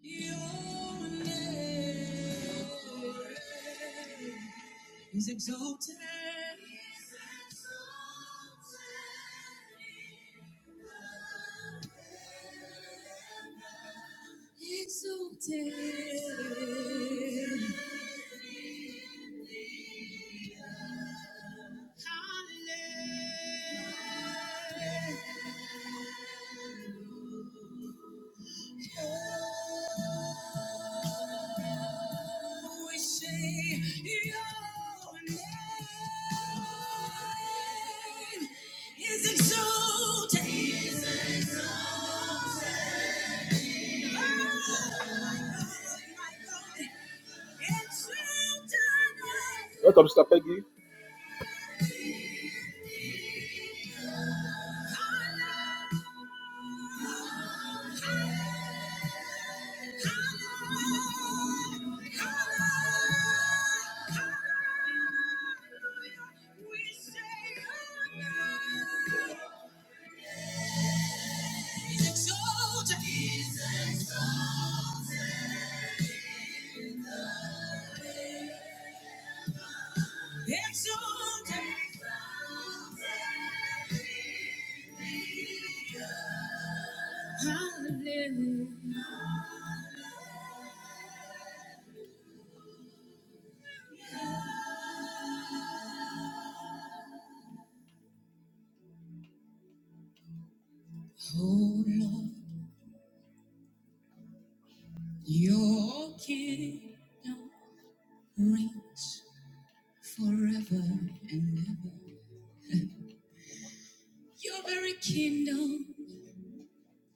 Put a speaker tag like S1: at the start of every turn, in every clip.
S1: Your name is exalted. Exalted. Hallelujah. We say your name is exalted. Is exalted. Oh, my God. Exalted. Welcome, Sister Peggy. We say your name. He's exalted. He's exalted. Exalted. Hallelujah. Oh Lord, your kingdom reigns forever and ever. Your very kingdom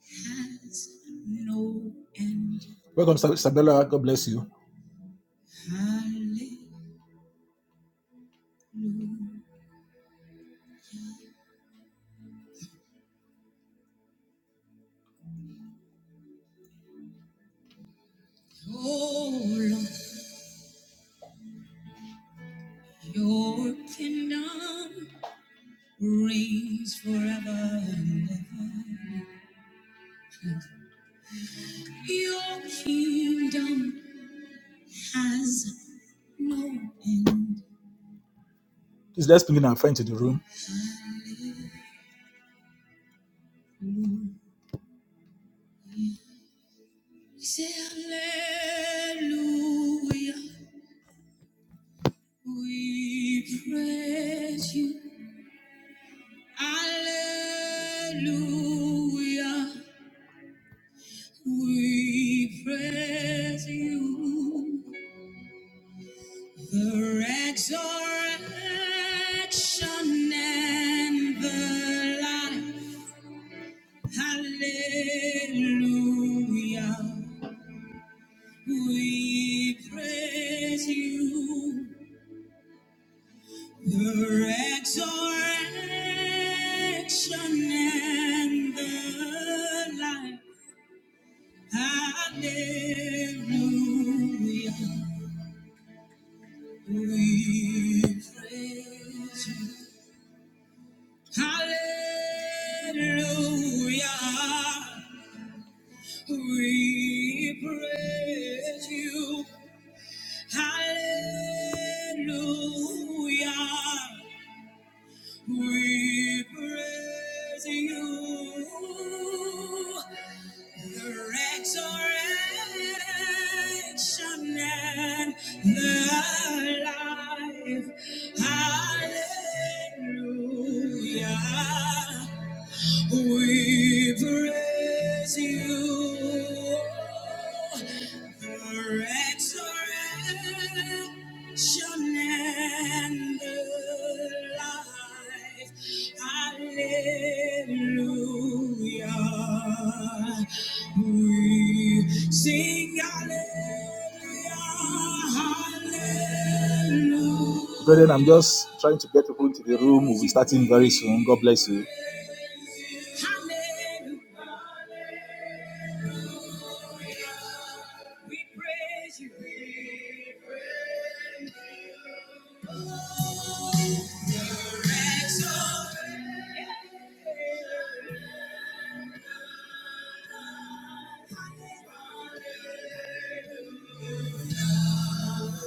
S1: has no end. Welcome, Sabella. God bless you. Hallelujah. Oh Lord. Your kingdom reigns forever and ever. Your kingdom has no end. Please let's bring in our friend to the room. Say hallelujah. We praise you. Hallelujah. We praise you. The resurrection and the life. Hallelujah. We praise you. The resurrection and the life. Hallelujah. We praise you. Hallelujah. We praise you. Hallelujah. We praise you. The resurrection and the life. Hallelujah. We praise you, the resurrection and the life. Hallelujah. We sing hallelujah, hallelujah. Brethren, I'm just trying to get people into the room. We'll be starting very soon. God bless you. Hallelujah. We praise you. Exalt.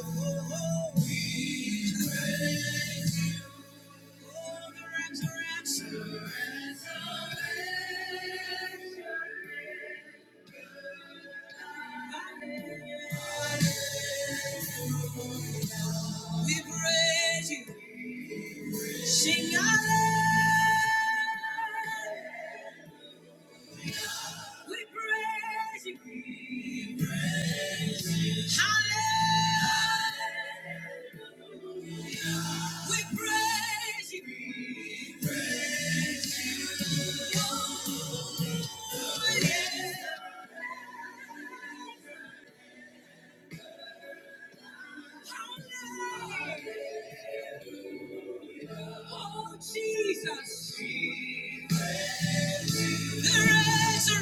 S1: Oh, we praise you. Oh, the resurrection. The resurrection. Hallelujah, We praise you. Sing hallelujah. We praise you. We praise you. Hallelujah. We praise you. We praise you. Oh, yeah. Hallelujah. Oh, Jesus. The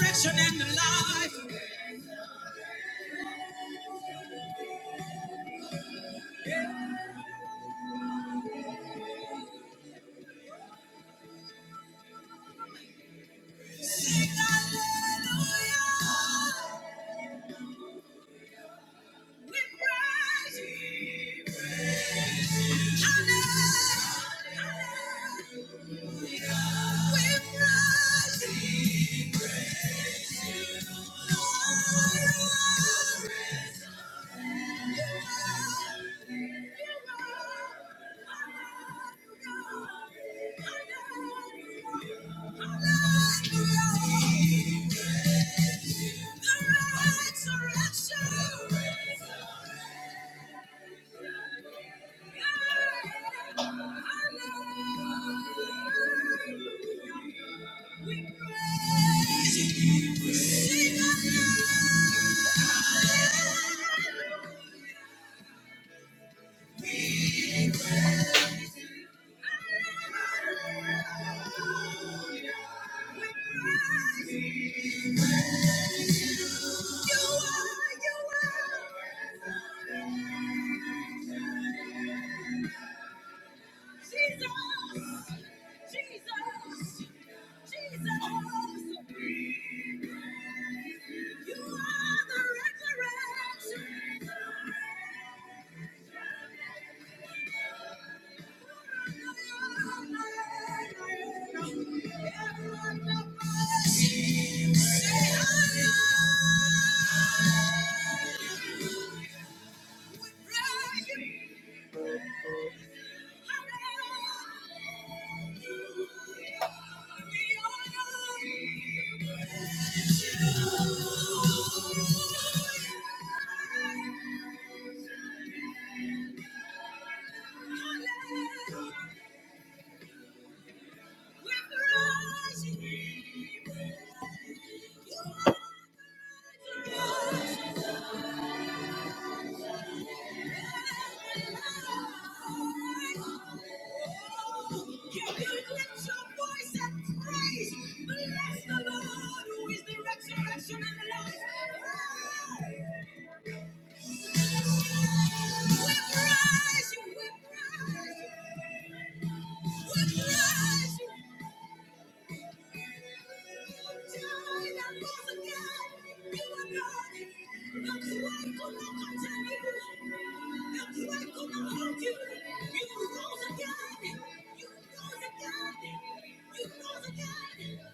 S1: resurrection and the life. Hallelujah. Jesus! Jesus! You are the resurrection. We praise you, we praise you. You rose again. You rose again. You rose again.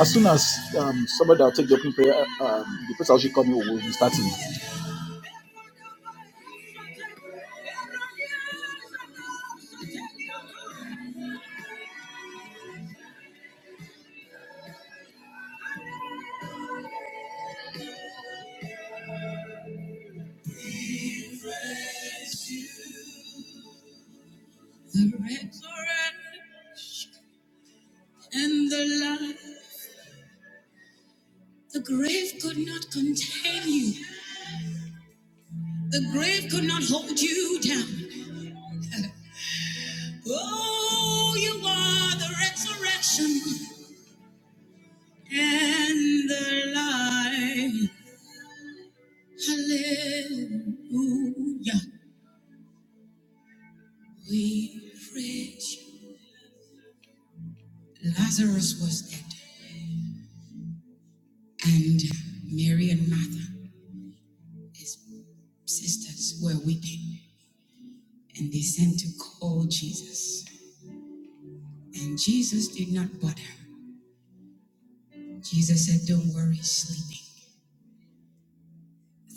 S1: As soon as um, somebody will take the opening prayer, um, the person actually coming will be starting. The resurrection and the life. The grave could not contain you. The grave could not hold you down. Oh, you are the resurrection and the life. Hallelujah. We praise you. Lazarus was dead, and Mary and Martha. His sisters were weeping and they sent to call Jesus. And Jesus did not bother. Jesus said, Don't worry, sleeping.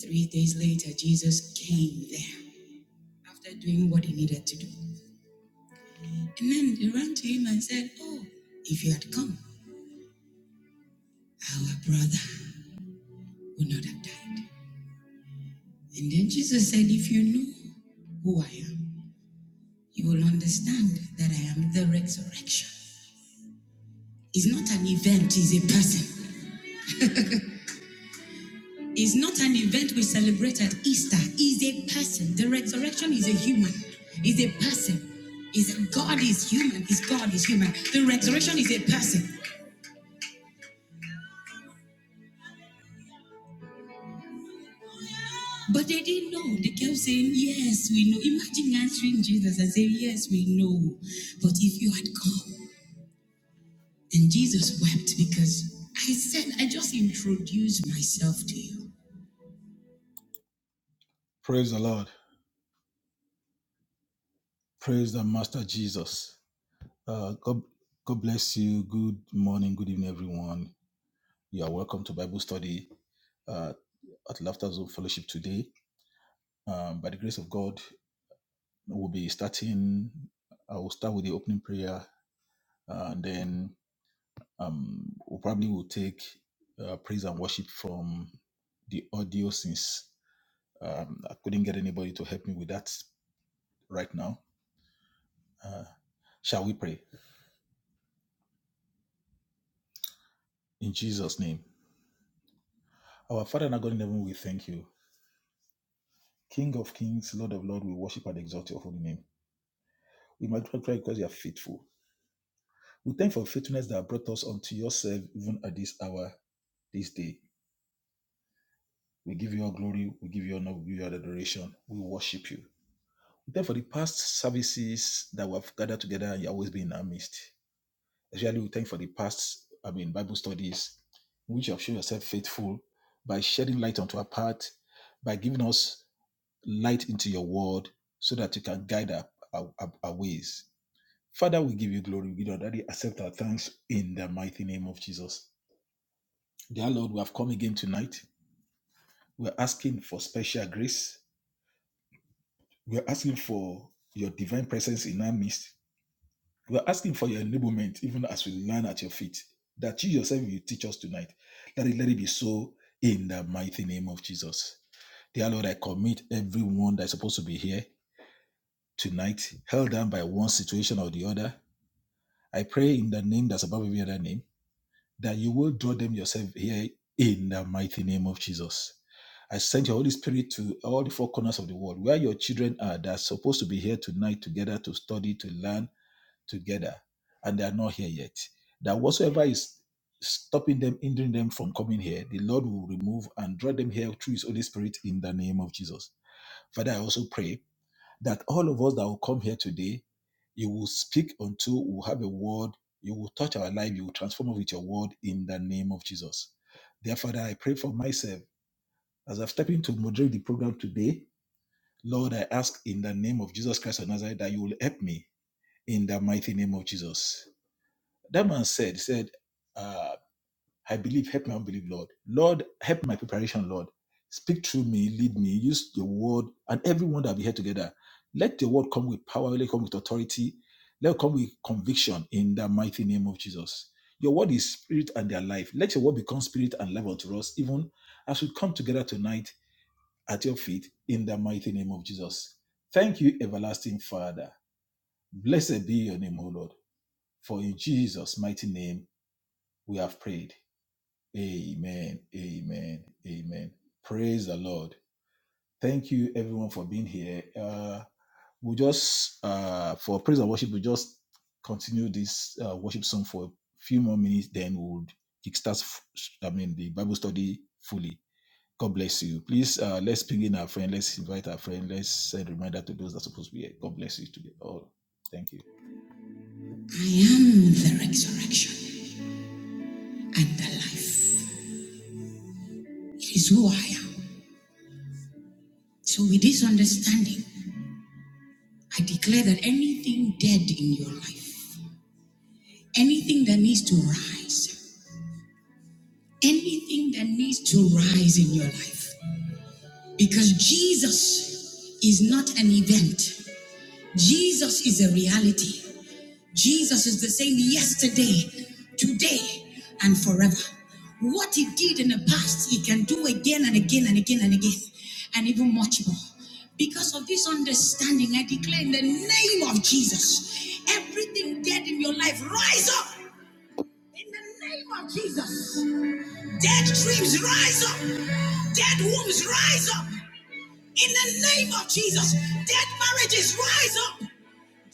S1: Three days later, Jesus came there after doing what he needed to do. And then they ran to him and said, Oh, if you had come, our brother would not have died. And then Jesus said, If you knew who I am, you will understand that I am the resurrection. It's not an event, it's a person. is not an event we celebrate at Easter. Is a person. The resurrection is a human. Is a person. Is God is human. Is God is human. The resurrection is a person. But they didn't know. They kept saying, "Yes, we know." Imagine answering Jesus and saying, "Yes, we know." But if you had come, and Jesus wept because I said, "I just introduced myself to you." Praise the Lord. Praise the Master Jesus. Uh, God, God bless you. Good morning, good evening, everyone. You are welcome to Bible study uh, at Laughter Zone Fellowship today. Um, by the grace of God, we'll be starting. I will start with the opening prayer, uh, and then um, we we'll probably will take uh, praise and worship from the audio since um, I couldn't get anybody to help me with that right now. Shall we pray? In Jesus' name. Our Father and our God in heaven, we thank you. King of kings, Lord of lords, we worship and exalt your holy name. We magnify you because you are faithful. We thank you for faithfulness that brought us unto yourself even at this hour, this day. We give you all glory, we give you honor, we give you all adoration, we worship you. We thank you for the past services that we have gathered together and you always been in our midst. Especially we thank you for the past, I mean, Bible studies, in which you have shown yourself faithful by shedding light onto our path, by giving us light into your word so that you can guide our, our, our our ways. Father, we give you glory. We give you honor. accept our thanks in the mighty name of Jesus. Dear Lord, we have come again tonight. We're asking for special grace. We're asking for your divine presence in our midst. We're asking for your enablement, even as we learn at your feet, that you yourself will teach us tonight. Let it, let it be so in the mighty name of Jesus. Dear Lord, I commit everyone that's supposed to be here tonight, held down by one situation or the other. I pray in the name that's above every other name that you will draw them yourself here in the mighty name of Jesus. I send your Holy Spirit to all the four corners of the world where your children are that are supposed to be here tonight together to study, to learn together, and they are not here yet. That whatsoever is stopping them, hindering them from coming here, the Lord will remove and draw them here through His Holy Spirit in the name of Jesus. Father, I also pray that all of us that will come here today, you will speak unto, we will have a word, you will touch our life, you will transform us with your word in the name of Jesus. Dear Father, I pray for myself as I've stepped into moderate the program today. Lord, I ask in the name of Jesus Christ of Nazareth that you will help me in the mighty name of Jesus. That man said, said, uh, I believe, help my unbelief, Lord. Lord, help my preparation, Lord. Speak through me, lead me, use your word and everyone that we hear together. Let your word come with power, let it come with authority, let it come with conviction in the mighty name of Jesus. Your word is spirit and their life. Let your word become spirit and life unto us, even as we come together tonight at your feet in the mighty name of Jesus. Thank you, everlasting Father. Blessed be your name, O Lord. For in Jesus' mighty name we have prayed. Amen. Amen. Amen. Praise the Lord. Thank you, everyone, for being here. Uh, we'll just, uh, for praise and worship, we'll just continue this uh, worship song for a few more minutes, then we'll kickstart, f- I mean, the Bible study fully. God bless you. Please, uh, let's ping in our friend. Let's invite our friend. Let's send a reminder to those that are supposed to be here. God bless you today. All. Thank you. I am the resurrection and the life. It is who I am. So, with this understanding, I declare that anything dead in your life, anything that needs to rise, anything that needs to rise in your life, because Jesus is not an event. Jesus is a reality. Jesus is the same yesterday, today, and forever. What he did in the past, he can do again and again and again and again, and even much more. Because of this understanding, I declare in the name of Jesus, everything dead in your life, rise up in the name of Jesus. Dead dreams, rise up. Dead wombs, rise up. In the name of Jesus, dead marriages rise up,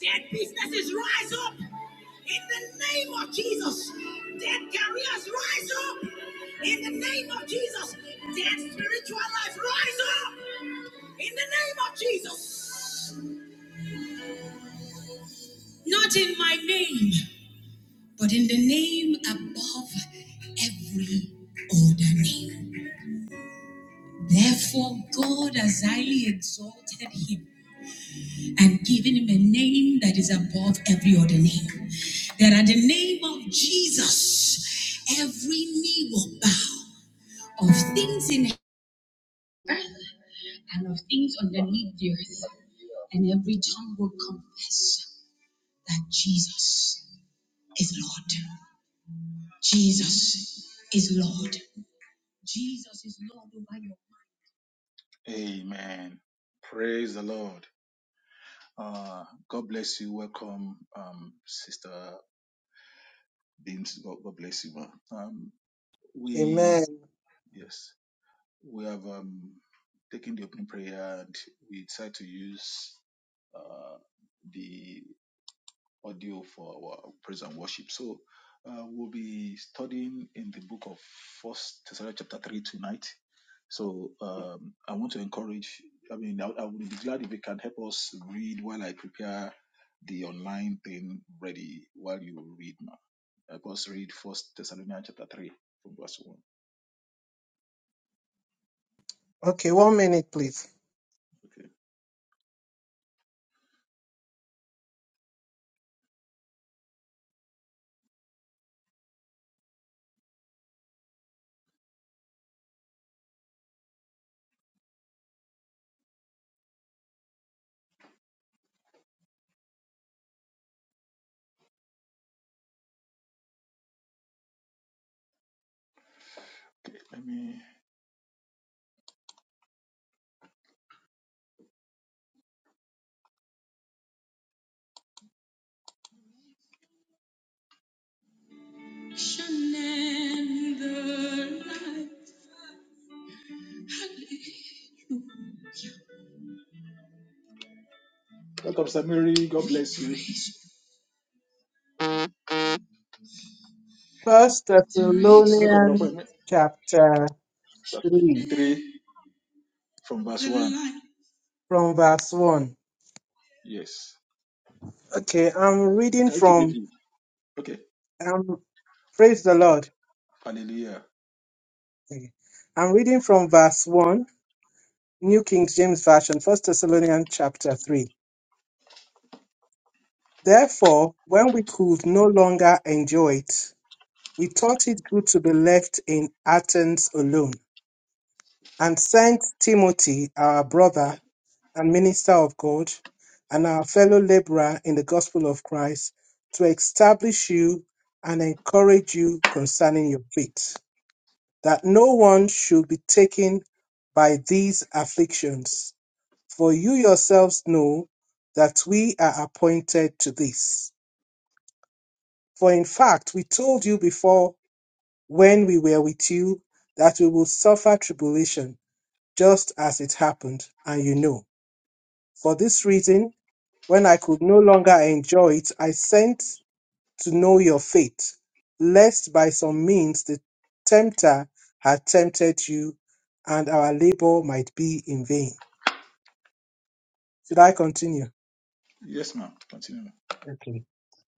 S1: dead businesses rise up. In the name of Jesus, dead careers rise up. In the name of Jesus, dead spiritual life rise up. In the name of Jesus, not in my name, but in the name above every other name. Therefore, God has highly exalted him and given him a name that is above every other name. That at the name of Jesus, every knee will bow of things in heaven and of things underneath the earth, and every tongue will confess that Jesus is Lord. Jesus is Lord. Jesus is Lord over your life. Amen. Praise the Lord. Uh, God bless you. Welcome, um, Sister. Deans, God, God bless you, ma. Um, we,
S2: Amen.
S1: yes, we have um, taken the opening prayer and we try to use uh, the audio for our praise and worship. So uh, we'll be studying in the book of First Thessalonians chapter three tonight. So um, I want to encourage. I mean, I, I would be glad if you can help us read while I prepare the online thing ready. While you read, now, help us read First Thessalonians chapter three from verse one.
S2: Okay, one minute, please.
S1: Okay. Shine the light. Welcome, Samiri. God bless you.
S2: First
S1: Welcome,
S2: Thessalonians
S1: Rafael.
S2: chapter three,
S1: 3 from verse 1.
S2: from verse one.
S1: Yes.
S2: Okay, I'm reading
S1: Okay,
S2: from
S1: KJV. Okay.
S2: um praise the Lord.
S1: Hallelujah.
S2: Okay. I'm reading from verse one, New King James Version, First Thessalonians chapter three. Therefore, when we could no longer enjoy it, we thought it good to be left in Athens alone, and sent Timothy, our brother, and minister of God, and our fellow laborer in the gospel of Christ, to establish you and encourage you concerning your faith, that no one should be taken by these afflictions. For you yourselves know that we are appointed to this. For in fact, we told you before when we were with you that we will suffer tribulation, just as it happened, and you know. For this reason, When I could no longer enjoy it, I sent to know your faith, lest by some means the tempter had tempted you and our labor might be in vain. Should I continue? Okay.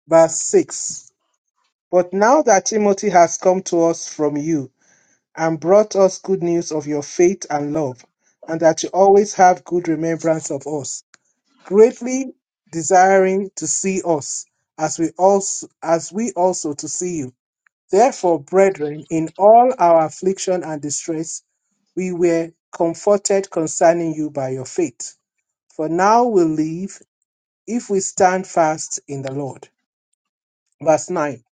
S2: Verse 6 But now that Timothy has come to us from you and brought us good news of your faith and love, and that you always have good remembrance of us, greatly desiring to see us, as we also, as we also to see you Therefore, brethren, in all our affliction and distress, we were comforted concerning you by your faith. For now we live if we stand fast in the Lord. Verse 9.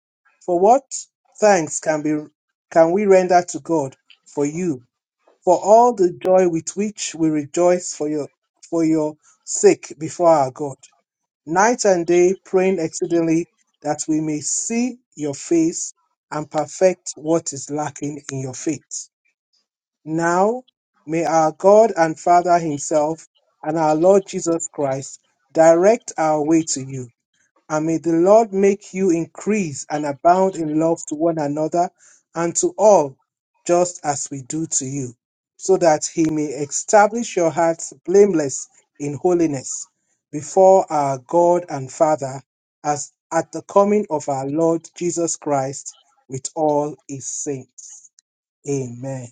S2: For what thanks can be can we render to God for you, for all the joy with which we rejoice for your for your sake before our God? night and day, praying exceedingly that we may see your face and perfect what is lacking in your faith. Now, may our God and Father Himself and our Lord Jesus Christ direct our way to you and may the Lord make you increase and abound in love to one another and to all, just as we do to you, so that he may establish your hearts blameless in holiness before our God and Father, as at the coming of our Lord Jesus Christ with all his saints. Amen.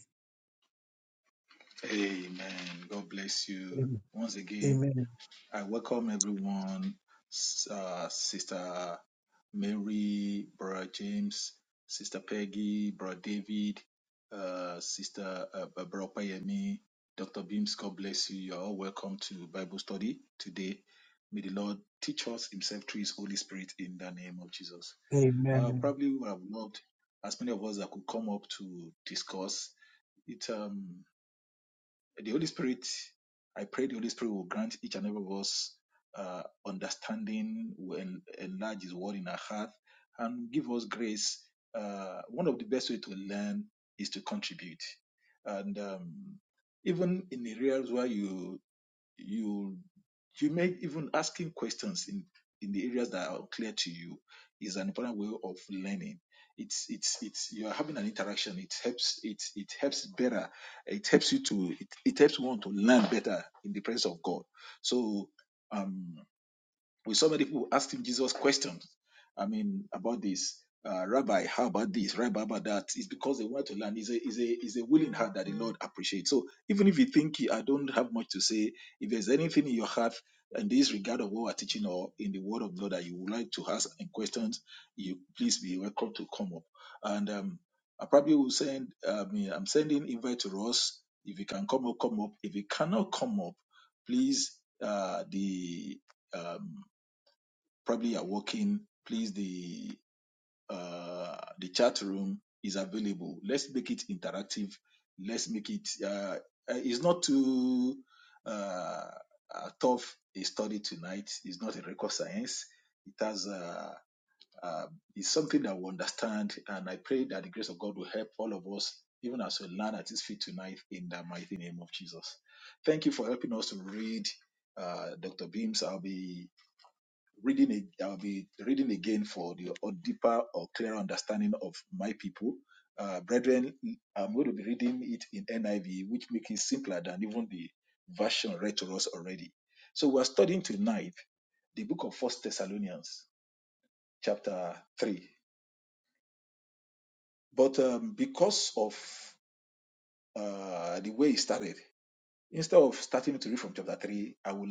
S1: Amen. God bless you.
S2: Amen.
S1: Once again,
S2: Amen.
S1: I welcome everyone, uh, Sister Mary, Brother James, Sister Peggy, Brother David, uh, Sister uh, Barbara Opayemi, Dr. Beams, God bless you. You're all welcome to Bible study today. May the Lord teach us Himself through His Holy Spirit in the name of Jesus. Uh,
S2: Amen.
S1: probably would have loved as many of us that could come up to discuss it. Um, the Holy Spirit, I pray the Holy Spirit will grant each and every of us uh, understanding, will en- enlarge His word in our heart, and give us grace. Uh, one of the best way to learn is to contribute, and um, even in the areas where you you you make even asking questions in in the areas that are clear to you is an important way of learning it's it's it's you are having an interaction it helps it it helps better it helps you to it, it helps one to learn better in the presence of god so um with so many people who asked him Jesus questions. I mean, about this, uh, Rabbi, how about this? Rabbi, about that? It's because they want to learn. Is a is a is a willing heart that the Lord appreciates. So even if you think I don't have much to say, if there's anything in your heart in this regard of what we're teaching or in the Word of God that you would like to ask and questions, you please be welcome to come up. And um, I probably will send. I mean, I'm sending invite to Ross. If you can come up, come up. If you cannot come up, please. Uh, the um, probably are working, please the uh, the chat room is available. Let's make it interactive. Let's make it. Uh, uh, it's not too uh, uh, tough a study tonight. It's not a record science. It has. Uh, uh, it's something that we understand, and I pray that the grace of God will help all of us, even as we learn at His feet tonight, in the mighty name of Jesus. Thank you for helping us to read, uh, Dr. Beams. I'll be reading it, I'll be reading again for the or deeper or clearer understanding of my people. Uh, brethren, I'm going to be reading it in NIV, which makes it simpler than even the version read to us already. So we're studying tonight the book of First Thessalonians, chapter 3. But um, because of uh, the way it started, instead of starting to read from chapter 3, I would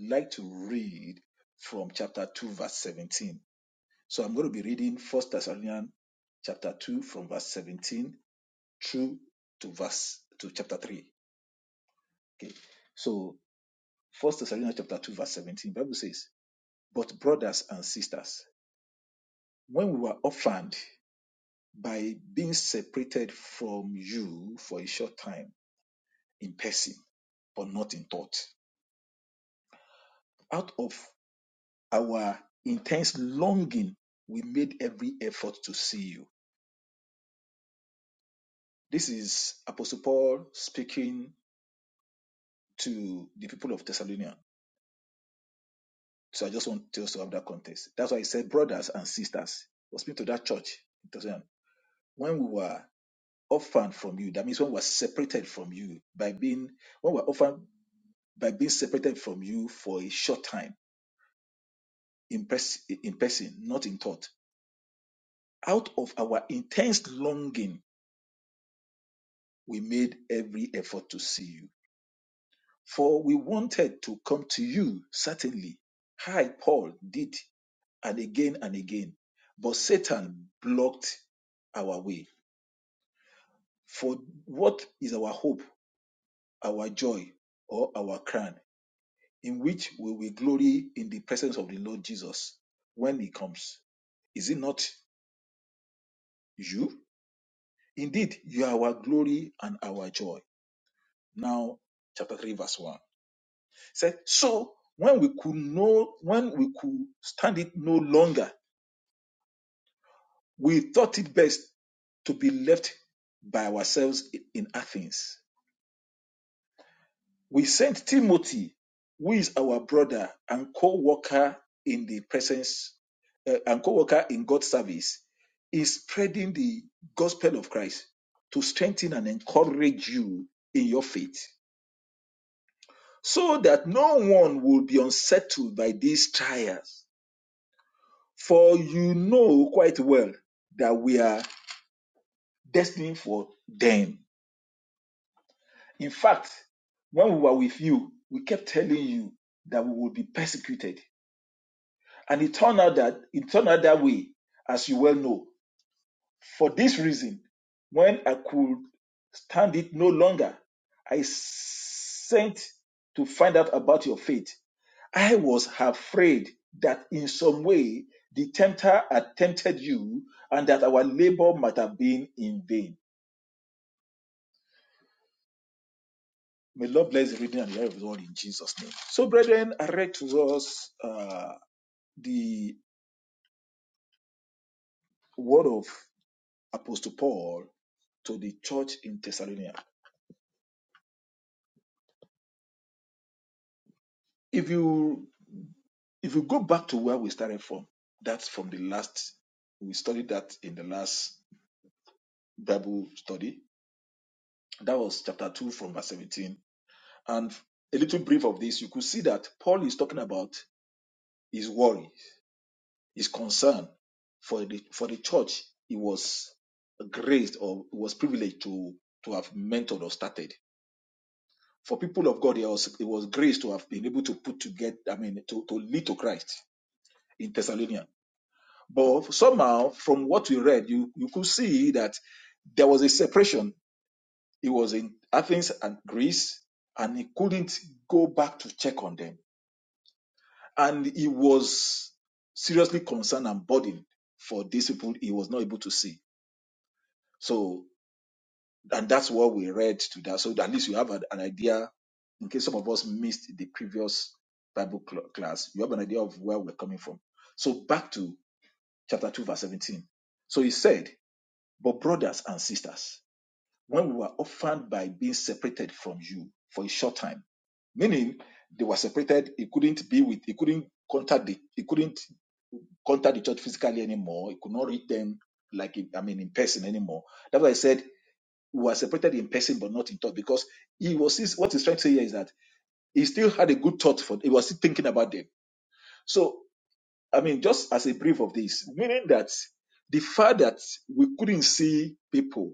S1: like to read from chapter 2, verse 17 So I'm going to be reading First Thessalonians chapter 2 from verse 17 through to verse to chapter 3. Okay. So First Thessalonians chapter 2 verse 17 Bible says, "But brothers and sisters, when we were orphaned by being separated from you for a short time in person, but not in thought, out of our intense longing, we made every effort to see you." This is Apostle Paul speaking to the people of Thessalonica. So I just want us to have that context. That's why he said, brothers and sisters, was speaking to that church in Thessalonica. When we were orphaned from you, that means when we were separated from you by being when we were orphaned by being separated from you for a short time in, pers- in person, not in thought. Out of our intense longing, we made every effort to see you For we wanted to come to you, certainly. I, Paul, did, and again and again. But Satan blocked our way. For what is our hope, our joy, or our crown, in which we will glory in the presence of the Lord Jesus when he comes? Is it not you? Indeed, you are our glory and our joy. Now, chapter 3, verse 1. said, so when we could no, when we could stand it no longer, we thought it best to be left by ourselves in Athens. We sent Timothy, who is our brother and co-worker in the presence uh, and co-worker in God's service, is spreading the gospel of Christ to strengthen and encourage you in your faith, so that no one will be unsettled by these trials For you know quite well that we are destined for them. In fact, when we were with you, we kept telling you that we would be persecuted. And it turned out that it turned out that way, as you well know. For this reason, when I could stand it no longer, I sent to find out about your faith. I was afraid that in some way the tempter had tempted you and that our labor might have been in vain. May Lord bless the reading and the hearing of His word in Jesus' name. So, brethren, I read to us uh, the word of Apostle Paul to the church in Thessalonica. If you if you go back to where we started from, that's from the last we studied that in the last Bible study. That was chapter two from verse seventeen And a little brief of this, you could see that Paul is talking about his worry, his concern for the for the church he was graced or was privileged to to have mentored or started. For people of God, it was it was grace to have been able to put together, I mean, to, to lead to Christ in Thessalonia. But somehow, from what we read, you, you could see that there was a separation. He was in Athens and Greece, and he couldn't go back to check on them and he was seriously concerned and burdened for these people he was not able to see. So, and that's what we read to that. So at least you have an, an idea, in case some of us missed the previous Bible cl- class, you have an idea of where we're coming from. So back to chapter 2, verse 17. So he said, But brothers and sisters, when we were orphaned by being separated from you for a short time, meaning they were separated, he couldn't be with, he couldn't contact the, he couldn't contact the church physically anymore. He could not reach them like in- I mean in person anymore. That's why I said we were separated in person but not in thought because he was his, what he's trying to say here is that he still had a good thought for he was still thinking about them. So I mean just as a brief of this, meaning that the fact that we couldn't see people,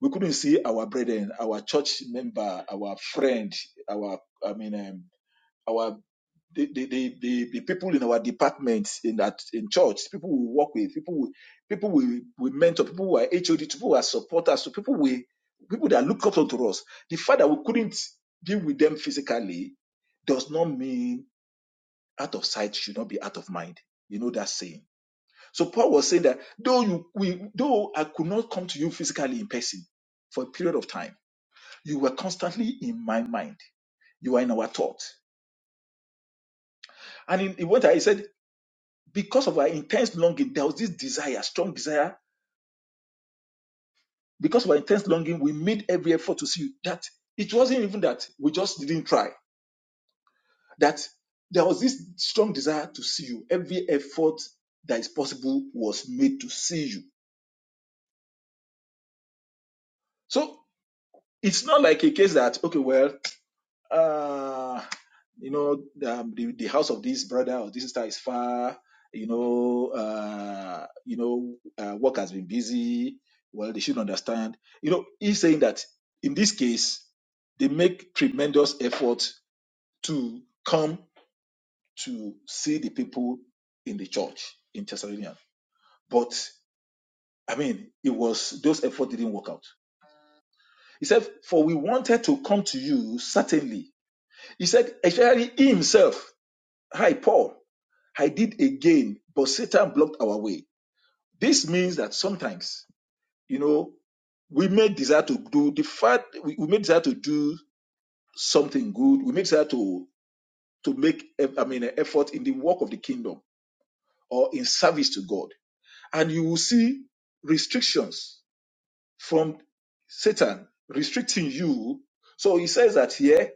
S1: we couldn't see our brethren, our church member, our friend, our I mean um, the, the, the, the, the people in our departments in that in church, people we work with, people we people we, we mentor, people who are HOD, people who are supporters, so people we people that look up to us. The fact that we couldn't be with them physically does not mean out of sight should not be out of mind. You know that saying. So Paul was saying that though you we though I could not come to you physically in person for a period of time, you were constantly in my mind. You were in our thought. And he, he went ahead, he said, because of our intense longing, there was this desire, strong desire. Because of our intense longing, we made every effort to see that it wasn't even that we just didn't try. That there was this strong desire to see you. Every effort that is possible was made to see you. So it's not like a case that okay, well. uh, you know, um, the, the house of this brother or this sister is far, you know, uh, you know, uh, work has been busy. Well, they should understand. You know, he's saying that in this case, they make tremendous effort to come to see the people in the church in Thessalonian. But I mean, it was those efforts didn't work out. He said, For we wanted to come to you, certainly. He said, especially he himself. Hi, Paul. I did again, but Satan blocked our way. This means that sometimes, you know, we may desire to do the fact we, we may desire to do something good. We may desire to to make eh, I mean an effort in the work of the kingdom or in service to God. And you will see restrictions from Satan restricting you. So he says that here,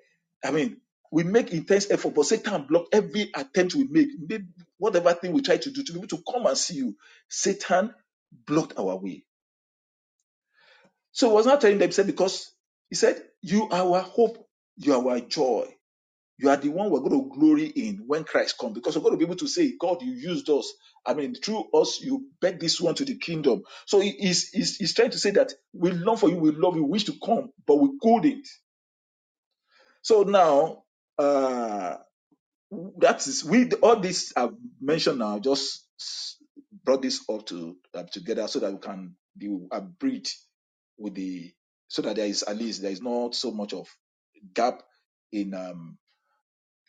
S1: I mean, we make intense effort, but Satan block every attempt we make, Maybe whatever thing we try to do to be able to come and see you. Satan blocked our way. So he was not telling them, he said, because he said, You are our hope, you are our joy. You are the one we're going to glory in when Christ comes because we're going to be able to say, God, you used us. I mean, through us, you beg this one to the kingdom. So he- he's, he's, he's trying to say that we long for you, we love you, we wish to come, but we couldn't. So now, uh, that is, we all this I've mentioned now, just s- brought this up to uh, together so that we can be abridged with the, so that there is at least, there is not so much of gap in. um,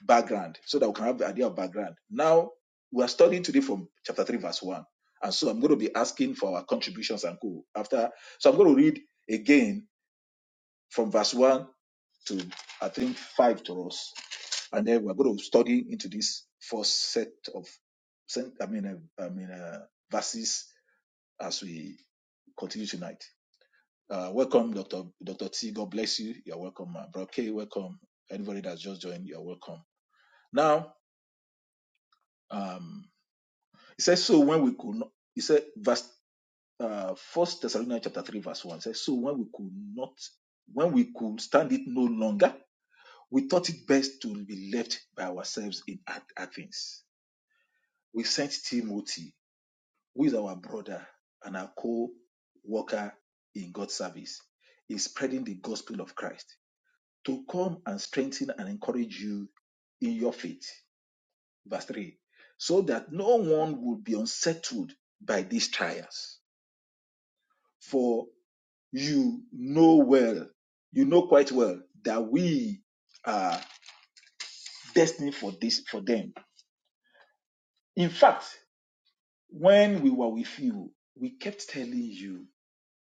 S1: background so that we can have the idea of background. Now we are studying today from chapter 3, verse 1. And so I'm going to be asking for our contributions and co after. So I'm going to read again from verse 1 to I think 5 to us. And then we're going to study into this first set of sen- I mean uh, I mean uh, verses as we continue tonight. Uh, welcome, Dr. Dr. T. God bless you. You're welcome, uh, Bro K. Welcome. Anybody that's just joined, you're welcome. Now, um, He says, So when we could not, he said, verse uh first Thessalonians chapter 3, verse 1 says, So when we could not, when we could stand it no longer, we thought it best to be left by ourselves in Ath- Athens. We sent Timothy, who is our brother and our co-worker in God's service, in spreading the gospel of Christ, to come and strengthen and encourage you in your faith. Verse 3, so that no one would be unsettled by these trials For you know well, you know quite well that we are destined for this for them. In fact, when we were with you, we kept telling you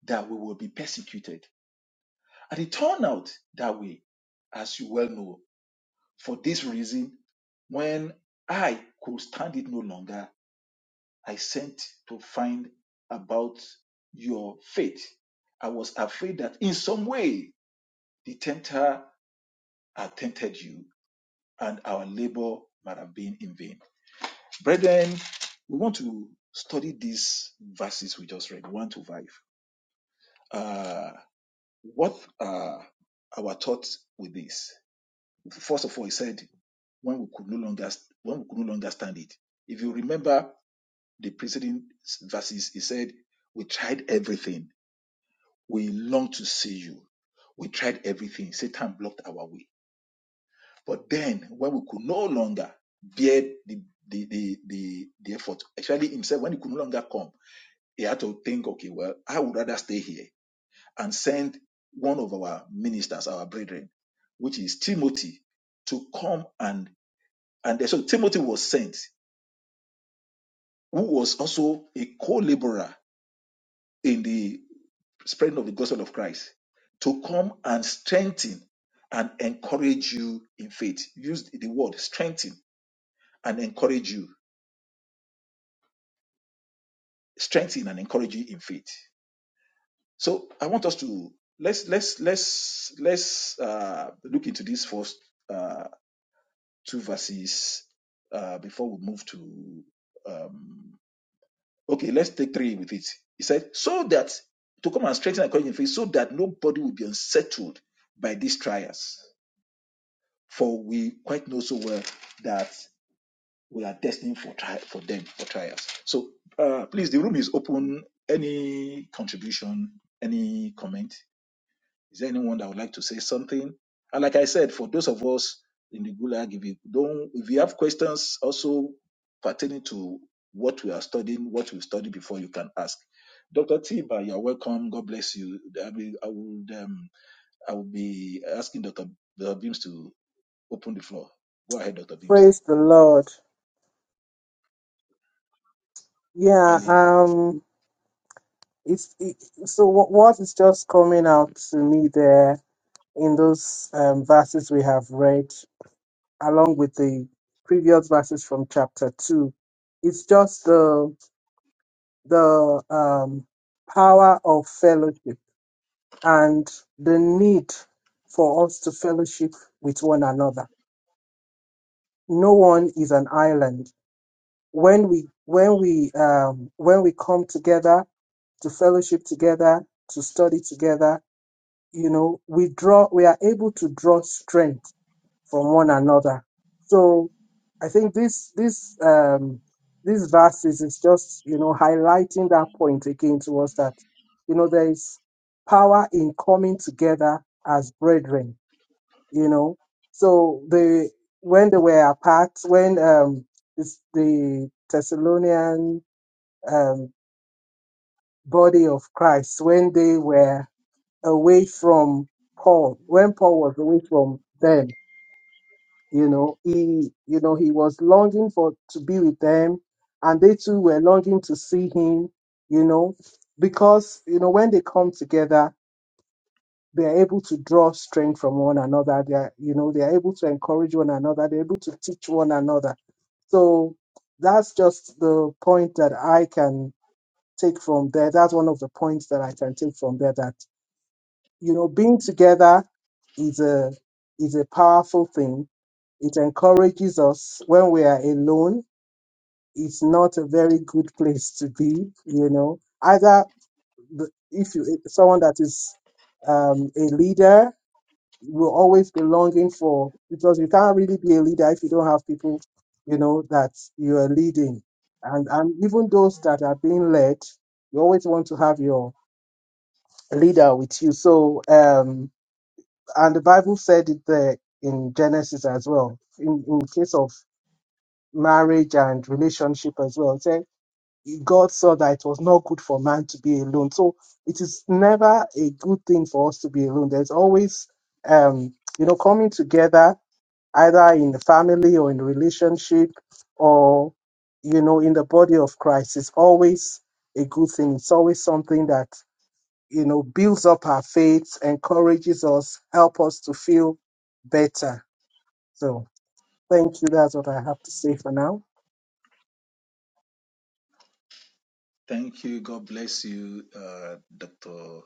S1: that we will be persecuted. And it turned out that way, as you well know. For this reason, when I could stand it no longer, I sent to find about your faith. I was afraid that in some way the tempter had tempted you, and our labor might have been in vain. Brethren, we want to study these verses we just read, 1 to 5. Uh, what are our thoughts with this? First of all, he said, when we could no longer when we could no longer stand it. If you remember the preceding verses, he said, We tried everything. We longed to see you. We tried everything. Satan blocked our way But then, when we could no longer bear the the, the, the, the effort, actually himself, when he could no longer come, he had to think, okay, well, I would rather stay here and send one of our ministers, our brethren, which is Timothy, to come and and so Timothy was sent, who was also a co-laborer in the spreading of the gospel of Christ, to come and strengthen and encourage you in faith. Use the word strengthen and encourage you strengthen and encourage you in faith. So I want us to let's let's let's let's uh, look into these first uh, two verses uh, before we move to um, okay. Let's take three with it. He said so that to come and strengthen and encourage in faith, so that nobody will be unsettled by these trials, for we quite know so well that. we are destined for tri- for them for trials. So uh, please, the room is open. Any contribution, any comment? Is there anyone that would like to say something? And like I said, for those of us in the Gulag, if you don't, if you have questions also pertaining to what we are studying, what we studied before, you can ask. Dr. Tiba, you're welcome. God bless you. I will, I would, um, I will be asking Dr. Beams to open the floor. Go ahead, Dr. Beams.
S2: Praise the Lord. Yeah,
S1: Ali.
S2: um it's it, so what, what is just coming out to me there in those um, verses we have read along with the previous verses from chapter 2 it's just the the um, power of fellowship and the need for us to fellowship with one another no one is an island when we when we um, when we come together to fellowship together to study together you know, we draw, we are able to draw strength from one another. So I think this, this, um, these verses is just, you know, highlighting that point again to us that, you know, there is power in coming together as brethren, you know. So the, when they were apart, when, um, this, the Thessalonian, um, body of Christ, when they were away from Paul, when Paul was away from them, you know, he, you know, he was longing for to be with them, and they too were longing to see him, you know, because you know when they come together, they are able to draw strength from one another. They are, you know, they are able to encourage one another. They're able to teach one another. So that's just the point that I can take from there. That's one of the points that I can take from there. That you know, being together is a is a powerful thing. It encourages us when we are alone. It's not a very good place to be, you know. Either the- if you someone that is um, a leader will always be longing for because you can't really be a leader if you don't have people, you know, that you are leading, and and even those that are being led, you always want to have your leader with you. So. Um, And the Bible said it there in Genesis as well, in, in case of marriage and relationship as well. It said God saw that it was not good for man to be alone. So it is never a good thing for us to be alone. There's always, um, you know, coming together either in the family or in the relationship or, you know, in the body of Christ is always a good thing. It's always something that you know, builds up our faith, encourages us, help us to feel better. So thank you. That's what I have to say for now.
S1: Thank you. God bless you, uh, Dr.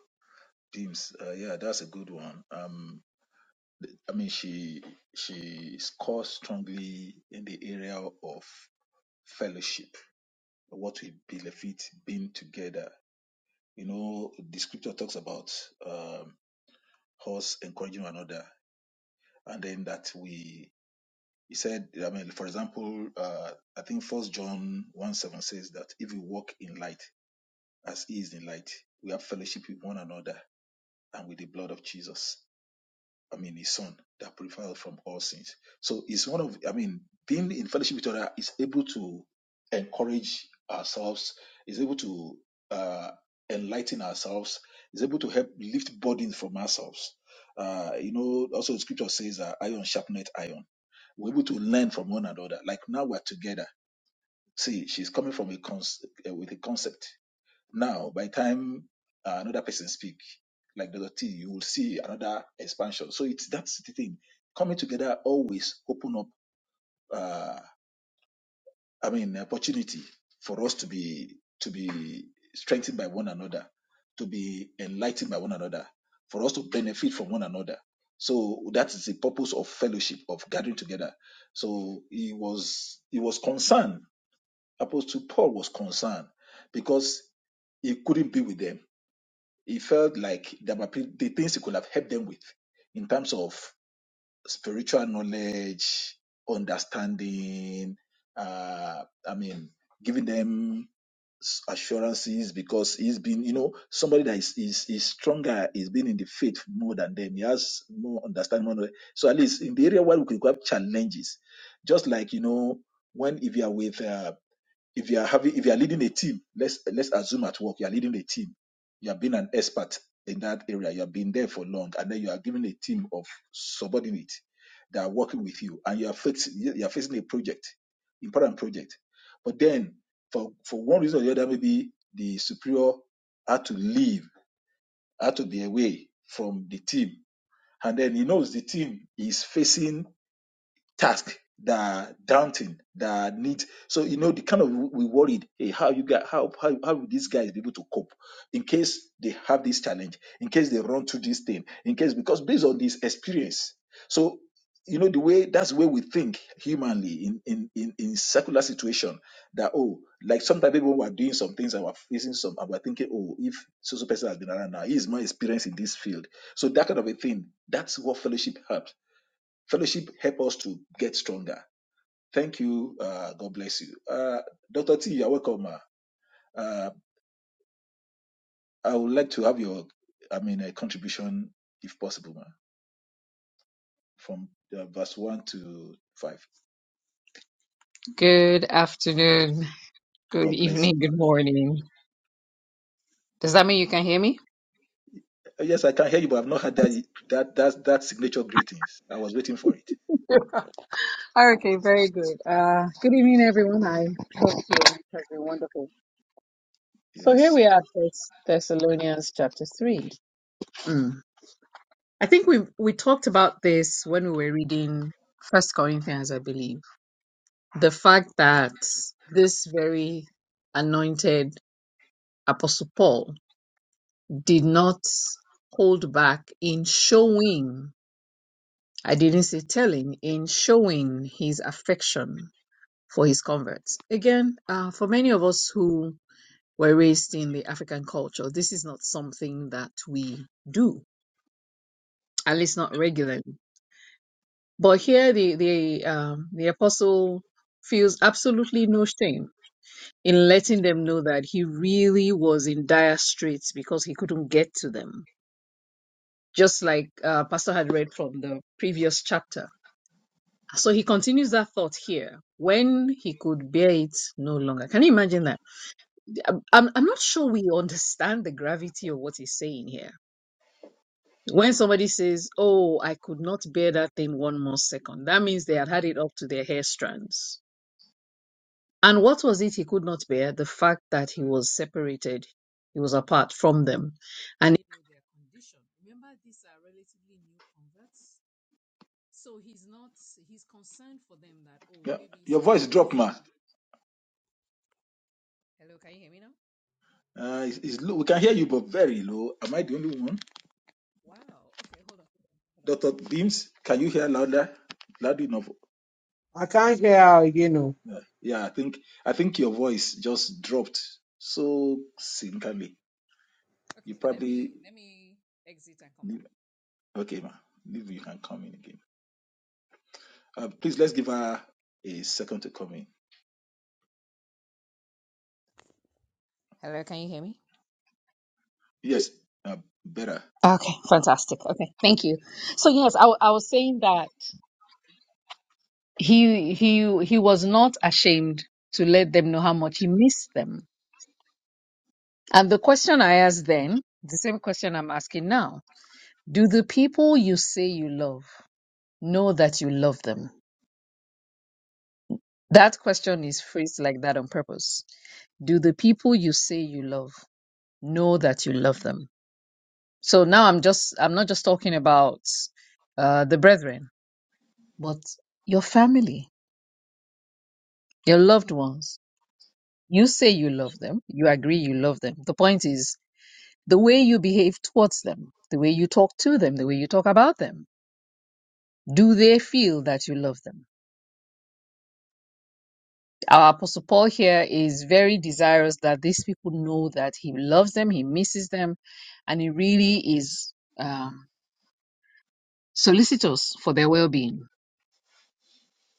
S1: Beams. Uh, yeah, that's a good one. Um, I mean, she she scores strongly in the area of fellowship, what we benefit being together. You know, the scripture talks about um, us encouraging one another, and then that we. He said, I mean, for example, uh, I think First John one seven says that if we walk in light, as He is in light, we have fellowship with one another and with the blood of Jesus, I mean his son that prevailed from all sins. So it's one of I mean, being in fellowship with other is able to encourage ourselves, is able to uh, enlighten ourselves, is able to help lift burdens from ourselves. Uh, you know, also the scripture says uh, iron sharpeneth iron. We're able to learn from one another. Like now we're together. See, she's coming from a cons- uh, with a concept now, by the time uh, another person speak, like Dr. T, you will see another expansion. So it's that's the thing. Coming together always open up. Uh, I mean, opportunity for us to be to be strengthened by one another, to be enlightened by one another, for us to benefit from one another. So that is the purpose of fellowship, of gathering together. So he was he was concerned. Apostle Paul was concerned because he couldn't be with them he felt like there were pe- the things he could have helped them with in terms of spiritual knowledge, understanding, uh, I mean, giving them s- assurances because he's been, you know, somebody that is, is, is stronger, he's been in the faith more than them. He has more understanding. More knowledge. so at least in the area where we could have challenges, just like, you know, when if you are with uh, if you are having, if you are leading a team, let's let's assume at work you are leading a team. You have been an expert in that area. You have been there for long, and then you are given a team of subordinates that are working with you, and you are facing you are facing a project, important project. But then, for for one reason or the other, maybe the superior had to leave, had to be away from the team, and then he knows the team is facing task that daunting that need so you know the kind of we worried hey how you got how how, how will these guys be able to cope in case they have this challenge in case they run through this thing in case because based on this experience so you know the way that's the way we think humanly in in in, in secular situation that oh like sometimes people were doing some things and were facing some and were thinking oh if so so person has been around now he is more experienced in this field so that kind of a thing that's what fellowship helps Fellowship help us to get stronger. Thank you. Uh, God bless you. Uh, Dr. T, you're welcome. ma. Uh, I would like to have your, I mean, a contribution, if possible, ma, from uh, verse 1 to 5.
S3: Good afternoon, good
S1: God bless you,
S3: evening,
S1: man.
S3: good morning. Does that mean you can hear me?
S1: Yes, I can hear you, but I've not had that, that, that, that signature greetings. I was waiting for it.
S3: Okay, very good. Uh, good evening, everyone. I hope your week has been wonderful. So here
S1: Yes.
S3: we are, First Thessalonians chapter three. Mm. I think we we talked about this when we were reading First Corinthians, I believe. The fact that this very anointed Apostle Paul did not hold back in showing. I didn't say telling, in showing his affection for his converts. Again, uh, for many of us who were raised in the African culture, this is not something that we do, at least not regularly. But here, the the um, the apostle feels absolutely no shame in letting them know that he really was in dire straits because he couldn't get to them. Just like uh, Pastor had read from the previous chapter So he continues that thought here when he could bear it no longer. Can you imagine that? I'm, I'm not sure we understand the gravity of what he's saying here. When somebody says, Oh, I could not bear that thing one more second, that means they had had it up to their hair strands. And what was it he could not bear? The fact that he was separated, he was apart from them. And their condition. Remember, these are relatively new converts. So he's not, he's concerned for them that, oh,
S1: Yeah.
S3: maybe
S1: Your
S3: some
S1: voice dropped, ma.
S3: false. Hello, can you hear me now?
S1: Uh, it's, it's low. We can hear you, but very low. Am I the only one?
S3: Wow. Okay, hold on. Hold on. Hold
S1: Dr.
S3: on. Let me.
S1: Beams, can you hear louder? Loud enough.
S2: I can't hear how you know.
S1: Yeah, I think I think your voice just dropped so sinkingly. You
S3: Okay, let me
S1: probably
S3: let me exit and come back.
S1: okay, ma. Maybe you can come in again. Uh, please let's give her a second to come in.
S3: Hello, can you hear me?
S1: Yes, uh, better.
S3: Okay, fantastic. Okay, thank you. So yes, I, w- I was saying that he he he was not ashamed to let them know how much he missed them. And the question I asked then, the same question I'm asking now, do the people you say you love know that you love them? That question is phrased like that on purpose. Do the people you say you love? know that you love them. So now I'm just I'm not just talking about uh, the brethren, but your family, your loved ones. You say you love them, you agree you love them. The point is the way you behave towards them, the way you talk to them, the way you talk about them. Do they feel that you love them? Our Apostle Paul here is very desirous that these people know that he loves them, he misses them, and he really is um, solicitous for their well being.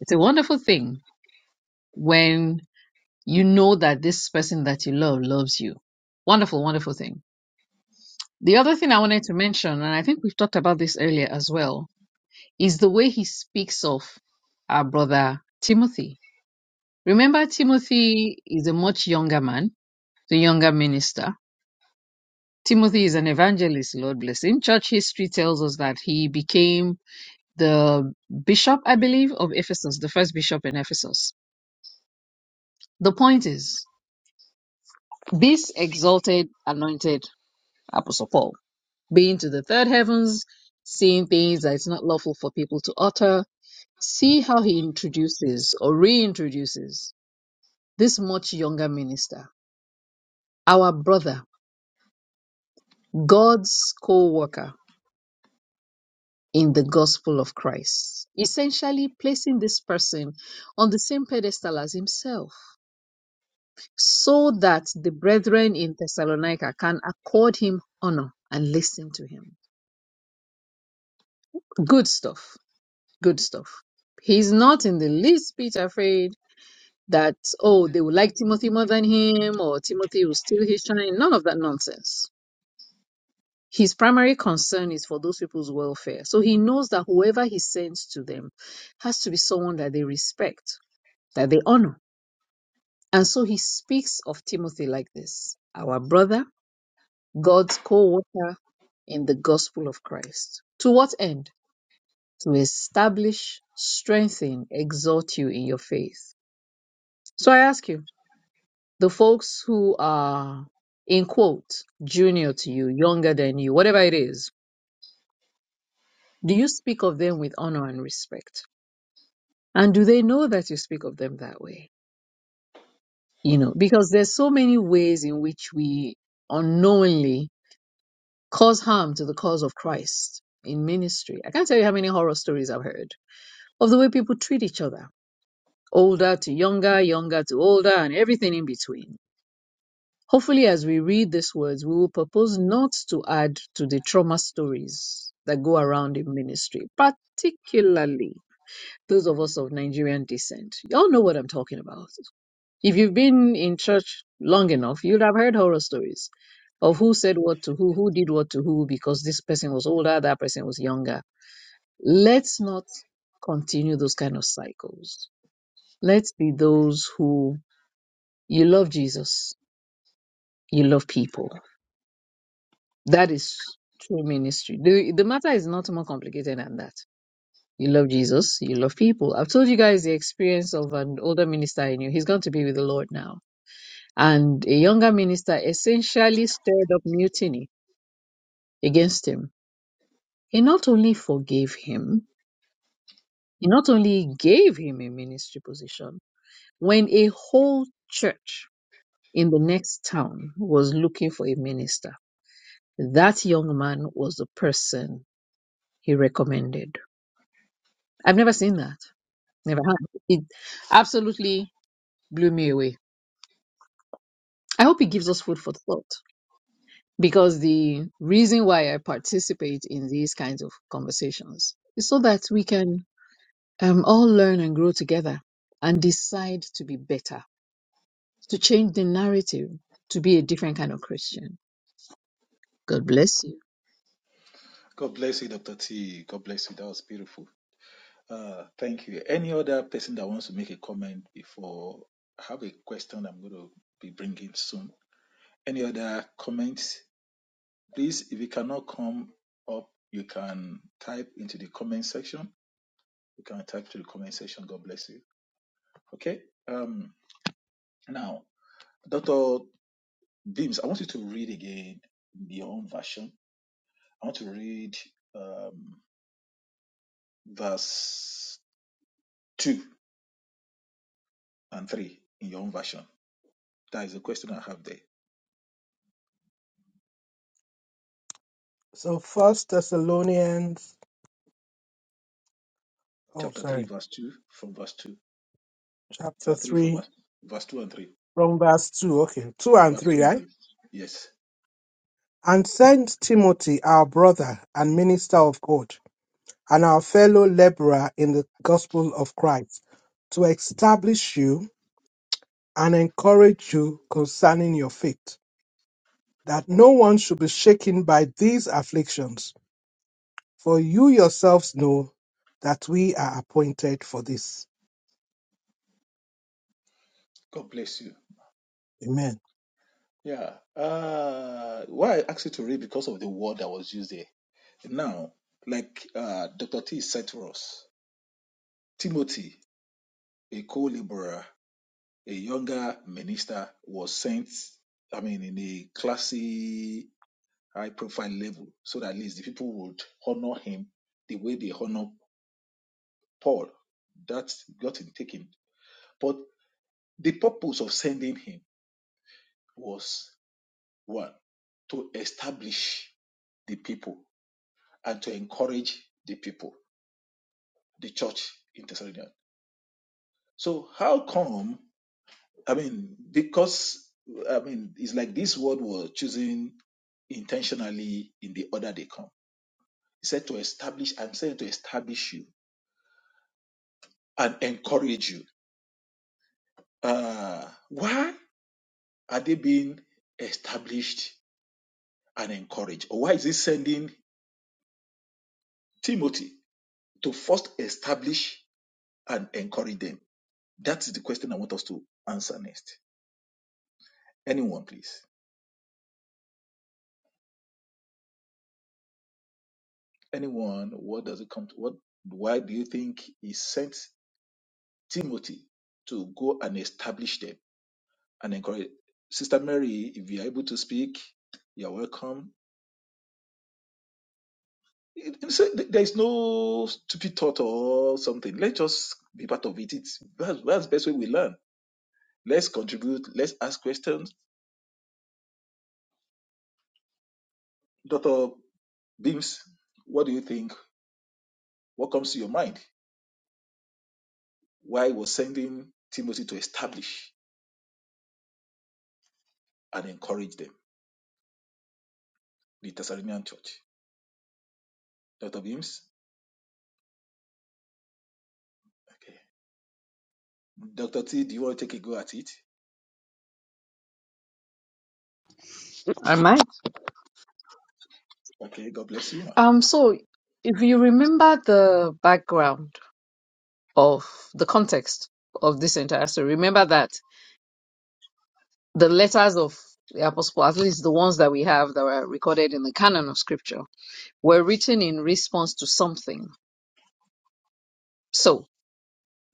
S3: It's a wonderful thing when you know that this person that you love loves you. Wonderful, wonderful thing. The other thing I wanted to mention, and I think we've talked about this earlier as well, is the way he speaks of our brother Timothy. Remember, Timothy is a much younger man, the younger minister. Timothy is an evangelist, Lord bless him. Church history tells us that he became the bishop, I believe, of Ephesus, the first bishop in Ephesus. The point is, this exalted, anointed Apostle Paul being to the third heavens, seeing things that it's not lawful for people to utter. See how he introduces or reintroduces this much younger minister, our brother, God's co worker in the gospel of Christ, essentially placing this person on the same pedestal as himself, so that the brethren in Thessalonica can accord him honor and listen to him. Good stuff. Good stuff. He's not in the least bit afraid that, oh, they would like Timothy more than him or Timothy will steal his shine. None of that nonsense. His primary concern is for those people's welfare. So he knows that whoever he sends to them has to be someone that they respect, that they honor. And so he speaks of Timothy like this our brother, God's co worker in the gospel of Christ. To what end? To establish, strengthen, exhort you in your faith. So I ask you, the folks who are in quote junior to you, younger than you, whatever it is, do you speak of them with honor and respect? And do they know that you speak of them that way? You know, because there's so many ways in which we unknowingly cause harm to the cause of Christ in ministry. I can't tell you how many horror stories I've heard of the way people treat each other, older to younger, younger to older, and everything in between Hopefully, as we read these words, we will propose not to add to the trauma stories that go around in ministry, particularly those of us of Nigerian descent. Y'all know what I'm talking about. If you've been in church long enough, you'd have heard horror stories of who said what to who, who did what to who, because this person was older, that person was younger. Let's not continue those kind of cycles. Let's be those who you love Jesus, you love people That is true ministry. The, the matter is not more complicated than that. You love Jesus, you love people. I've told you guys the experience of an older minister I knew. He's going to be with the Lord now. And a younger minister essentially stirred up mutiny against him. He not only forgave him, he not only gave him a ministry position, when a whole church in the next town was looking for a minister, that young man was the person he recommended. I've never seen that. Never had. It absolutely blew me away. I hope it gives us food for thought because the reason why I participate in these kinds of conversations is so that we can um, all learn and grow together and decide to be better, to change the narrative, to be a different kind of Christian. God bless you.
S1: God bless you, Doctor T. God bless you. That was beautiful. Uh, thank you. Any other person that wants to make a comment before I have a question I'm going to be bringing soon. Any other comments? Please, if you cannot come up, you can type into the comment section You can type to the comment section. God bless you. Okay. Um, now, Dr. Beams, I want you to read again in your own version. I want to read um, verse 2 and 3 in your own version. That is the question I have there.
S2: So First Thessalonians, oh
S1: Chapter 3,
S2: sorry,
S1: verse 2 from verse 2.
S2: chapter
S1: Chapter 3 from
S2: three,
S1: verse, verse 2 and 3.
S2: from verse two. Okay, two and
S1: Verse 2
S2: three,
S1: and
S2: right?
S1: 3. Yes.
S2: And send Timothy, our brother and minister of God, and our fellow laborer in the gospel of Christ, to establish you and encourage you concerning your faith that no one should be shaken by these afflictions, for you yourselves know that we are appointed for this.
S1: God bless you.
S2: Amen.
S1: Yeah. Uh, why I asked you to read because of the word that was used there. Now, like uh, Dr. T said to us. Timothy, a co-laborer, a younger minister, was sent, I mean, in a classy, high profile level, so that at least the people would honor him the way they honor Paul. That got him taken. But the purpose of sending him was one, to establish the people and to encourage the people, the church in Thessalonica. So, how come I mean, because I mean, it's like this word was chosen intentionally in the order they come. He said to establish, I'm saying to establish you and encourage you. Uh, why are they being established and encouraged? Or why is he sending Timothy to first establish and encourage them? That is the question I want us to answer next. Anyone, please. Anyone, what does it come to? What why do you think he sent? Timothy to go and establish them and encourage. Sister Mary, if you are able to speak, you're welcome. It- it's- there is no stupid thought or something. Let's just be part of it. It's that's, that's the best way we learn. Let's contribute. Let's ask questions. Dr. Beams, what do you think? What comes to your mind? Why was sending Timothy to establish and encourage them, the Thessalonian church? Dr. Beams? Okay. Dr. T, do you want to take a go at it?
S3: I might.
S1: Okay, God bless you, ma.
S3: Um, so if you remember the background of the context of this entire story, remember that the letters of the apostle, at least the ones that we have that were recorded in the canon of scripture, were written in response to something. So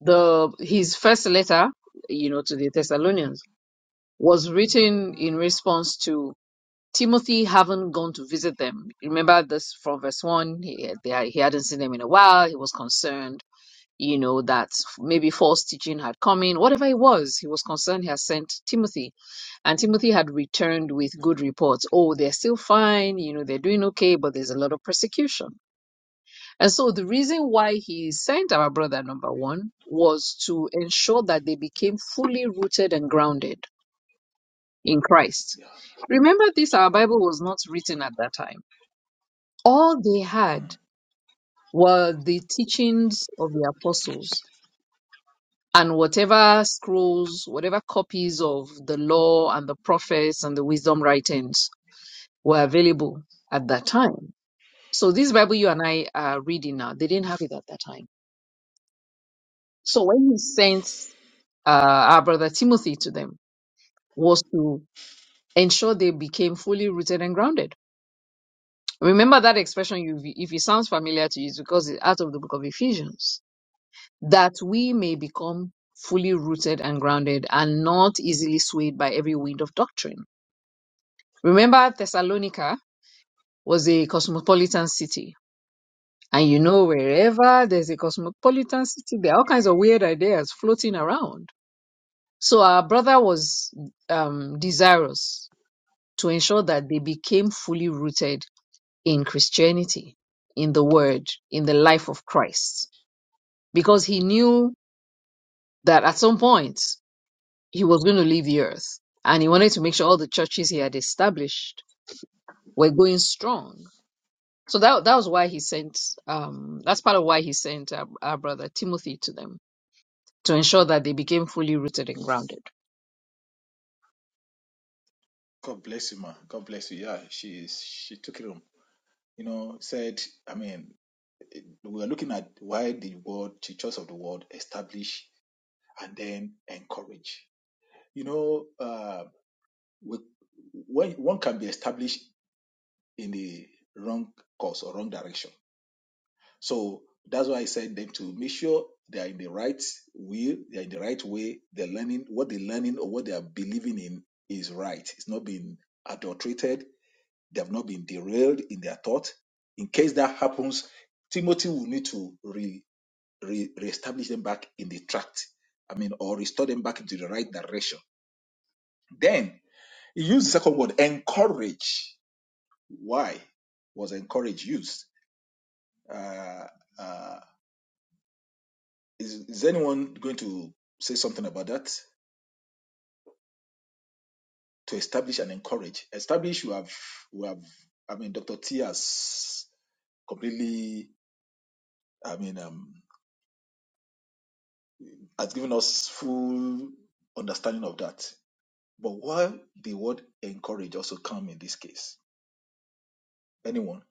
S3: the his first letter, you know, to the Thessalonians was written in response to Timothy having gone to visit them. Remember this from verse one. He, they, he hadn't seen them in a while. He was concerned you know, that maybe false teaching had come in, whatever it was, he was concerned he had sent Timothy. And Timothy had returned with good reports. Oh, they're still fine, you know, they're doing okay, but there's a lot of persecution. And so the reason why he sent our brother, number one, was to ensure that they became fully rooted and grounded in Christ.
S1: Yeah.
S3: Remember this, our Bible was not written at that time. All they had were the teachings of the apostles and whatever scrolls, whatever copies of the law and the prophets and the wisdom writings were available at that time. So this Bible you and I are reading now, they didn't have it at that time. So when he sent uh, our brother Timothy to them was to ensure they became fully rooted and grounded. Remember that expression, you, if it sounds familiar to you, it's because it's out of the book of Ephesians, that we may become fully rooted and grounded and not easily swayed by every wind of doctrine Remember, Thessalonica was a cosmopolitan city. And you know, wherever there's a cosmopolitan city, there are all kinds of weird ideas floating around. So our brother was um, desirous to ensure that they became fully rooted in Christianity, in the Word, in the life of Christ, because he knew that at some point he was going to leave the earth. And he wanted to make sure all the churches he had established were going strong So that that was why he sent um that's part of why he sent our, our brother Timothy to them to ensure that they became fully rooted and grounded.
S1: God bless you, ma. God bless you. Yeah, she's she took it home. You know, said, I mean, we are looking at why the word, the church of the world, establish and then encourage. You know, uh, with, when one can be established in the wrong course or wrong direction. So that's why I said them to make sure they are in the right will, they are in the right way. They're learning what they're learning or what they are believing in is right. It's not being adulterated They have not been derailed in their thought. In case that happens, Timothy will need to re, re, reestablish them back in the tract. I mean, or restore them back into the right direction. Then he used the second word, encourage. Why was encourage used? Uh, uh, is, is anyone going to say something about that? To establish and encourage. Establish, we have, we have. I mean, Dr. T has completely. I mean, um, has given us full understanding of that. But why the word encourage also come in this case? Anyone?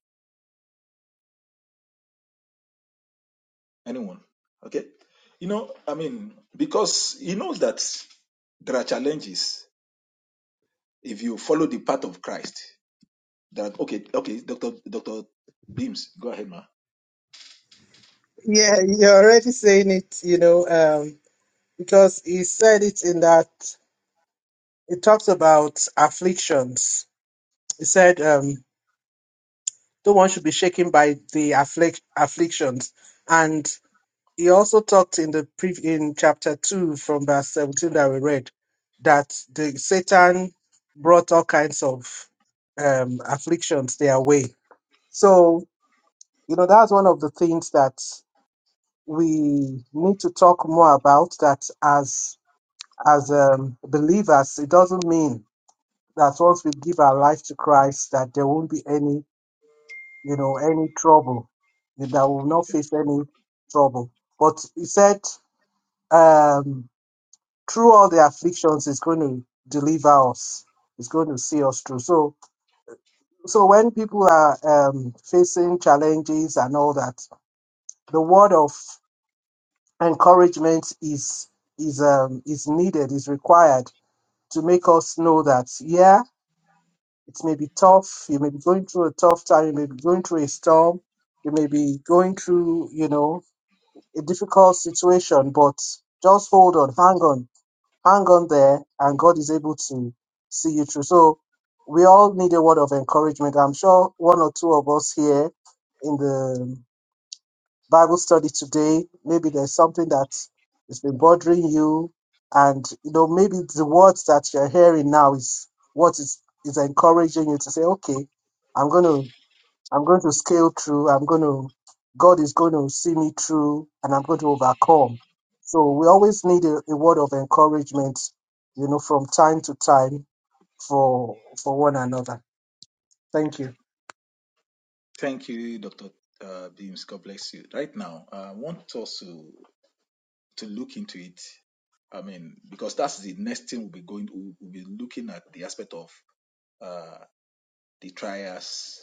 S1: Anyone? Okay? You know, I mean, because he knows that there are challenges if you follow the path of Christ. That okay, okay, Doctor Doctor Beams, go ahead, ma.
S2: Yeah, you're already saying it, you know, um, because he said it in that. it talks about afflictions. It said, um, no one should be shaken by the afflic- afflictions. And he also talked in the pre- in chapter 2 from verse 17 that we read that the Satan brought all kinds of um, afflictions their way. So, you know, that's one of the things that we need to talk more about that as as um, believers, it doesn't mean that once we give our life to Christ, that there won't be any, you know, any trouble, that we will not face any trouble. But he said, um, through all the afflictions, is going to deliver us. It's going to see us through. So, so when people are um, facing challenges and all that, the word of encouragement is is um, is needed, is required to make us know that, yeah, It may be tough. You may be going through a tough time. You may be going through a storm. You may be going through, you know, a difficult situation, but just hold on, hang on, hang on there, and God is able to see you through. So we all need a word of encouragement. I'm sure one or two of us here in the Bible study today. Maybe there's something that has been bothering you, and you know maybe the words that you're hearing now is what is is encouraging you to say, okay, I'm gonna I'm going to scale through. I'm going to God is going to see me through, and I'm going to overcome. So we always need a, a word of encouragement, you know, from time to time for for one another. Thank you.
S1: Thank you, Doctor uh, Beams. God bless you. Right now, I want us to to look into it. I mean, because that's the next thing we'll be going. We'll, we'll be looking at the aspect of uh, the trials.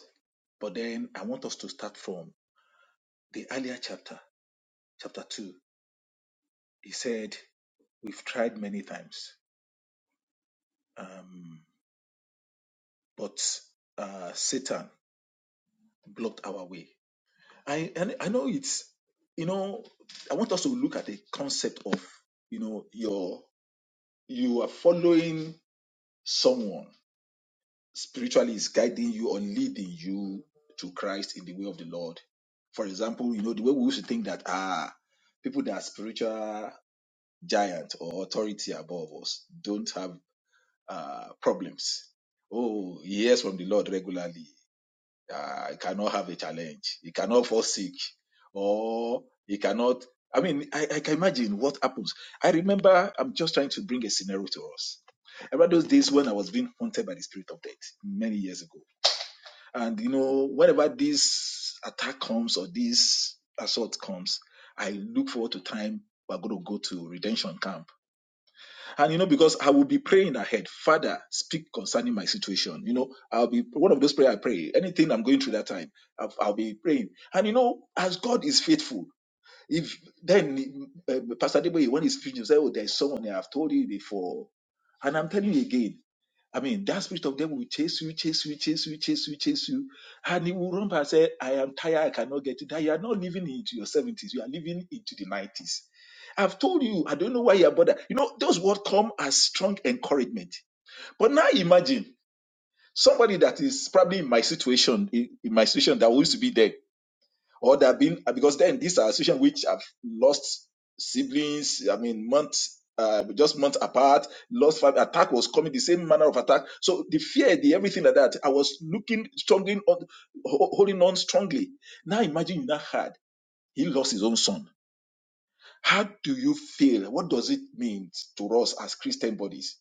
S1: But then I want us to start from the earlier chapter, chapter 2. He said, We've tried many times, um, but uh, Satan blocked our way. I, and I know it's, you know, I want us to look at the concept of, you know, your you are following someone spiritually is guiding you or leading you to Christ in the way of the Lord. For example, you know, the way we used to think that ah, people that are spiritual giant or authority above us don't have uh, problems. Oh, he hears from the Lord regularly. Uh, he cannot have a challenge. He cannot fall sick. Or he cannot. I mean, I, I can imagine what happens. I remember, I'm just trying to bring a scenario to us. I remember those days when I was being haunted by the spirit of death many years ago and you know, whenever this attack comes or this assault comes, I look forward to time we're going to go to redemption camp. And you know, because I will be praying ahead, Father, speak concerning my situation. You know, I'll be one of those prayer I pray. Anything I'm going through that time, I'll, I'll be praying. And you know, as God is faithful, if then uh, Pastor Deboye, when he's preaching, he say, "Oh, there's someone here. I've told you before," and I'm telling you again. I mean, that spirit of devil will chase you, chase you, chase you, chase you, chase you. And he will run by and say, I am tired, I cannot get it. That you are not living into your 70s, you are living into the 90s. I've told you, I don't know why you're bothered. You know, those words come as strong encouragement. But now imagine somebody that is probably in my situation, in, in my situation that used to be there or there have been uh, because then these are associations which have lost siblings. I mean, months, uh, just months apart. Lost five attack was coming the same manner of attack. So the fear, the everything like that. I was looking strongly on, ho- holding on strongly. Now imagine you now had he lost his own son. How do you feel? What does it mean to us as Christian bodies?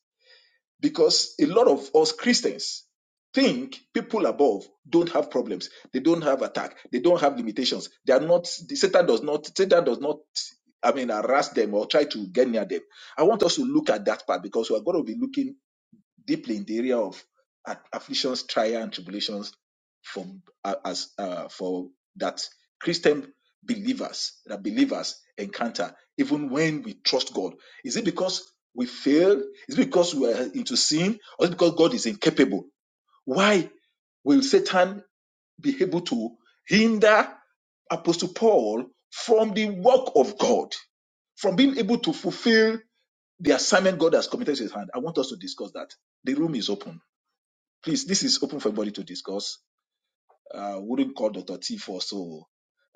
S1: because a lot of us Christians think people above don't have problems. They don't have attack. They don't have limitations. They are not. The Satan does not. Satan does not. I mean, harass them or try to get near them. I want us to look at that part because we are going to be looking deeply in the area of a- afflictions, trial, and tribulations for uh, as uh, for that Christian believers that believers encounter even when we trust God. Is it because we fail? Is it because we are into sin? Or is it because God is incapable? Why will Satan be able to hinder Apostle Paul from the work of God, from being able to fulfill the assignment God has committed to his hand. I want us to discuss that. The room is open. Please, this is open for everybody to discuss. Uh, wouldn't call Dr. T for so.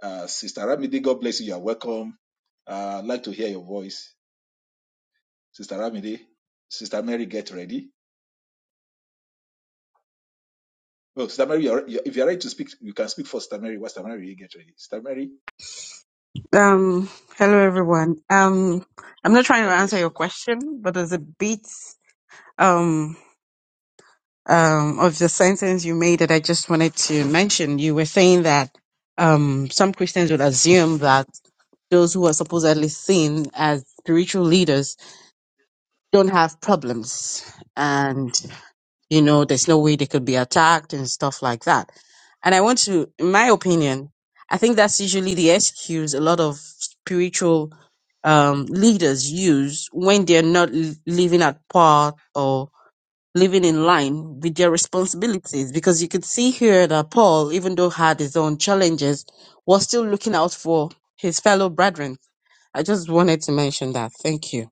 S1: Uh, Sister Ramide, God bless you. You are welcome. Uh, I'd like to hear your voice. Sister Ramide, Sister Mary, get ready. Oh, Sister Mary, you're, you if you're ready to speak, you can speak for Sister Mary. what's Sister Mary, get ready. Sister Mary,
S4: Um, hello everyone. Um, I'm not trying to
S1: God
S4: answer
S1: bless
S4: your
S1: you.
S4: question, but there's a bit um um of the sentence you made that I just wanted to mention. You were saying that um some Christians would assume that those who are supposedly seen as spiritual leaders don't have problems, You know, there's no way they could be attacked and stuff like that. And I want to, in my opinion, I think that's usually the excuse a lot of spiritual um, leaders use when they're not l- living at part or living in line with their responsibilities. Because you could see here that Paul, even though had his own challenges, was still looking out for his fellow brethren. I just wanted to mention that. Thank you.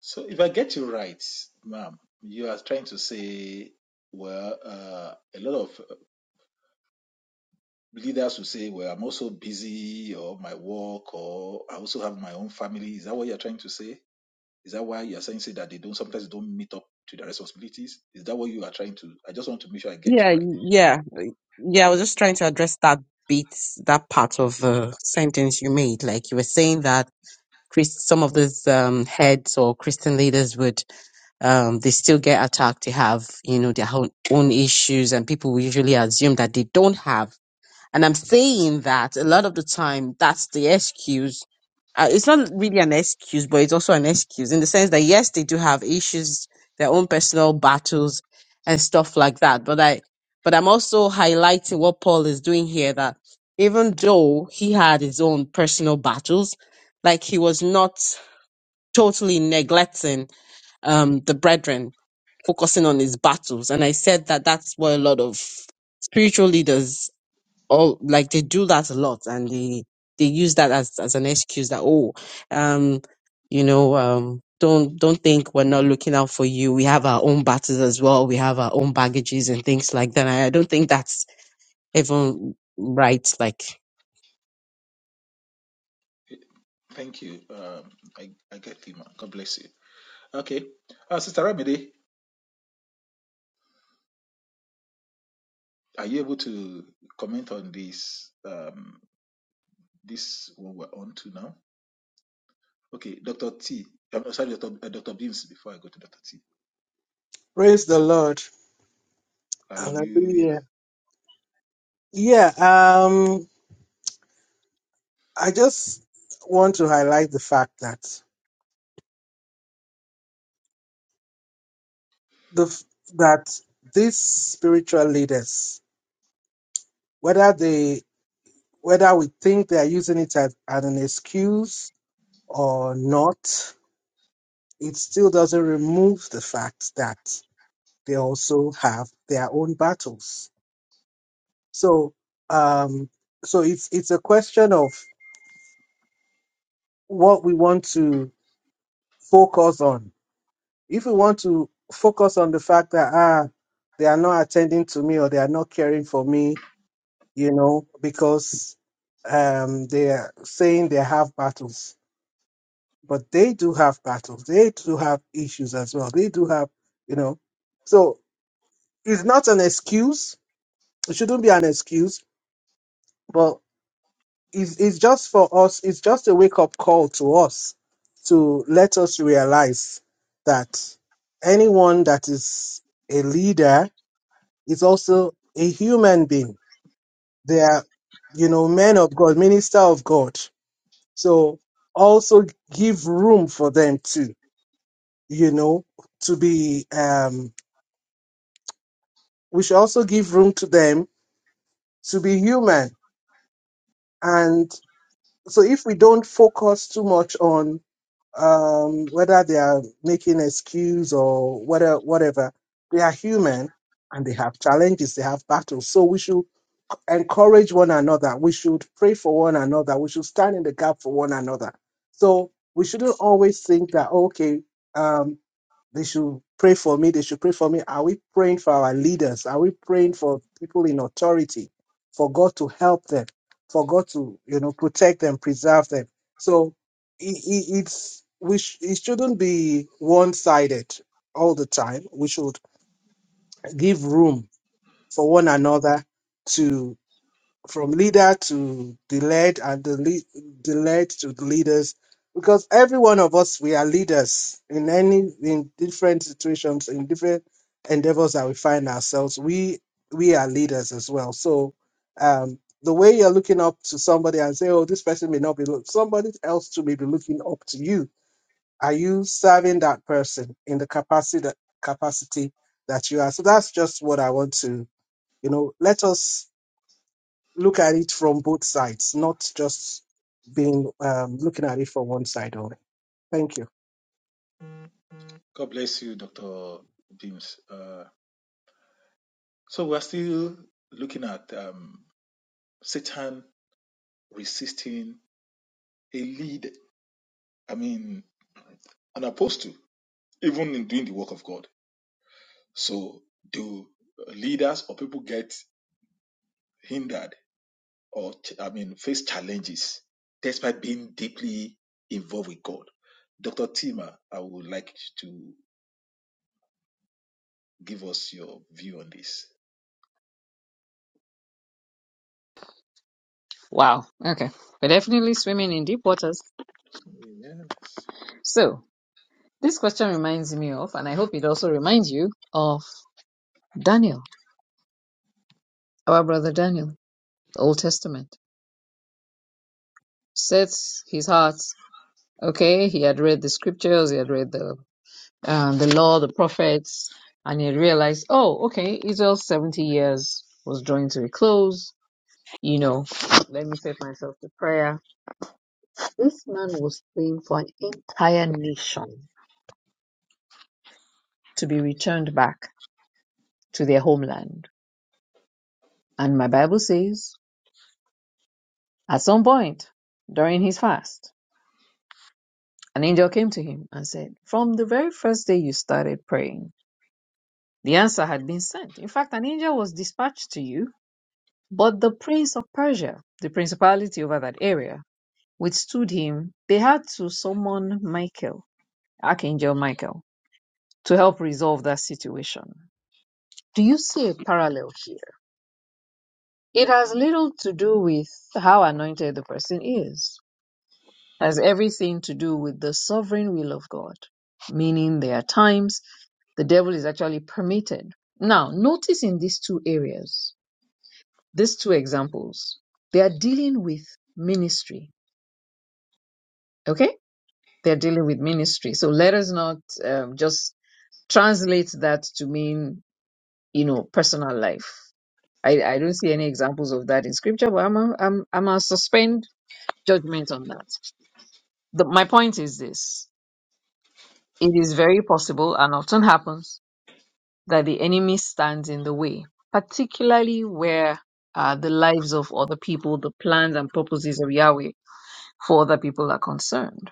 S1: So if I get you right, ma'am, you are trying to say, well, uh, a lot of leaders will say, well, I'm also busy or my work or I also have my own family. Is that what you're trying to say? Is that why you're saying say that they don't sometimes don't meet up to their responsibilities? Is that what you are trying to? I just want to make sure I get you
S4: Yeah,
S1: right.
S4: yeah. Yeah, I was just trying to address that bit, that part of the sentence you made. Like you were saying that Chris, some of these um, heads or Christian leaders would, um, they still get attacked. They have, you know, their own, own issues, and people will usually assume that they don't have. And I'm saying that a lot of the time, that's the excuse. Uh, it's not really an excuse, but it's also an excuse in the sense that yes, they do have issues, their own personal battles and stuff like that. But I, but I'm also highlighting what Paul is doing here that even though he had his own personal battles, like he was not totally neglecting um, the brethren, focusing on his battles. And I said that that's what a lot of spiritual leaders or like they do that a lot and they they use that as as an excuse that oh um you know um don't don't think we're not looking out for you we have our own battles as well we have our own baggages and things like that And i don't think that's even right like
S1: Eh, Thank you. Um, I, I get you, ma'am. God bless you. Okay. Uh, Sister Ramide, are you able to comment on this, um, this what we're on to now? Okay, Dr. T. I'm not- sorry, Dr. Uh, Dr. Beams, before I go to Dr. T.
S2: Praise the Lord.
S1: Hallelujah.
S2: Hallelujah. Yeah. Um. I just want to highlight the fact that the f- that these spiritual leaders, whether they whether we think they are using it as, as an excuse or not, it still doesn't remove the fact that they also have their own battles. So um so it's it's a question of what we want to focus on If we want to focus on the fact that ah, they are not attending to me or they are not caring for me, you know, because um, they are saying they have battles, but they do have battles. They do have issues as well. They do have, you know, so it's not an excuse. It shouldn't be an excuse, but it's, it's just for us. It's just a wake up call to us to let us realize that anyone that is a leader is also a human being. They are, you know, men of God, minister of God. So also give room for them too, you know, to be, um, we should also give room to them to be human. And so if we don't focus too much on, um, whether they are making excuse or whether whatever, they are human and they have challenges, they have battles. So we should encourage one another. We should pray for one another. We should stand in the gap for one another. So we shouldn't always think that, oh, okay, um, they should pray for me. They should pray for me. Are we praying for our leaders? Are we praying for people in authority, for God to help them, for God to, you know, protect them, preserve them? So i- i- it's, we sh- it shouldn't be one sided all the time. We should give room for one another from leader to the led and the lead, the led to the leaders because every one of us we are leaders in any in different situations in different endeavors that we find ourselves we we are leaders as well so um the way you're looking up to somebody and say oh this person may not be look somebody else to may be looking up to you are you serving that person in the capacity that capacity that you are so that's just what i want to you know let us look at it from both sides, not just being um, looking at it from one side only. Thank you.
S1: God bless you, Dr. Beams. Uh, so we're still looking at um, Satan resisting a lead, I mean, an apostle, even in doing the work of God. So do leaders or people get hindered or, ch- I mean, face challenges despite being deeply involved with God? Dr. Tima, I would like to. Give us your view on this.
S3: Wow. Okay. We're definitely swimming in deep waters.
S1: Yes.
S3: So this question reminds me of, and I hope it also reminds you of Daniel, our brother Daniel, the Old Testament. Sets his heart. Okay, he had read the scriptures, he had read the um, the law, the prophets, and he had realized, oh, okay, Israel's seventy years was drawing to a close you know, let me set myself to prayer. This man was praying for an entire nation to be returned back to their homeland. And my Bible says, at some point during his fast, an angel came to him and said, From the very first day you started praying, the answer had been sent. In fact, an angel was dispatched to you, but the prince of Persia, the principality over that area, withstood him. They had to summon Michael, Archangel Michael to help resolve that situation. Do you see a parallel here? It has little to do with how anointed the person is, It has everything to do with the sovereign will of God, meaning there are times the devil is actually permitted. Now, notice in these two areas, these two examples, they are dealing with ministry, okay? They're dealing with ministry. So let us not um, just translate that to mean, you know, personal life. I, I don't see any examples of that in scripture, but I'm a, I'm I'm a suspend judgment on that. The, my point is this: it is very possible and often happens that the enemy stands in the way, particularly where uh, the lives of other people, the plans and purposes of Yahweh for other people are concerned.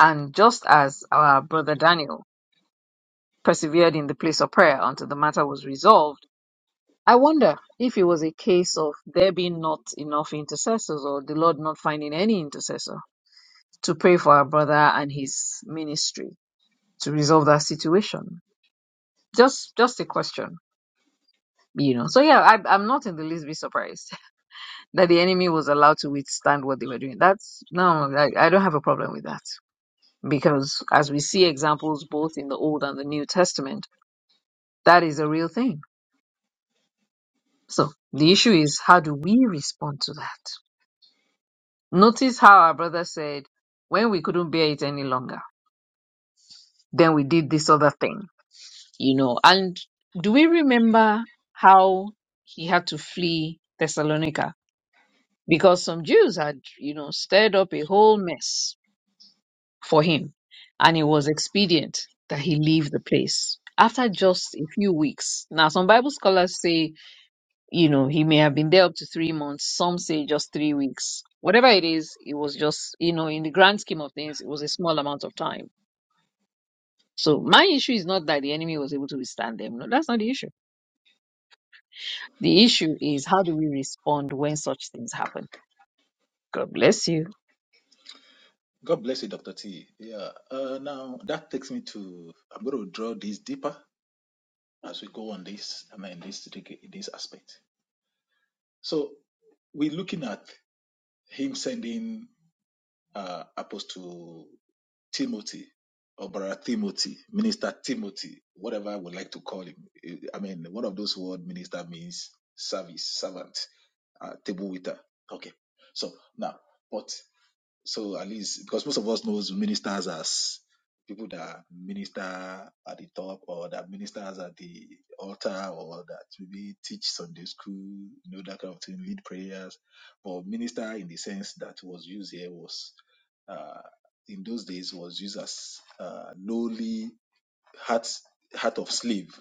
S3: And just as our brother Daniel persevered in the place of prayer until the matter was resolved I wonder if it was a case of there being not enough intercessors or the Lord not finding any intercessor to pray for our brother and his ministry to resolve that situation. Just just a question. You know, so yeah, I, I'm not in the least bit surprised that the enemy was allowed to withstand what they were doing. That's no, I, I don't have a problem with that because as we see examples both in the Old and the New Testament, that is a real thing. So the issue is how do we respond to that? Notice how our brother said, when we couldn't bear it any longer, then we did this other thing, you know. And do we remember how he had to flee Thessalonica? Because some Jews had, you know, stirred up a whole mess for him, and it was expedient that he leave the place after just a few weeks. Now, some Bible scholars say You know, he may have been there up to three months. Some say just three weeks. Whatever it is, it was just, you know, in the grand scheme of things, it was a small amount of time. So my issue is not that the enemy was able to withstand them. No, that's not the issue. The issue is how do we respond when such things happen? God bless you.
S1: God bless you, Dr. T. Yeah. Uh, now, that takes me to, I'm going to draw this deeper as we go on this, I mean, this, in this aspect. So, we're looking at him sending uh, Apostle Timothy or Brother Timothy, Minister Timothy, whatever I would like to call him. I mean, one of those word minister means service, servant, uh, table waiter. Okay. So now, but So at least because most of us knows ministers as people that minister at the top or that ministers at the altar or that maybe teach Sunday school, you know, that kind of thing, lead prayers. But minister in the sense that was used here was uh, in those days was used as uh, lowly heart heart of slave,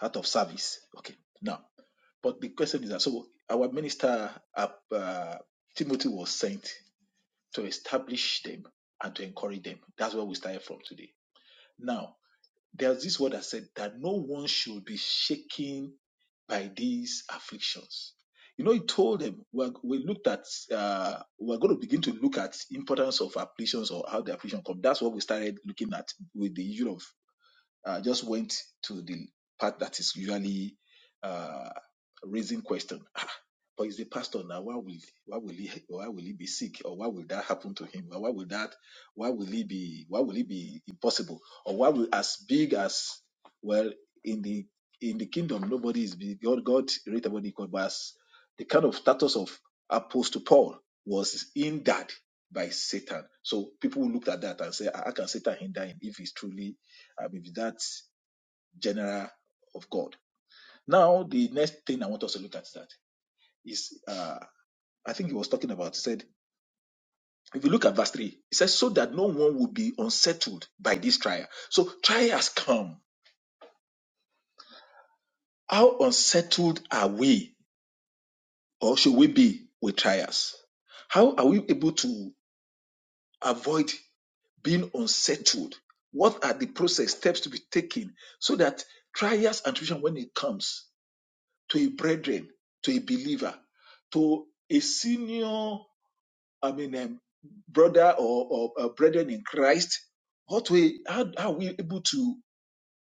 S1: heart of service. Okay. Now but the question is that so our minister uh, uh, Timothy was sent to establish them and to encourage them. That's where we started from today. Now, there's this word that said that no one should be shaken by these afflictions. You know, he told them we're, we looked at uh, we're going to begin to look at importance of afflictions or how the affliction come. That's what we started looking at with the issue of uh, just went to the part that is usually uh, raising question. Ah, but he's a pastor now. Why will why will he why will he be sick or why will that happen to him? Or why will that why will he be why will he be impossible? Or why will as big as well in the in the kingdom nobody is big. God God rate about equal. But as the kind of status of Apostle Paul was hindered by Satan. So people looked at that and say, "Ah, How can Satan hinder him if he's truly I mean, with that general of God. Now, the next thing I want us to look at that is, uh, I think he was talking about, he said, if you look at verse 3, it says, so that no one will be unsettled by this trial. So trial has come. How unsettled are we or should we be with trials? How are we able to avoid being unsettled? What are the process steps to be taken so that trials and tribulation, when it comes, to a brethren, to a believer, to a senior, I mean, um, brother or, or uh, brethren in Christ? What way, how, how are we able to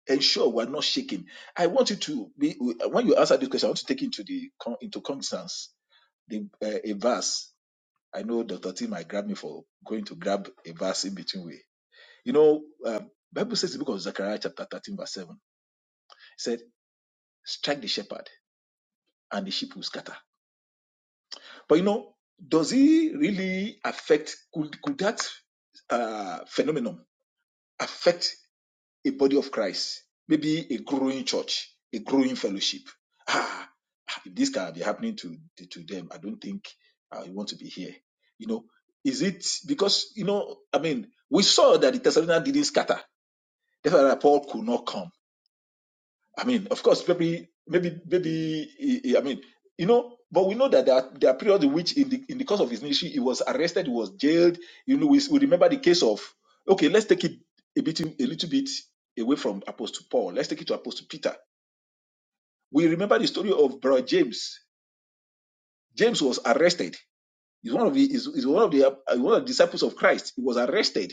S1: ensure we're not shaken? I want you to be, when you answer this question, I want to take into the, into cognizance the, uh, a verse. I know Dr. T might grab me for going to grab a verse in between way. You know, um, Bible says the book of Zechariah chapter 13 verse 7 it said, strike the shepherd and the sheep will scatter. But you know, does it really affect? Could could that uh, phenomenon affect a body of Christ? Maybe a growing church, a growing fellowship. Ah, ah, if this can be happening to to them, I don't think I want to be here. You know, is it because you know? I mean, we saw that the Thessalonians didn't scatter. Therefore, Paul could not come I mean, of course, maybe, maybe, maybe. I mean, you know, but we know that there are, there are periods in which, in the in the course of his ministry, he was arrested, he was jailed. You know, we, we remember the case of. Okay, let's take it a bit, a little bit away from Apostle Paul. Let's take it to Apostle Peter. We remember the story of Brother James. James was arrested. He's one of the is one of the uh, one of the disciples of Christ. He was arrested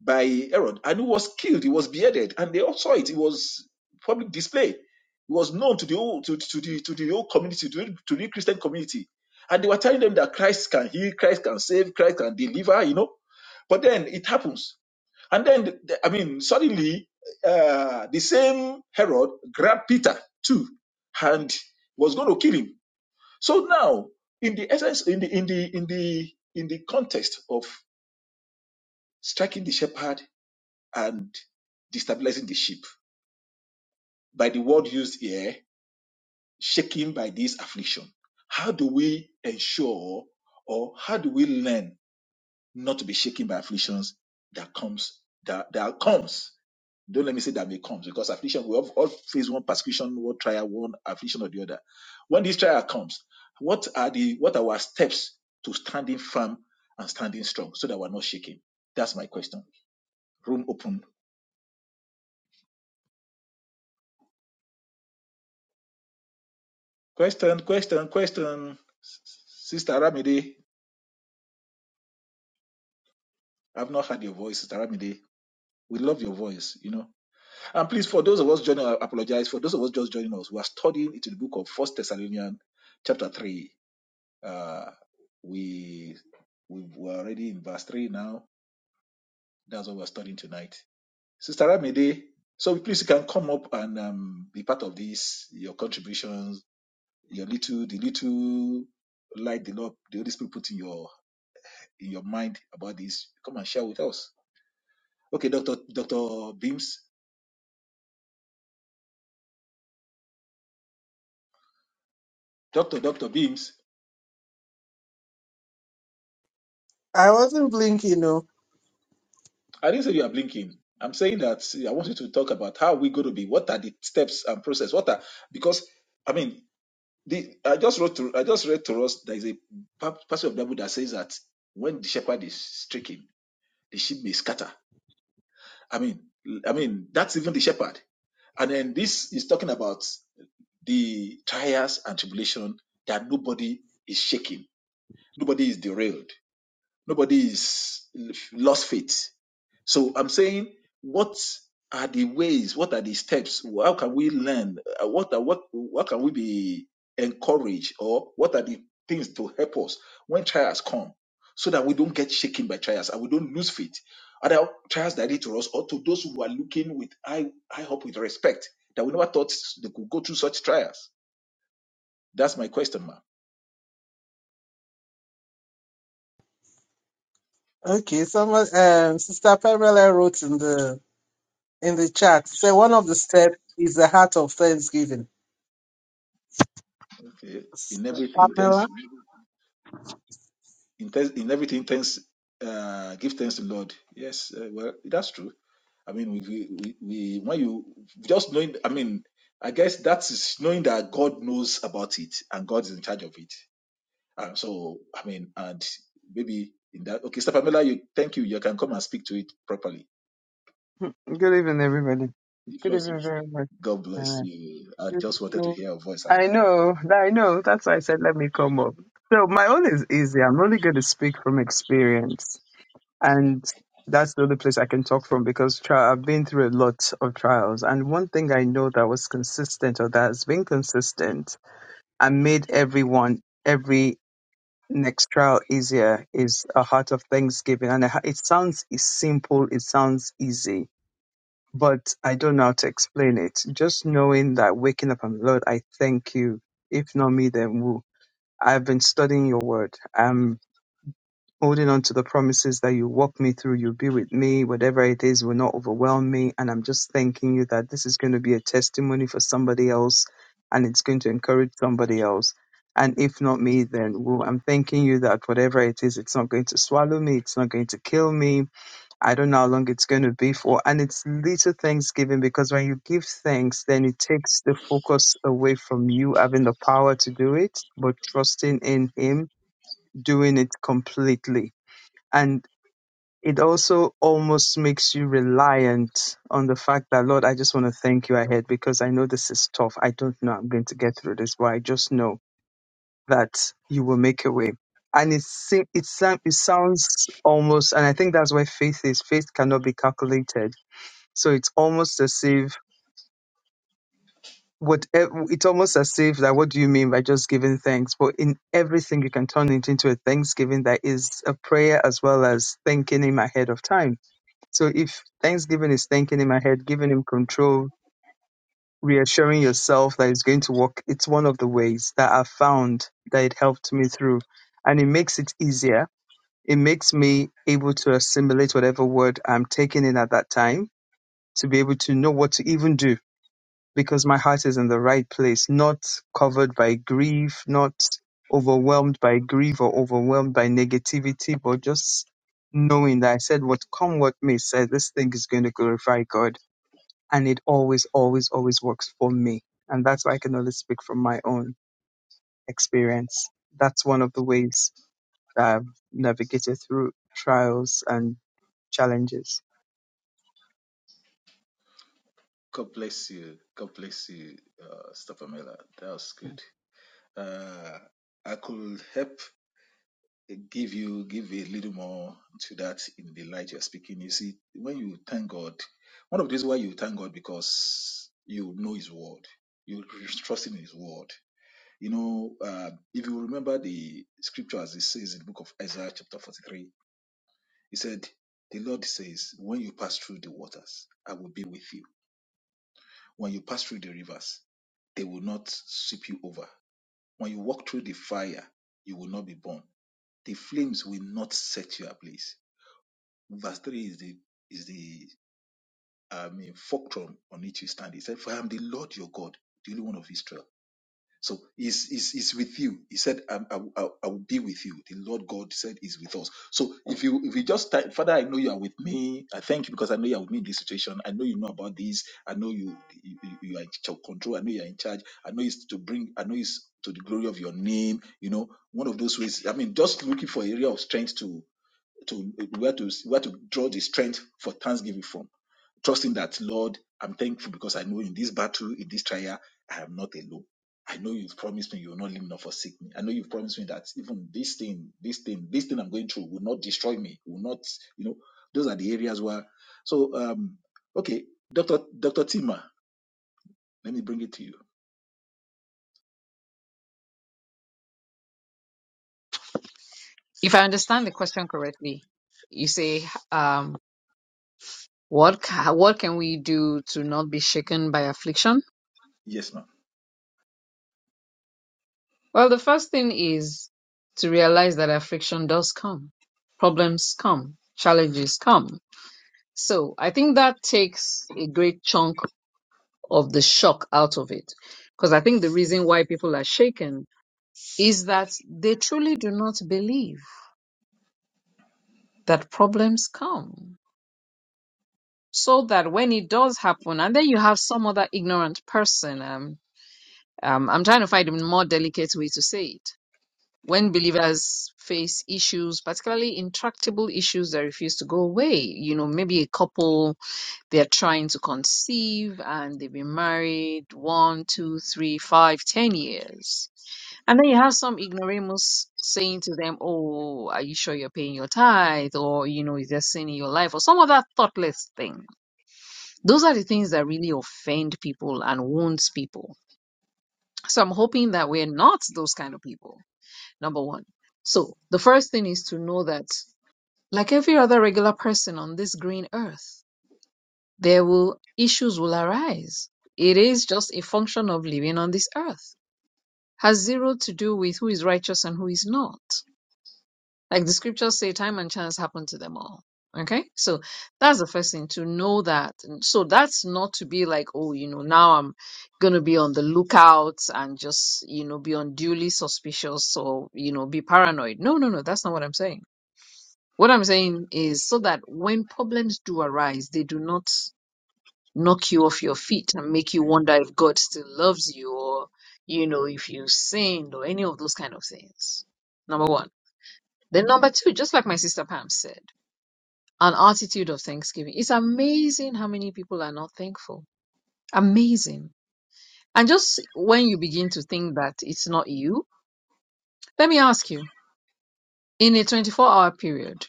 S1: by Herod, and he was killed, he was beheaded, and they all saw it. It was public display. It was known to the whole to, to the to the whole community, to, the- to the Christian community. And they were telling them that Christ can heal, Christ can save, Christ can deliver, you know. But then it happens. And then the- the- I mean, suddenly uh, the same Herod grabbed Peter too and was going to kill him. So now, in the essence, in the in the in the in the context of striking the shepherd and destabilizing the sheep. By the word used here, shaken by this affliction. How do we ensure or how do we learn not to be shaken by afflictions that comes that, that comes? Don't let me say that may comes because affliction we all, all face one persecution, one trial, one affliction or the other. When this trial comes, what are the what are our steps to standing firm and standing strong so that we're not shaking? That's my question. Room open Question, question, question. S- s- Sister Ramide, I've not heard your voice, Sister Ramide. We love your voice, you know. And please, for those of us joining, I apologize. For those of us just joining us, we are studying into the book of First Thessalonians, chapter three. Uh, we we were already in verse three now. That's what we're studying tonight, Sister Ramide. So please, you can come up and um, be part of this. Your contributions, your little, the little light the Lord, the Holy Spirit put in your in your mind about this, come and share with us. Okay, Dr. Dr. Beams, Dr. Dr. Beams,
S2: I wasn't blinking, no.
S1: I didn't say you are blinking. I'm saying that I want you to talk about how we're going to be. What are the steps and process? What are because I mean, the, I just wrote to I just read to us there is a pa- passage of Bible that says that when the shepherd is stricken, the sheep may scatter. I mean, I mean that's even the shepherd. And then this is talking about the trials and tribulation that nobody is shaking. Nobody is derailed. Nobody is lost faith. So I'm saying, what are the ways? What are the steps? How can we learn? Uh, What are, what what can we be encouraged, or what are the things to help us when trials come, so that we don't get shaken by trials and we don't lose faith? Other trials that lead to us, or to those who are looking with I I hope with respect that we never thought they could go through such trials. That's my question, ma'am.
S2: Okay, someone, um, Sister Pamela wrote in the in the chat. Say one of the steps is the heart of thanksgiving.
S1: Okay. In
S2: Sister
S1: everything,
S2: Pamela,
S1: thanks. In, thanks, in everything, thanks, uh, give thanks to Lord. Yes, uh, well, that's true. I mean, we, we, we, when you just knowing, I mean, I guess that is knowing that God knows about it and God is in charge of it. And so, I mean, and maybe in that, okay, Sister Pamela, you, thank you. You can come and speak to it properly.
S5: Good evening, everybody.
S1: The
S5: Good
S1: floor is
S5: evening
S1: yours.
S5: very much.
S1: God bless
S5: Uh,
S1: you. I just wanted to hear your voice and
S5: I
S1: your hope.
S5: know, I know. That's why I said let me come up. So my own is easy. I'm only going to speak from experience, and that's the only place I can talk from because tri- I've been through a lot of trials. And one thing I know that was consistent or that has been consistent and made everyone every next trial easier is a heart of thanksgiving. And a heart- it sounds simple. It sounds easy but I don't know how to explain it. Just knowing that waking up, I'm Lord, I thank you. If not me, then who? I've been studying your word. I'm holding on to the promises that you walk me through. You'll be with me. Whatever it is will not overwhelm me. And I'm just thanking you that this is going to be a testimony for somebody else and it's going to encourage somebody else. And if not me, then who? I'm thanking you that whatever it is, it's not going to swallow me. It's not going to kill me I don't know how long it's going to be for. And it's little thanksgiving because when you give thanks, then it takes the focus away from you having the power to do it, but trusting in Him doing it completely. And it also almost makes you reliant on the fact that, Lord, I just want to thank you ahead because I know this is tough. I don't know I'm going to get through this, but I just know that you will make a way and it se- it, sound- it sounds almost and i think that's where faith is faith cannot be calculated so it's almost as if what e, it's almost as if that what do you mean by just giving thanks? But in everything you can turn it into a thanksgiving that is a prayer as well as thanking him ahead of time. So if thanksgiving is thanking him ahead, giving him control, reassuring yourself that it's going to work, it's one of the ways that I found that it helped me through. And it makes it easier. It makes me able to assimilate whatever word I'm taking in at that time to be able to know what to even do because my heart is in the right place, not covered by grief, not overwhelmed by grief or overwhelmed by negativity, but just knowing that I said, what come what may, said this thing is going to glorify God, and it always, always, always works for me, and that's why I can only speak from my own experience. That's one of the ways that I've navigated through trials and challenges.
S1: God bless you. God bless you, uh, Sister Pamela. That was good. Uh, I could help. give you give a little more to that in the light you're speaking. You see, when you thank God, one of the reasons why you thank God because you know His word, you trust in His word. You know, uh, if you remember the scripture as it says in the book of Isaiah chapter 43, he said, "The Lord says, when you pass through the waters, I will be with you. When you pass through the rivers, they will not sweep you over. When you walk through the fire, you will not be burned. The flames will not set you ablaze." Verse 3 is the is the I mean fulcrum on which you stand. He said, For I am the Lord your God, the only one of Israel. So he's, he's, he's with you. He said, I'm, I, will- I, will- I will be with you. The Lord God said is with us. So if you if you just type, Father, I know you are with me. I thank you because I know you are with me in this situation. I know you know about this. I know you you, you you are in ch- control. I know you are in charge. I know it's to bring. I know it's to the glory of your name. You know, one of those ways. I mean, just looking for area of strength to to where to where to draw the strength for thanksgiving from trusting that lord i'm thankful because i know in this battle in this trial i am not alone i know you've promised me you will not leave me nor forsake me i know you've promised me that even this thing this thing this thing i'm going through will not destroy me will not you know those are the areas where so um okay dr dr tima let me bring it to you
S3: If I understand the question correctly, you say, um, what ca- what can we do to not be shaken by affliction?
S1: yes ma'am
S3: Well, the first thing is to realize that affliction does come, problems come, challenges come. So I think that takes a great chunk of the shock out of it. Because I think the reason why people are shaken is that they truly do not believe that problems come. So that when it does happen, and then you have some other ignorant person, um, um, I'm trying to find a more delicate way to say it when believers face issues, particularly intractable issues that refuse to go away, you know, maybe a couple they're trying to conceive and they've been married one, two, three, five, ten years. And then you have some ignoramus saying to them, Oh, are you sure you're paying your tithe? Or, you know, is there sin in your life? Or some other thoughtless thing. Those are the things that really offend people and wounds people. So I'm hoping that we're not those kind of people number one. So the first thing is to know that, like every other regular person on this green earth, there will issues will arise. It is just a function of living on this earth. Has zero to do with who is righteous and who is not. Like the scriptures say, time and chance happen to them all. Okay, so that's the first thing to know that. And So that's not to be like, oh, you know, now I'm gonna be on the lookout and just, you know, be unduly suspicious or, you know, be paranoid. No, no, no, that's not what I'm saying What I'm saying is so that when problems do arise, they do not knock you off your feet and make you wonder if God still loves you or, you know, if you sinned or any of those kind of things. Number one. Then number two, just like my sister Pam said, an attitude of thanksgiving. It's amazing how many people are not thankful. Amazing. And just when you begin to think that it's not you, let me ask you, in a 24 hour period,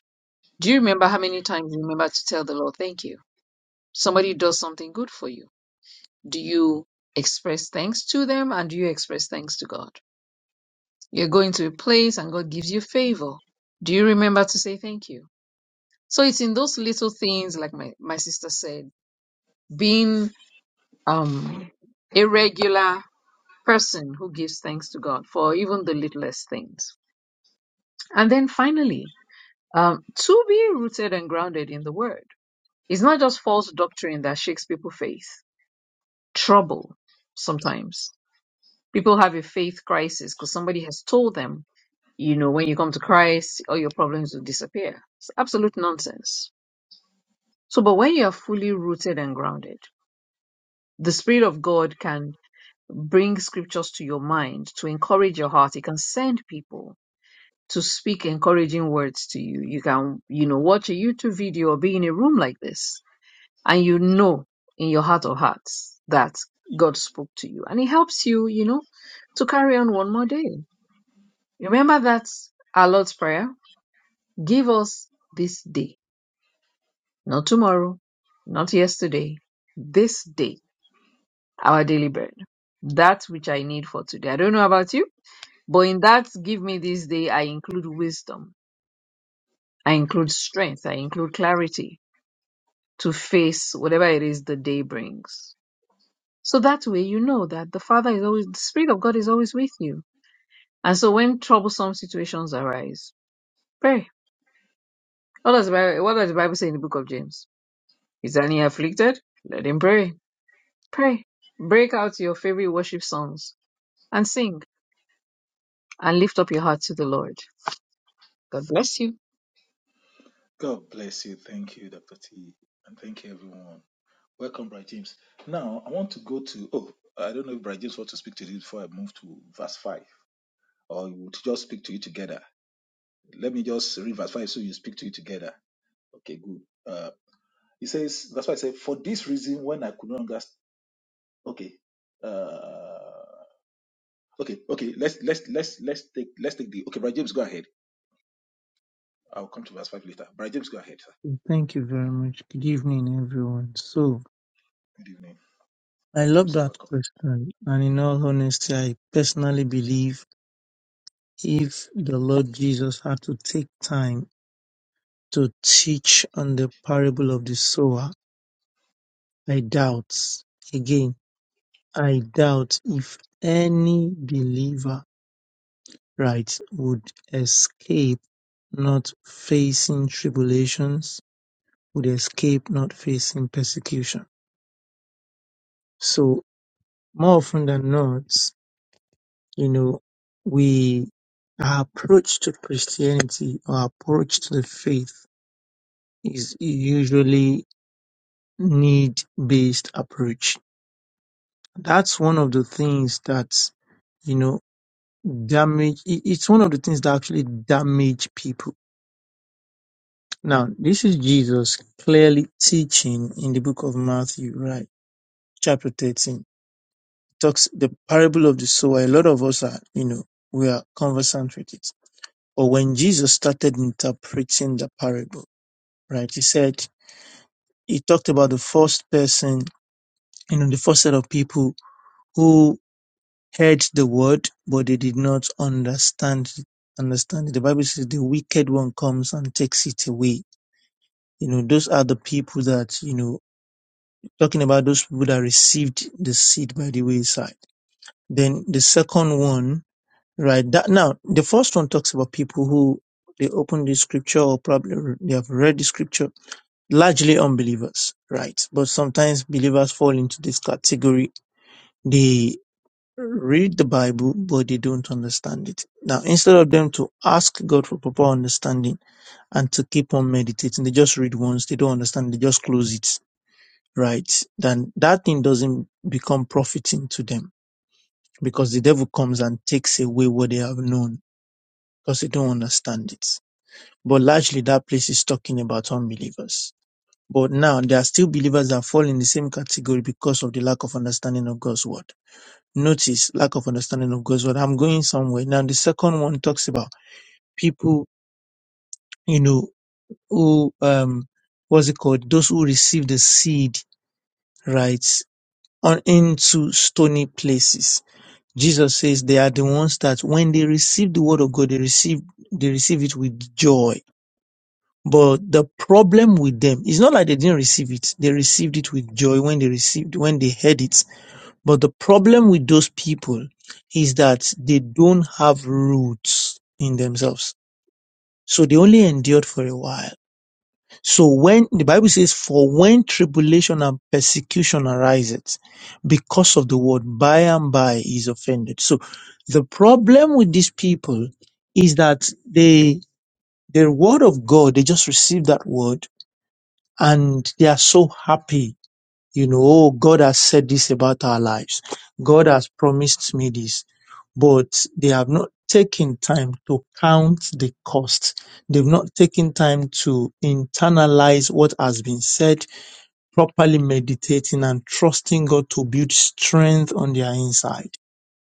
S3: do you remember how many times you remember to tell the Lord thank you? somebody does something good for you, do you express thanks to them and do you express thanks to God? You're going to a place and God gives you favor. Do you remember to say thank you? So it's in those little things, like my, my sister said, being um, a regular person who gives thanks to God for even the littlest things. And then finally, um, to be rooted and grounded in the word. It's not just false doctrine that shakes people faith, trouble sometimes People have a faith crisis because somebody has told them, you know, when you come to Christ, all your problems will disappear. It's absolute nonsense. So, but when you are fully rooted and grounded, the Spirit of God can bring scriptures to your mind to encourage your heart. He can send people to speak encouraging words to you. You can, you know, watch a YouTube video or be in a room like this, and you know in your heart of hearts that God spoke to you. And it helps you, you know, to carry on one more day. Remember that our Lord's Prayer give us this day, not tomorrow, not yesterday, this day, our daily bread, that which I need for today. I don't know about you, but in that give me this day, I include wisdom, I include strength, I include clarity to face whatever it is the day brings. So that way you know that the Father is always, the Spirit of God is always with you. And so when troublesome situations arise, pray. What does the Bible, what does the Bible say in the book of James? Is any afflicted? Let him pray. Pray. Break out your favorite worship songs and sing and lift up your heart to the Lord. God bless you.
S1: god bless you thank you dr t and thank you everyone Welcome, Bright James. Now, I want to go to, oh, I don't know if Bright James wants to speak to you before I move to verse 5, or you would just speak to you together. Let me just read verse 5 so you speak to you together. Okay, good. Uh, it says, that's why I said, for this reason, when I could no longer, okay, uh, okay, okay, let's, let's, let's, let's take, let's take the, okay, Bright James, go ahead. I'll come to verse 5 later. Bright James, go ahead, sir.
S6: Thank you very much. Good evening, everyone. So,
S1: Good evening.
S6: I
S1: Bright James,
S6: love
S1: you're
S6: that
S1: welcome.
S6: question. And in all honesty, I personally believe if the Lord Jesus had to take time to teach on the parable of the sower, I doubt, again, I doubt if any believer, right, would escape not facing tribulations, would escape not facing persecution. So, more often than not, you know, we our approach to Christianity, our approach to the faith is usually need based approach. That's one of the things that, you know, damage, it- it's one of the things that actually damage people. Now, this is Jesus clearly teaching in the book of Matthew, right? Chapter 13. Talks the parable of the sower. A lot of us are, you know, we are conversant with it Or when Jesus started interpreting the parable, right? He said, he talked about the first person, you know, the first set of people who heard the word, but they did not understand, it. understand it. The Bible says the wicked one comes and takes it away. You know, those are the people that, you know, talking about those people that received the seed by the wayside. Then the second one, right? That now, the first one talks about people who they open the scripture or probably they have read the scripture largely unbelievers, right? But sometimes believers fall into this category. They read the Bible, but they don't understand it. Now, instead of them to ask God for proper understanding and to keep on meditating, they just read once, they don't understand, they just close it, right? Then that thing doesn't become profiting to them because the devil comes and takes away what they have known because they don't understand it. But largely that place is talking about unbelievers But now there are still believers that fall in the same category because of the lack of understanding of God's word. Notice lack of understanding of God's word. I'm going somewhere. Now the second one talks about people, you know, who um what's it called? Those who receive the seed, right? On into stony places. Jesus says they are the ones that when they receive the word of God, they receive they receive it with joy. But the problem with them is not like they didn't receive it. They received it with joy when they received, when they heard it But the problem with those people is that they don't have roots in themselves. So they only endured for a while. So when the Bible says, for when tribulation and persecution arises because of the word, by and by is offended. So the problem with these people is that they, the word of God, they just receive that word and they are so happy you know, oh, God has said this about our lives. God has promised me this. But they have not taken time to count the cost. They've not taken time to internalize what has been said, properly meditating and trusting God to build strength on their inside.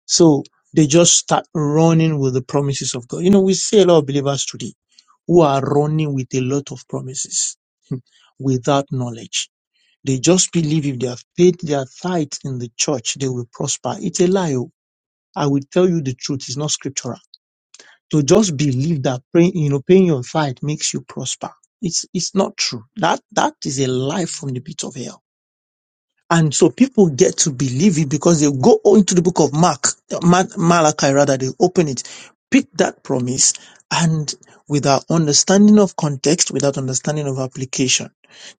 S6: So they just start running with the promises of God. You know, we see a lot of believers today who are running with a lot of promises without knowledge they just believe if they have paid their tithe in the church, they will prosper. It's a lie. oh. I will tell you the truth. It's not scriptural. To just believe that praying, you know, paying your tithe makes you prosper. It's, it's not true. That, that is a lie from the pit of hell. And so people get to believe it because they go into the book of Mark, Ma- Malachi rather, they open it, pick that promise, and without understanding of context, without understanding of application.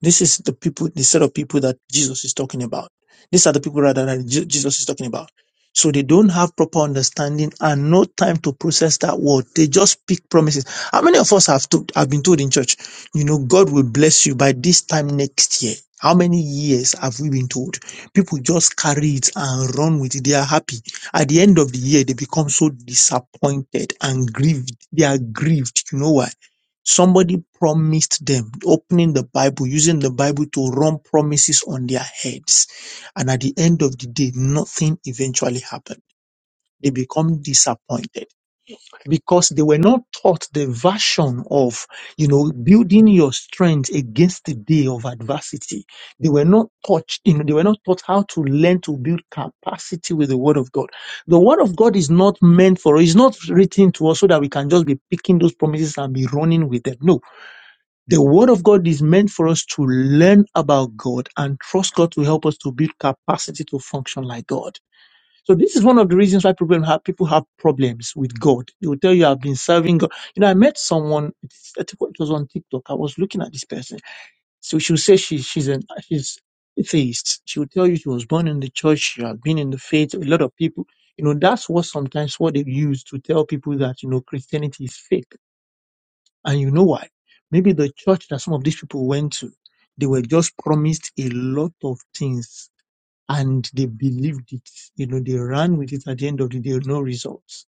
S6: This is the people, the set of people that Jesus is talking about. These are the people rather that Je- Jesus is talking about. So they don't have proper understanding and no time to process that word. They just pick promises. How many of us have to, have been told in church? You know, God will bless you by this time next year. How many years have we been told? People just carry it and run with it. They are happy. At the end of the year, they become so disappointed and grieved. They are grieved. You know why? Somebody promised them, opening the Bible, using the Bible to run promises on their heads. And at the end of the day, nothing eventually happened. They become disappointed because they were not taught the version of, you know, building your strength against the day of adversity. They were not taught, you know, they were not taught how to learn to build capacity with the word of God. The word of God is not meant for, it's not written to us so that we can just be picking those promises and be running with them. No. The word of God is meant for us to learn about God and trust God to help us to build capacity to function like God. So this is one of the reasons why people have people have problems with God. They will tell you I've been serving God. You know, I met someone. it's- I think It was on TikTok. I was looking at this person. So she would say she she's an she's atheist. She would tell you she was born in the church. She had been in the faith. A lot of people, you know, that's what sometimes what they use to tell people that you know Christianity is fake. And you know why? Maybe the church that some of these people went to, they were just promised a lot of things and they believed it. You know, they ran with it at the end of the day, no results.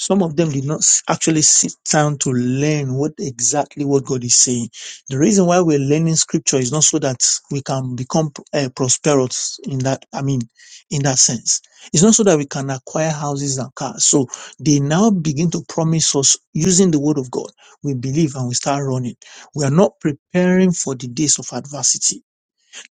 S6: Some of them did not s- actually sit down to learn what exactly what God is saying. The reason why we're learning scripture is not so that we can become uh, prosperous in that, I mean, in that sense. It's not so that we can acquire houses and cars. So they now begin to promise us using the word of God. We believe and we start running. We are not preparing for the days of adversity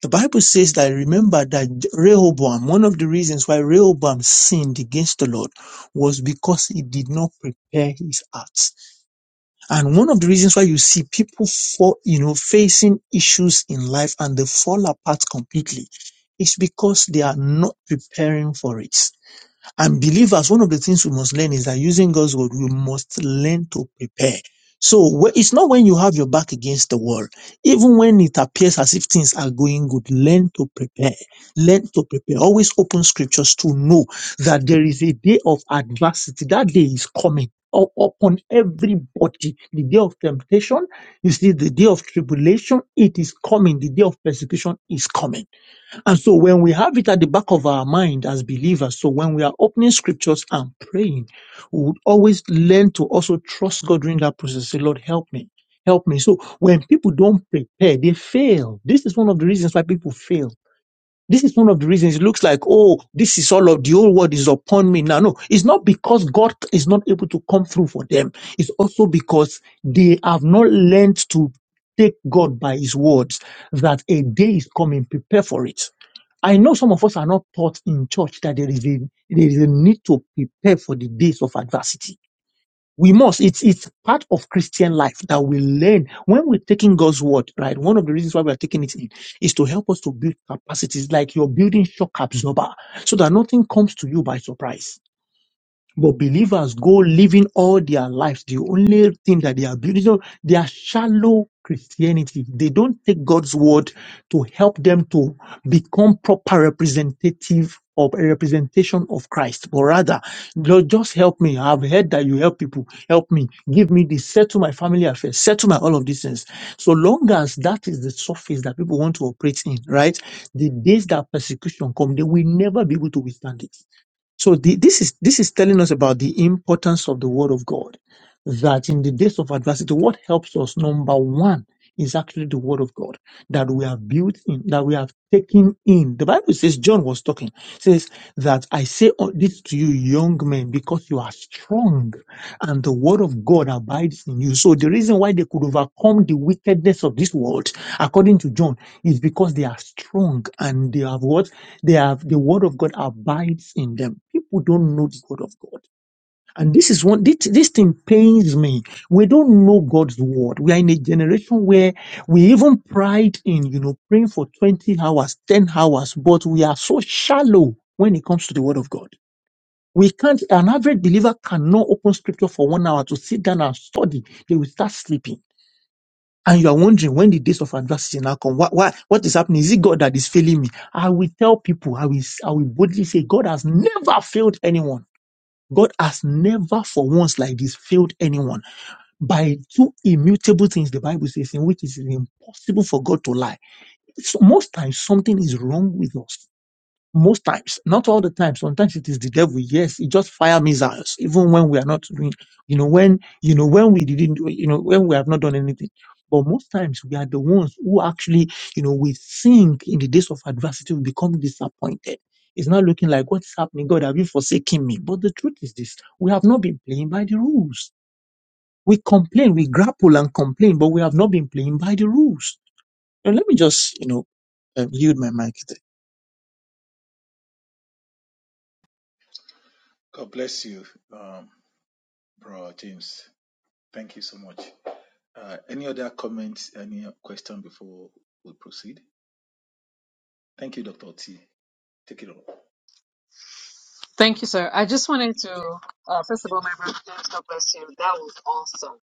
S6: the Bible says that remember that Rehoboam, one of the reasons why Rehoboam sinned against the Lord was because he did not prepare his heart. And one of the reasons why you see people for, you know, facing issues in life and they fall apart completely is because they are not preparing for it. And believers, one of the things we must learn is that using God's word, we must learn to prepare. So wh- it's not when you have your back against the wall, even when it appears as if things are going good, learn to prepare. Learn to prepare. Always open scriptures to know that there is a day of adversity. That day is coming u- upon everybody. The day of temptation, you see, the day of tribulation, it is coming. The day of persecution is coming. And so when we have it at the back of our mind as believers, so when we are opening scriptures and praying, we would always learn to also trust God during that process. Say, Lord, help me. Help me. So when people don't prepare, they fail. This is one of the reasons why people fail this is one of the reasons it looks like, oh, this is all of the whole world is upon me now. No, it's not because God is not able to come through for them. It's also because they have not learned to take God by his words that a day is coming, prepare for it. I know some of us are not taught in church that there is a, there is a need to prepare for the days of adversity we must it's it's part of christian life that we learn when we're taking god's word right one of the reasons why we're taking it in is to help us to build capacities like you're building shock absorber so that nothing comes to you by surprise but believers go living all their lives. The only thing that they are building, you know, they are shallow Christianity. They don't take God's word to help them to become proper representative of a representation of Christ. But rather, Lord, just help me. I've heard that you help people. Help me. Give me this. Settle my family affairs. Settle my all of these things. So long as that is the surface that people want to operate in, right? The days that persecution come, they will never be able to withstand it so the, this is this is telling us about the importance of the Word of God. That in the days of adversity, what helps us number one is actually the Word of God that we have built in, that we have taken in. The Bible says John was talking says that I say all this to you, young men, because you are strong, and the Word of God abides in you. So the reason why they could overcome the wickedness of this world, according to John, is because they are strong and they have what they have the word of God abides in them. People don't know the word of God. And this is one this, this thing pains me. We don't know God's word. We are in a generation where we even pride in, you know, praying for 20 hours, 10 hours, but we are so shallow when it comes to the word of God. We can't, an average believer cannot open scripture for one hour to sit down and study. They will start sleeping and you are wondering when the days of adversity now come, why, why, what is happening? Is it God that is failing me? I will tell people, I will, I will boldly say, God has never failed anyone. God has never for once like this failed anyone by two immutable things the Bible says in which it is impossible for God to lie. So most times something is wrong with us most times, not all the time. Sometimes it is the devil. Yes, it just fire missiles, even when we are not doing, you know, when you know when we didn't, do- you know, when we have not done anything. But most times we are the ones who actually, you know, we think in the days of adversity we become disappointed. It's not looking like what's happening, God, have you forsaken me? But the truth is this: we have not been playing by the rules. We complain, we grapple and complain, but we have not been playing by the rules. And let me just, you know, um, yield my mic there.
S1: God bless you, um, Bro James. Thank you so much. Uh, any other comments, any question before we proceed? Thank you, Dr. T. Take it all.
S3: Thank you, sir. I just wanted to, uh, first of all, my brother, God bless you. That was awesome.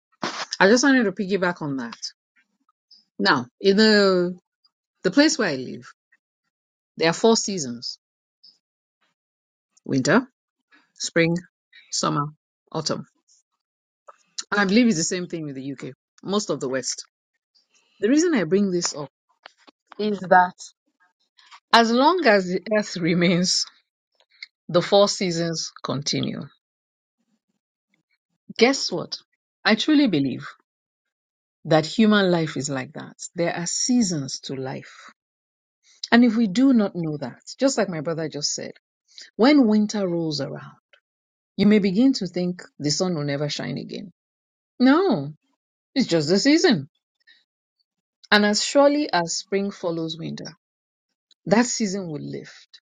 S3: I just wanted to piggyback on that. Now, in the the place where I live, there are four seasons: winter, spring, summer, autumn, and I believe it's the same thing with the UK, most of the West. The reason I bring this up is that as long as the earth remains The Four Seasons continue. Guess what? I truly believe that human life is like that. There are seasons to life. And if we do not know that, just like my brother just said, when winter rolls around, you may begin to think the sun will never shine again. No, it's just a season. And as surely as spring follows winter, that season will lift.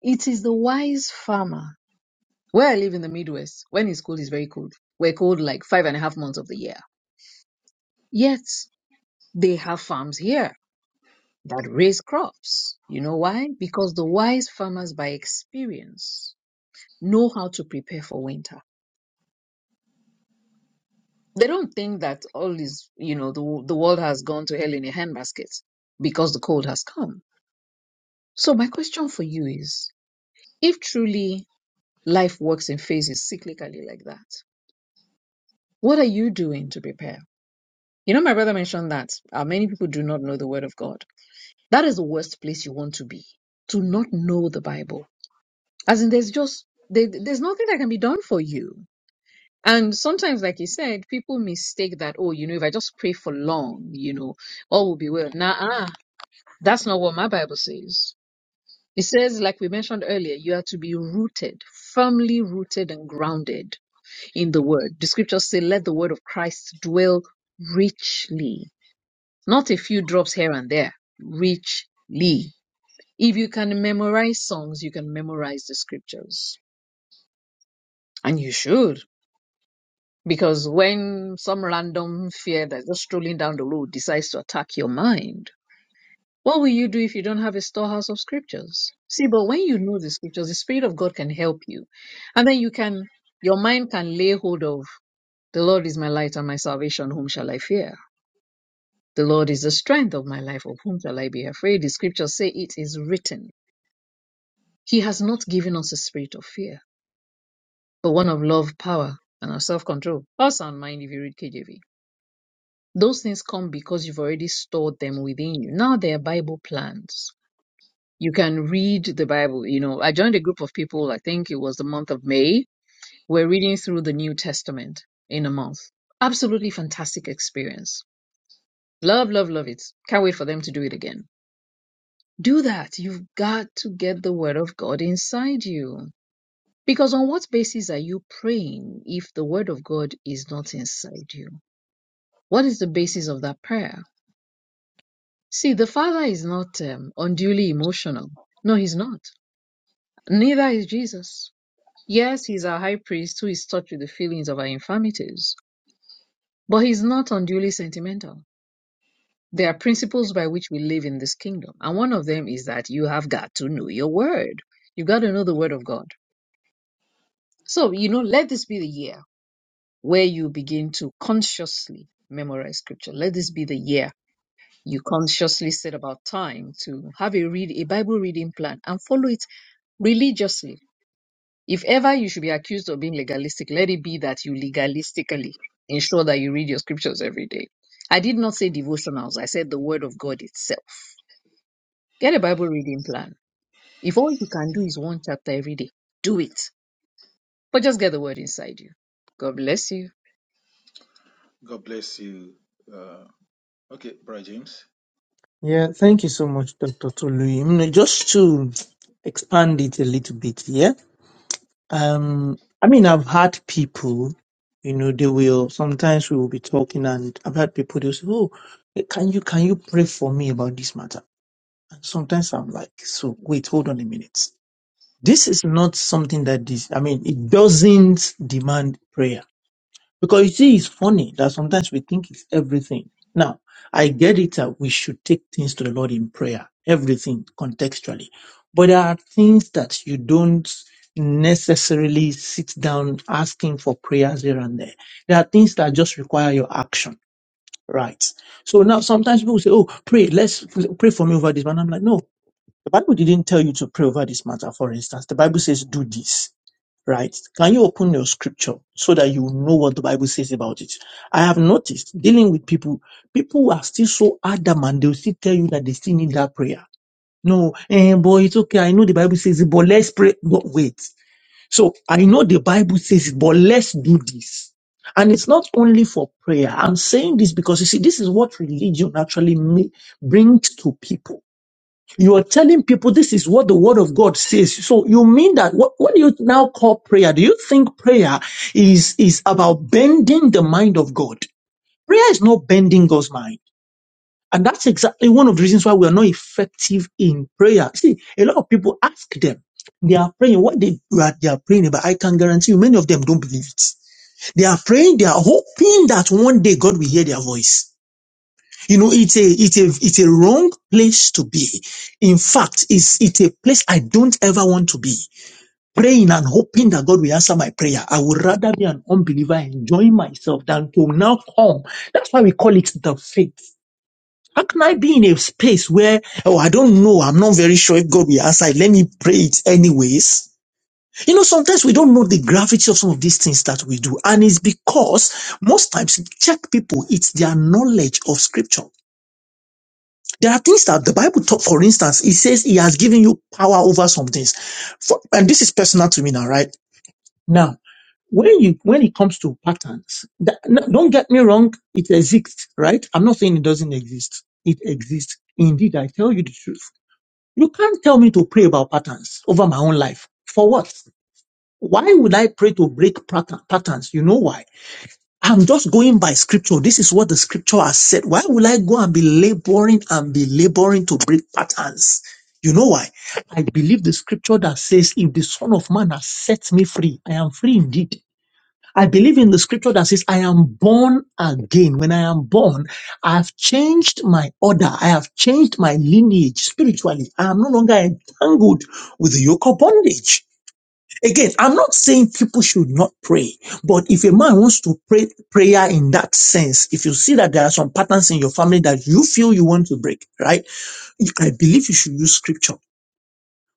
S3: It is the wise farmer. Where I live in the Midwest, when it's cold, it's very cold. We're cold like five and a half months of the year. Yet They have farms here that raise crops. You know why? Because the wise farmers by experience know how to prepare for winter. They don't think that all is, you know, the, the world has gone to hell in a handbasket because the cold has come. So my question for you is, if truly life works in phases cyclically like that, what are you doing to prepare? You know, my brother mentioned that uh, many people do not know the word of God. That is the worst place you want to be, to not know the Bible As in, there's just there, there's nothing that can be done for you. And sometimes, like you said, people mistake that, oh, you know, if I just pray for long, you know, all will be well. Nah, ah, that's not what my Bible says. It says, like we mentioned earlier, you are to be rooted, firmly rooted and grounded in the word. The scriptures say, let the word of Christ dwell richly, not a few drops here and there, richly. If you can memorize songs, you can memorize the scriptures. And you should. Because when some random fear that's just strolling down the road decides to attack your mind, what will you do if you don't have a storehouse of scriptures? See, but when you know the scriptures, the Spirit of God can help you. And then you can, your mind can lay hold of the Lord is my light and my salvation, whom shall I fear? The Lord is the strength of my life, of whom shall I be afraid? The scriptures say it is written. He has not given us a spirit of fear, but one of love, power, and of self control. Or sound mind if you read KJV. Those things come because you've already stored them within you. Now they are Bible plans. You can read the Bible. You know, I joined a group of people, I think it was the month of May. We're reading through the New Testament in a month. Absolutely fantastic experience. Love, love, love it. Can't wait for them to do it again. Do that. You've got to get the Word of God inside you. Because on what basis are you praying if the Word of God is not inside you? What is the basis of that prayer? See, the Father is not um, unduly emotional. No, he's not. Neither is Jesus. Yes, he's our high priest who is touched with the feelings of our infirmities, but he's not unduly sentimental. There are principles by which we live in this kingdom, and one of them is that you have got to know your word. You've got to know the word of God. So, you know, let this be the year where you begin to consciously memorize scripture. Let this be the year You consciously set about time to have a read a Bible reading plan and follow it religiously. If ever you should be accused of being legalistic, let it be that you legalistically ensure that you read your scriptures every day. I did not say devotionals, I said the word of God itself. Get a Bible reading plan. If all you can do is one chapter every day, do it. But just get the word inside you. God bless you.
S1: God bless you. Uh, okay, Brother James.
S6: Yeah, thank you so much, Dr. Tolu. Mm, Just to expand it a little bit, yeah. Um, I mean, I've had people, you know, they will sometimes we will be talking, and I've had people they'll say, "Oh, eh, can you can you pray for me about this matter?" And sometimes I'm like, "So wait, hold on a minute. This is not something that this. I mean, it doesn't demand prayer." Because you see, it's funny that sometimes we think it's everything. Now, I get it that we should take things to the Lord in prayer, everything contextually. But there are things that you don't necessarily sit down asking for prayers here and there. There are things that just require your action, right? So now sometimes people say, Oh, pray, let's pray for me over this. And I'm like, No, the Bible didn't tell you to pray over this matter, for instance. The Bible says, Do this right? Can you open your scripture so that you know what the Bible says about it? I have noticed dealing with people, people are still so adamant, they'll still tell you that they still need that prayer. No, eh, boy, it's okay. I know the Bible says it, but let's pray. But wait. So I know the Bible says it, but let's do this. And it's not only for prayer. I'm saying this because you see, this is what religion actually ma- brings to people you are telling people this is what the word of God says. So you mean that what, what do you now call prayer? Do you think prayer is, is about bending the mind of God? Prayer is not bending God's mind. And that's exactly one of the reasons why we are not effective in prayer. See, a lot of people ask them, they are praying what they, what they are praying about. I can guarantee you many of them don't believe it. They are praying, they are hoping that one day God will hear their voice. You know, it's a, it's a, it's a wrong place to be. In fact, it's, it's a place I don't ever want to be. Praying and hoping that God will answer my prayer. I would rather be an unbeliever enjoying myself than to now come. That's why we call it the faith. How can I be in a space where, oh, I don't know, I'm not very sure if God will answer it. Let me pray it anyways. You know, sometimes we don't know the gravity of some of these things that we do. And it's because most times, check people, it's their knowledge of scripture. There are things that the Bible taught, for instance, it says he has given you power over some things. For, and this is personal to me now, right? Now, when you when it comes to patterns, that, no, don't get me wrong, it exists, right? I'm not saying it doesn't exist. It exists. Indeed, I tell you the truth. You can't tell me to pray about patterns over my own life. For what? Why would I pray to break pattern- patterns? You know why? I'm just going by scripture. This is what the scripture has said. Why will I go and be laboring and be laboring to break patterns? You know why? I believe the scripture that says, if the son of man has set me free, I am free indeed. I believe in the scripture that says, I am born again. When I am born, I have changed my order. I have changed my lineage spiritually. I am no longer entangled with the yoke of bondage. Again, I'm not saying people should not pray, but if a man wants to pray prayer in that sense, if you see that there are some patterns in your family that you feel you want to break, right? You- I believe you should use scripture.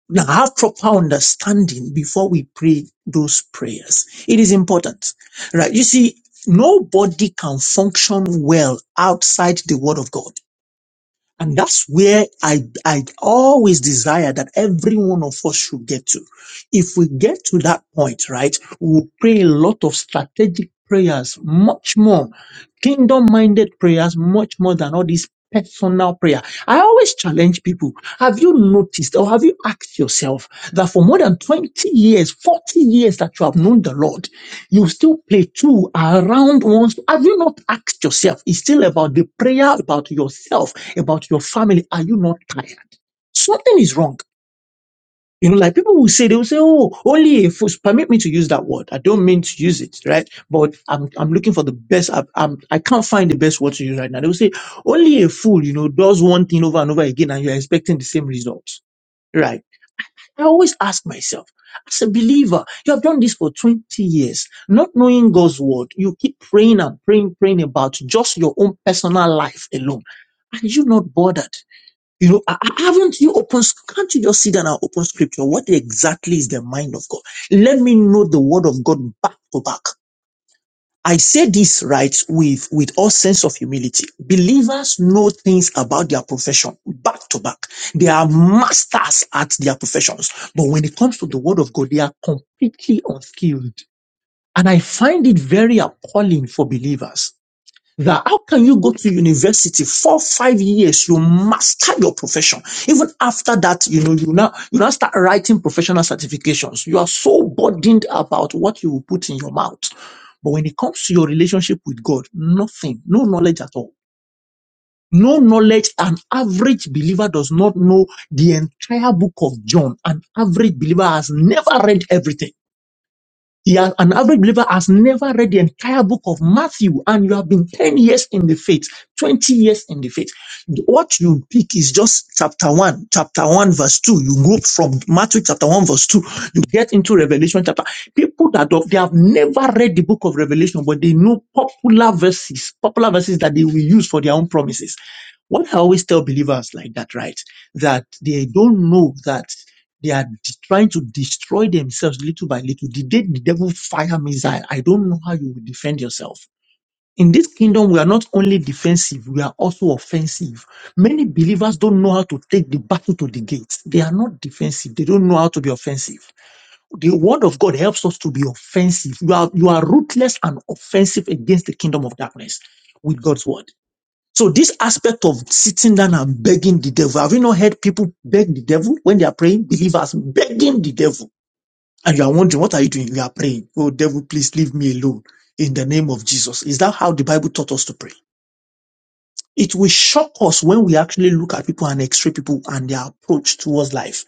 S6: Now have proper understanding before we pray those prayers. It is important, right? You see, nobody can function well outside the word of God. And that's where I, I always desire that every one of us should get to. If we get to that point, right, we'll pray a lot of strategic prayers, much more kingdom minded prayers, much more than all this personal prayer. I always challenge people. Have you noticed or have you asked yourself that for more than 20 years, 40 years that you have known the Lord, you still play two around once. Have you not asked yourself? It's still about the prayer, about yourself, about your family. Are you not tired? Something is wrong. You know, like people will say, they will say, oh, only a fool. Permit me to use that word. I don't mean to use it, right? But I'm, I'm looking for the best. I, I'm, I can't find the best word to use right now. They will say, only a fool, you know, does one thing over and over again and you're expecting the same results, right? I always ask myself, as a believer, you have done this for 20 years, not knowing God's word. You keep praying and praying, praying about just your own personal life alone. Are you not bothered? You know, ha- ha- haven't you opened, sc- can't you just sit down and open scripture? What exactly is the mind of God? Let me know the word of God back to back. I say this right with, with all sense of humility. Believers know things about their profession back to back. They are masters at their professions. But when it comes to the word of God, they are completely unskilled. And I find it very appalling for believers that how can you go to university four five years you master your profession even after that you know you now you now start writing professional certifications you are so burdened about what you will put in your mouth but when it comes to your relationship with god nothing no knowledge at all no knowledge an average believer does not know the entire book of john an average believer has never read everything yeah, an average believer has never read the entire book of Matthew, and you have been 10 years in the faith, 20 years in the faith. What you pick is just chapter 1, chapter 1, verse 2. You go from Matthew chapter 1, verse 2, you get into Revelation chapter. People that don't- they have never read the book of Revelation, but they know popular verses, popular verses that they will use for their own promises. What I always tell believers like that, right? That they don't know that. They are de- trying to destroy themselves little by little. The day the devil fire missile, I don't know how you will defend yourself. In this kingdom, we are not only defensive, we are also offensive. Many believers don't know how to take the battle to the gates. They are not defensive. They don't know how to be offensive the word of God helps us to be offensive. You are, you are ruthless and offensive against the kingdom of darkness with God's word. So this aspect of sitting down and begging the devil, have you not heard people beg the devil when they are praying? Believers begging the devil. And you are wondering, what are you doing? You are praying. Oh, devil, please leave me alone in the name of Jesus. Is that how the Bible taught us to pray? It will shock us when we actually look at people and x-ray people and their approach towards life.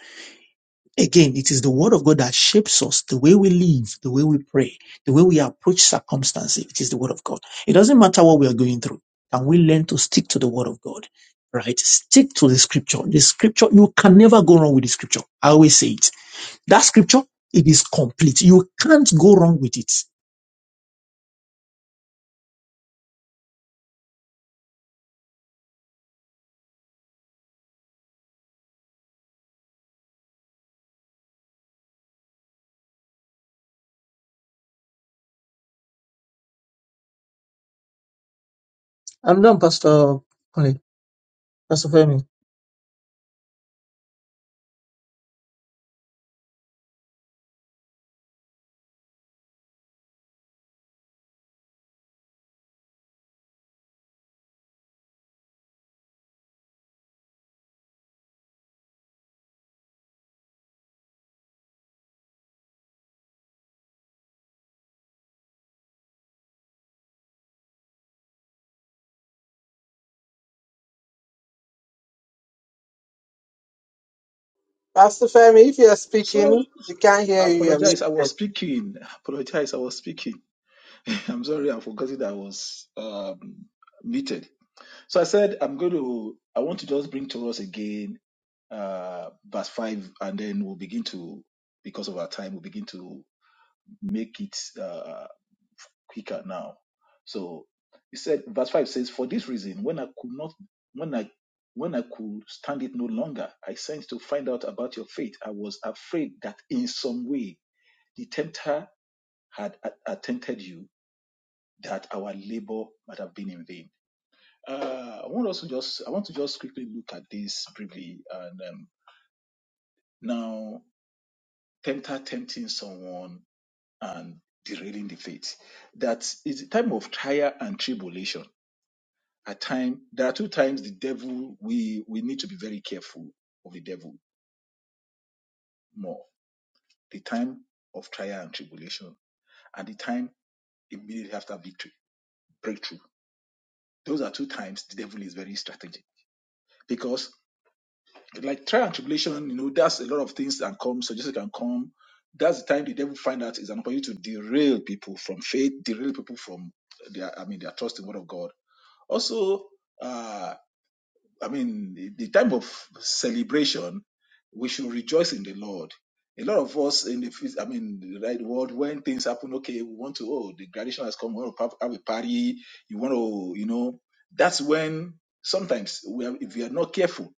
S6: Again, it is the word of God that shapes us, the way we live, the way we pray, the way we approach circumstances. It is the word of God. It doesn't matter what we are going through. Can we learn to stick to the word of God? Right? Stick to the scripture. The scripture, you can never go wrong with the scripture. I always say it. That scripture, it is complete. You can't go wrong with it. I'm done, Pastor Colin. Pastor Femi.
S2: Pastor Femi, if you are
S1: So,
S2: speaking, we can't
S1: I
S2: hear you. You're
S1: apologize. I was speaking. I apologize. I was speaking. I'm sorry. I forgot that I was um, muted. So, I said, I'm going to, I want to just bring to us again uh, verse 5, and then we'll begin to, because of our time, we'll begin to make it. uh, quicker now. So he said, verse 5 says, For this reason, when I could not, when I when I could stand it no longer, I sent to find out about your faith. I was afraid that in some way the tempter had a- attempted you, that our labor might have been in vain. Uh, I want us to just, I want to just quickly look at this briefly. And um, now, tempter tempting someone and derailing the faith. That is the time of trial and tribulation At time, there are two times the devil we we need to be very careful of the devil more. The time of trial and tribulation, and the time immediately after victory, breakthrough. Those are two times the devil is very strategic because, like trial and tribulation, you know, there's a lot of things that come, suggestions can come. That's the time the devil find out is an opportunity to derail people from faith, derail people from their, I mean, their trust in the word of God. Also, uh, I mean, the the time of celebration, we should rejoice in the Lord. A lot of us in the, phys- I mean, right world, when things happen, okay, we want to, oh, the graduation has come, we want to have have a party, you want to, you know, that's when sometimes we are, if we are not careful,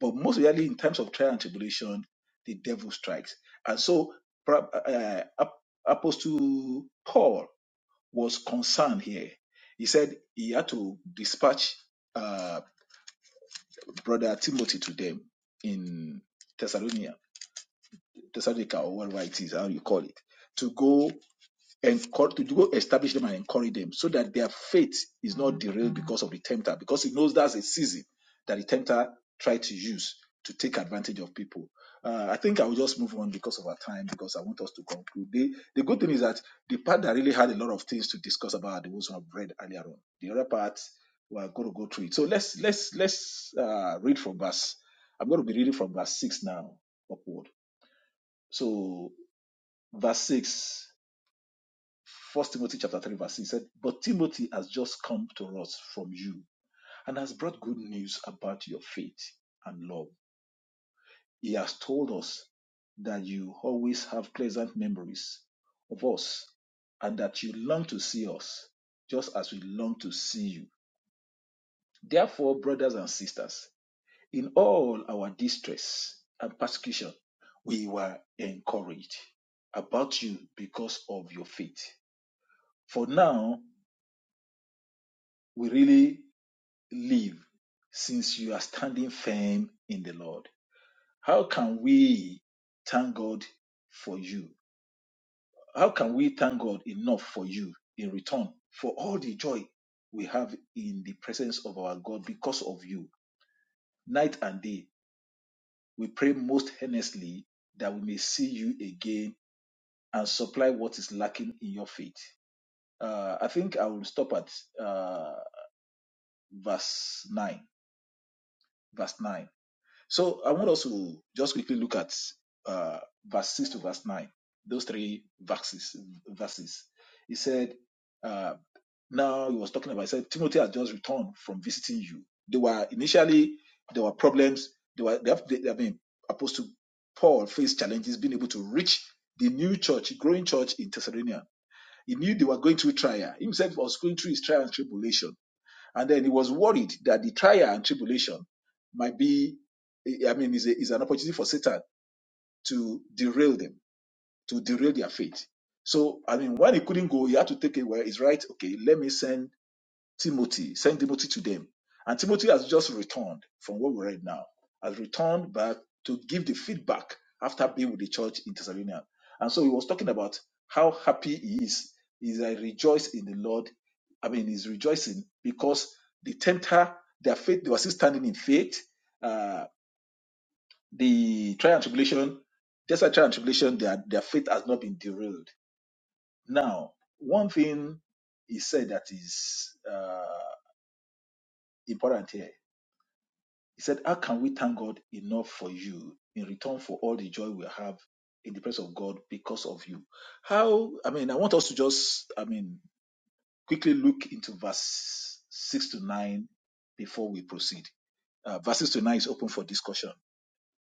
S1: but most really in times of trial and tribulation, the devil strikes. And so, pra- uh, Ap- Apostle Paul was concerned here. He said he had to dispatch uh, brother Timothy to them in Thessalonica, Thessalonica or whatever it is, how you call it, to go encourage to go establish them and encourage them so that their faith is not derailed because of the tempter because he knows that's a season that the tempter tried to use to take advantage of people uh, i think i will just move on because of our time because i want us to conclude the, the good thing is that the part that really had a lot of things to discuss about the ones we have read earlier on the other part we are going to go through it so let's let's let's uh, read from verse i'm going to be reading from verse 6 now upward so verse 6 First Timothy chapter 3, verse 6 he said, But Timothy has just come to us from you and has brought good news about your faith and love. He has told us that you always have pleasant memories of us and that you long to see us just as we long to see you. Therefore, brothers and sisters, in all our distress and persecution, we were encouraged about you because of your faith. For now, we really live since you are standing firm in the Lord? How can we thank God for you? How can we thank God enough for you in return for all the joy we have in the presence of our God because of you? Night and day, we pray most earnestly that we may see you again and supply what is lacking in your faith. Uh, I think I will stop at uh, verse 9. Verse 9 So I want us to just quickly look at uh, verse 6 to verse 9, those three verses. verses. He said, uh, now he was talking about, he said, Timothy has just returned from visiting you. They were initially, there were problems. They were, they have, they, I mean, Apostle Paul faced challenges being able to reach the new church, growing church in Thessalonica. He knew they were going through trial. He himself was going through his trial and tribulation and then he was worried that the trial and tribulation might be, I mean, is, a, is an opportunity for Satan to derail them, to derail their faith. So, I mean, when he couldn't go, he had to take it where it's right. Okay, let me send Timothy, send Timothy to them. And Timothy has just returned from what we read now, has returned back to give the feedback after being with the church in Thessalonica. And so he was talking about how happy he is. He's I rejoice in the Lord. I mean, he's rejoicing because the tempter, their faith, they were still standing in faith. Uh, the trial and tribulation, just like trial and tribulation, their, their faith has not been derailed. Now, one thing he said that is uh, important here He said, How can we thank God enough for you in return for all the joy we have in the presence of God because of you? How, I mean, I want us to just, I mean, quickly look into verse 6 to 9 before we proceed. Uh, verse 6 to 9 is open for discussion.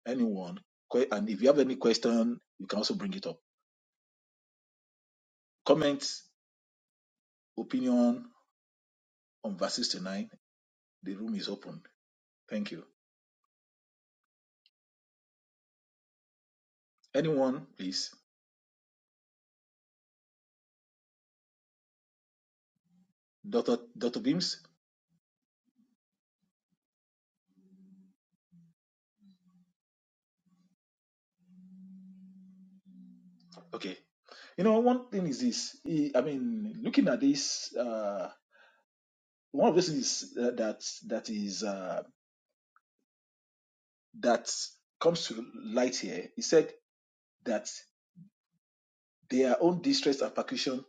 S1: Anyone, que- and if you have any question, you can also bring it up. Comment, opinion on verse 6 to 9. The room is open. Thank you. Anyone, please? Dr. Dr. Beams? Okay. You know, one thing is this. eh, I mean, looking at this, uh, one of the things is, uh, that that is uh, that comes to light here. He said that their own distress and persecution.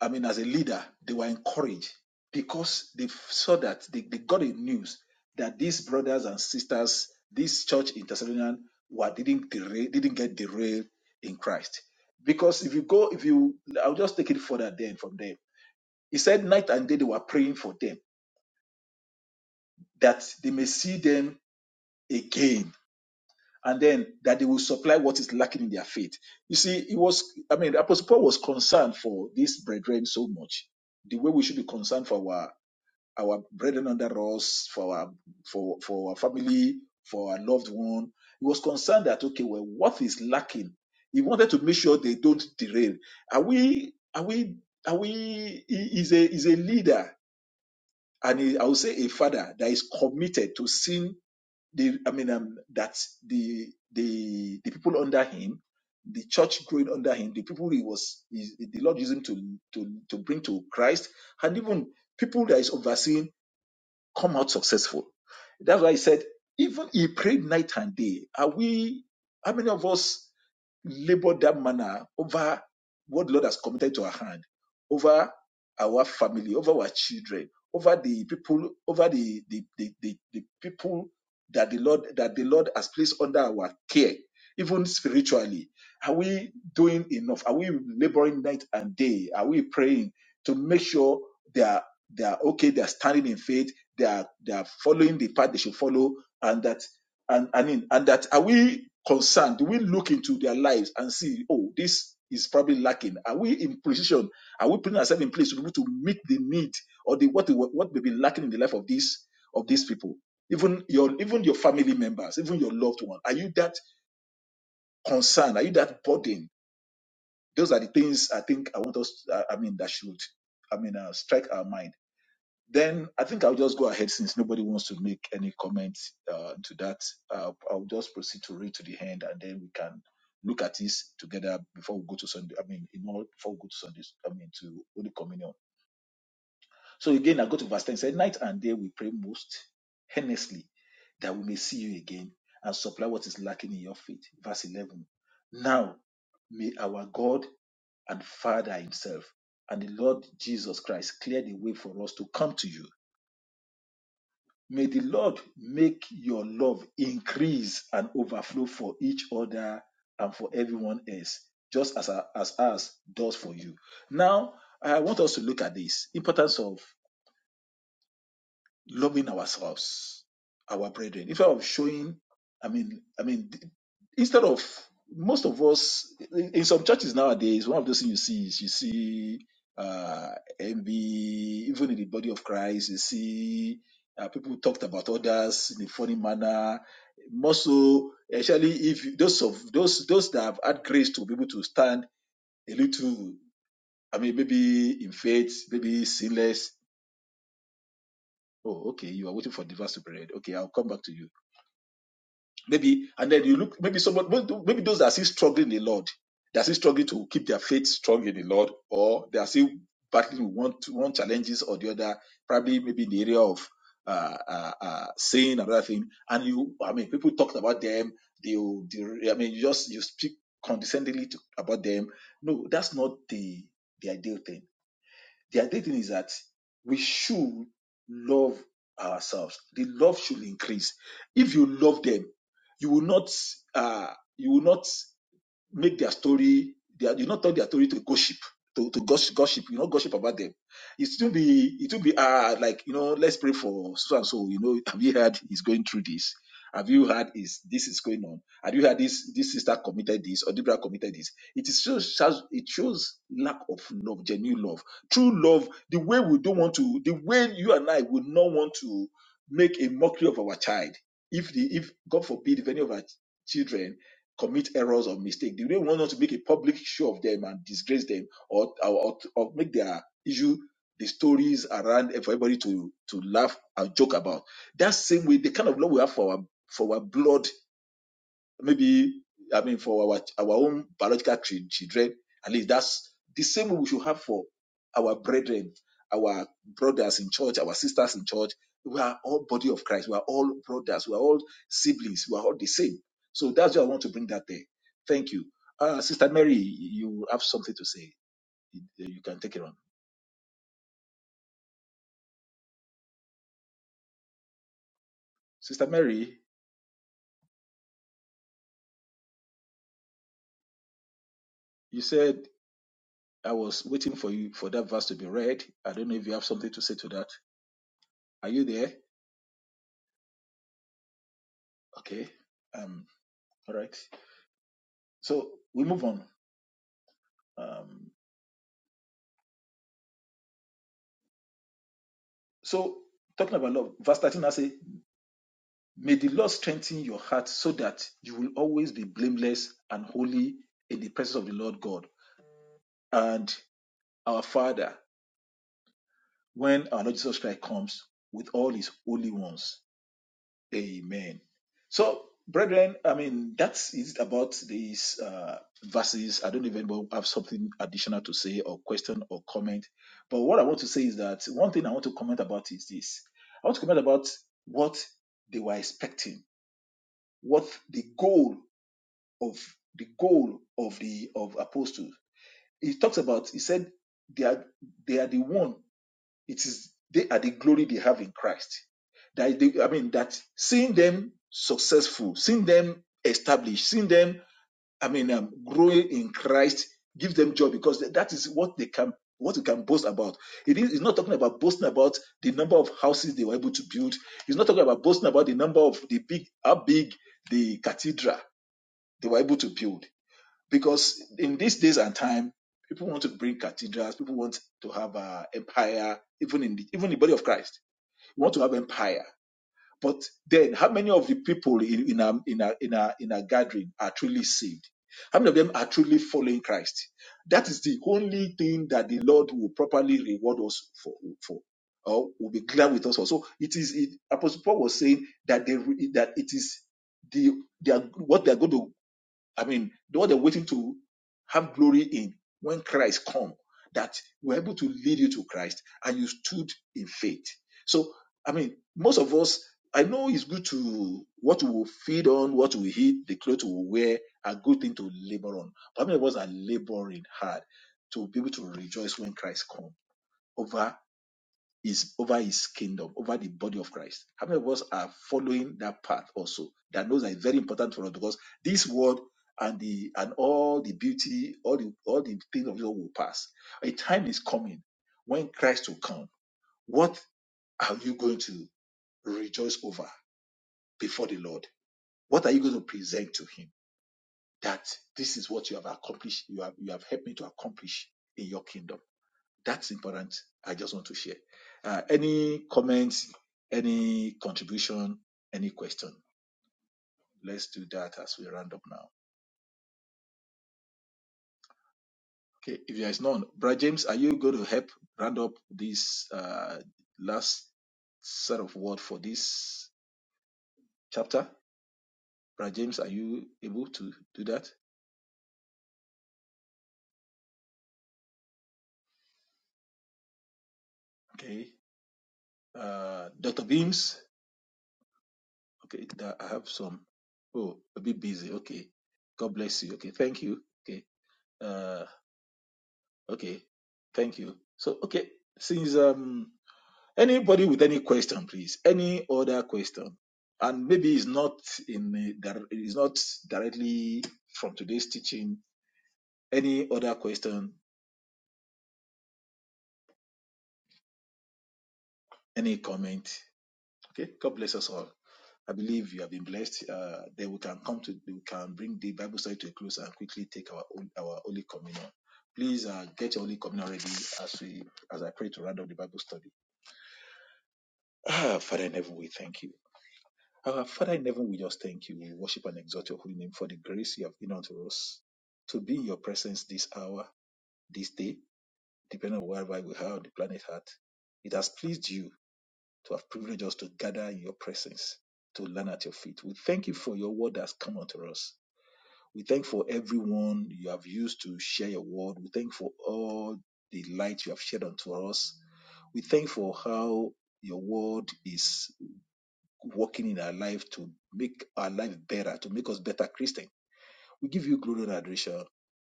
S1: I mean, as a leader, they were encouraged because they saw that they, they got a news that these brothers and sisters, this church in Thessalonian, were didn't derail, didn't get derailed in Christ. Because if you go, if you, I'll just take it further then from there He said, night and day they were praying for them that they may see them again and then that they will supply what is lacking in their faith. You see, it was, I mean, Apostle Paul was concerned for these brethren so much. The way we should be concerned for our, our brethren under us, for our, for, for our family, for our loved one. He was concerned that, okay, well, what is lacking? He wanted to make sure they don't derail. Are we, are we, are we, he is a, is a leader and he- I would say a father that is committed to seeing the I mean um, that the the the people under him, the church growing under him, the people he was he, the Lord using to to to bring to Christ, and even people that is overseeing come out successful. That's why he said, even he prayed night and day. Are we, how many of us labor that manner over what the Lord has committed to our hand, over our family, over our children, over the people, over the, the, the, the, the people that the Lord that the Lord has placed under our care, even spiritually. Are we doing enough? Are we laboring night and day? Are we praying to make sure they are they are okay, they are standing in faith, they are they are following the path they should follow and that and and in, and that are we concerned do we look into their lives and see oh this is probably lacking are we in position are we putting ourselves in place to be able to meet the need or the what what may be lacking in the life of these of these people even your even your family members even your loved one are you that concerned are you that burden those are the things i think i want us i I mean that should i mean uh, strike our mind then I think I'll just go ahead since nobody wants to make any comments uh, to that. Uh, I'll just proceed to read to the end, and then we can look at this together before we go to Sunday. I mean, in all before we go to Sunday. I mean, to Holy Communion. So again, I go to verse ten. Say, night and day we pray most earnestly that we may see you again and supply what is lacking in your faith. Verse eleven. Now may our God and Father Himself and the Lord Jesus Christ clear the way for us to come to you May the Lord make your love increase and overflow for each other and for everyone else, just as, as ours does for you. Now, I want us to look at this importance of loving ourselves, our brethren, instead of showing, I mean, I mean, instead of most of us in in some churches nowadays, one of those things you see is you see uh, envy, even in the body of Christ, you see uh, people talked about others in a funny manner. More so, especially if you- those of those those that have had grace to be able to stand a little, I mean, maybe in faith, maybe sinless, Oh, okay. You are waiting for the verse to be read. Okay, I'll come back to you. Maybe, and then you look, maybe someone, maybe those that are still struggling in the Lord, they are still struggling to keep their faith strong in the Lord, or they are still battling with one, one challenges or the other, probably maybe in the area of uh, uh, uh, sin, another thing. And you, I mean, people talked about them. They, will- they, I mean, you just, you speak condescendingly to, about them. No, that's not the, the ideal thing the other thing is that we should love ourselves. The love should increase. If you love them, you will not uh, you will not make their story their you not turn their story to gossip to, to gossip, gossip you know gossip about them it will be it will be uh like you know let's pray for so and so you know have you heard he's going through this have you heard is this is going on have you heard this this sister committed this or Deborah committed this it is shows shows- it shows lack of love genuine love true love the way we don't want to the way you and I would not want to make a mockery of our child if the if God forbid if any of our children commit errors or mistakes. They don't want us to make a public show of them and disgrace them or, or, or make their issue the stories around and for everybody to, to laugh and joke about. That same way, the kind of love we have for our for our blood maybe I mean for our our own biological chi- children, at least that's the same we should have for our brethren, our brothers in church, our sisters in church. We are all body of Christ. We are all brothers. We are all siblings. We are all the same. So that's why I want to bring that there. Thank you, uh, Sister Mary. You have something to say. You you can take it on, Sister Mary. You said I was waiting for you for that verse to be read. I don't know if you have something to say to that. Are you there? Okay. Um, All right. So we move on. Um, so talking about love, verse 13, I say, May the Lord strengthen your heart so that you will always be blameless and holy in the presence of the Lord God and our Father when our Lord Jesus Christ comes with all his holy ones. Amen. So, brethren, I mean, that is about these uh, verses. I don't even have something additional to say or question or comment. But what I want to say is that one thing I want to comment about is this I want to comment about what they were expecting, what the goal of the goal of the of apostles. He talks about, he said, they are, they are the one it is they are the glory they have in Christ. That they, I mean that seeing them successful, seeing them established, seeing them I mean um, growing in Christ gives them joy because that is what they can what we can boast about. It is it's not talking about boasting about the number of houses they were able to build. It's not talking about boasting about the number of the big how big the cathedral they were able to build because in these days and time, people want to bring cathedrals, people want to have uh, empire, even in the, even the body of Christ, we want to have empire. But then, how many of the people in in a, in a in a in a gathering are truly saved? How many of them are truly following Christ? That is the only thing that the Lord will properly reward us for. for or will be glad with us. for. So it is it, Apostle Paul was saying that they that it is the they are what they are going to I mean, what they're waiting to have glory in when Christ come, that we're able to lead you to Christ and you stood in faith. So, I mean, most of us, I know it's good to what we will feed on, what we eat, the clothes we will wear, are good thing to labor on. But many of us are laboring hard to be able to rejoice when Christ comes over is over his kingdom, over the body of Christ. How many of us are following that path also? That knows that is very important for us because this world and the and all the beauty, all the all the things of this world will pass. A time is coming when Christ will come. What are you going to rejoice over before the Lord? What are you going to present to Him? That this is what you have accomplished, you have you have helped me to accomplish in your kingdom that's important. I just want to share. Uh, any comments, any contribution, any question? Let's do that as we round up now. Okay, if there is none, Brad James, are you going to help round up this uh, last set of word for this chapter? Brad James, are you able to do that? Okay. Uh, Dr. Beams, okay, that I have some. Oh, a bit busy. Okay. God bless you. Okay, thank you. Okay. Uh, Okay, thank you. So, okay, since um anybody with any question, please, any other question, and maybe it's not in a dir- it's not directly from today's teaching. Any other question, any comment? Okay, God bless us all. I believe you have been blessed. Uh, then we can come to we can bring the Bible study to a close and quickly take our hol- our holy communion. Please uh, get your holy communion ready as we as I pray to round up the Bible study. Ah, Father in heaven, we thank you. Our Father in heaven, we just thank you. We worship and exalt your holy name for the grace you have given unto us to be in your presence this hour, this day, depending on wherever we are on the planet Earth. It has pleased you to have privileged us to gather in your presence, to learn at your feet. We thank you for your word that has come unto us. We thank for everyone you have used to share your word. We thank for all the light you have shed unto us. We thank for how your word is working in our life to make our life better, to make us better Christian. We give you glory and adoration.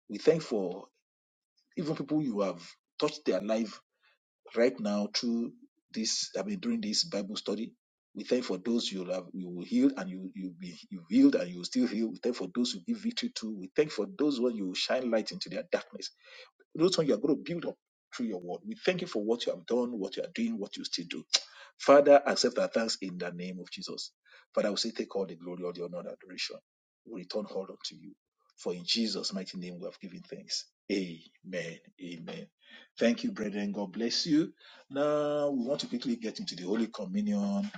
S1: We thank for even people you have touched their life right now through this, I mean, during this Bible study. We thank for those you have you will heal and you you be you healed and you will still heal. We thank for those you give victory to. We thank for those when you shine light into their darkness. Those ones you are going to build up through your word. We thank you for what you have done, what you are doing, what you still do. Father, accept our thanks in the name of Jesus. Father, we say, take all the glory, all the honor, and adoration. We return all unto you. For in Jesus' mighty name we have given thanks. Amen. Amen. Thank you, brethren. God bless you. Now we want to quickly get into the Holy Communion.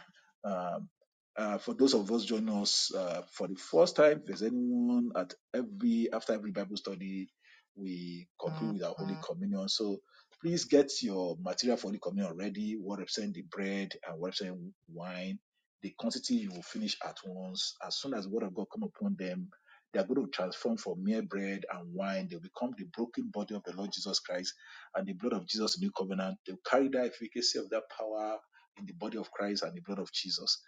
S1: Um, uh, for those of us joining us uh, for the first time, if there's anyone at every after every Bible study, we conclude with our Holy Communion. So please get your material for Holy Communion ready, what represent the bread and what represent wine. The quantity you will finish at once. As soon as the word of God come upon them, they are going to transform from mere bread and wine. They'll become the broken body of the Lord Jesus Christ and the blood of Jesus, the new covenant. They'll carry that efficacy of that power in the body of Christ and the blood of Jesus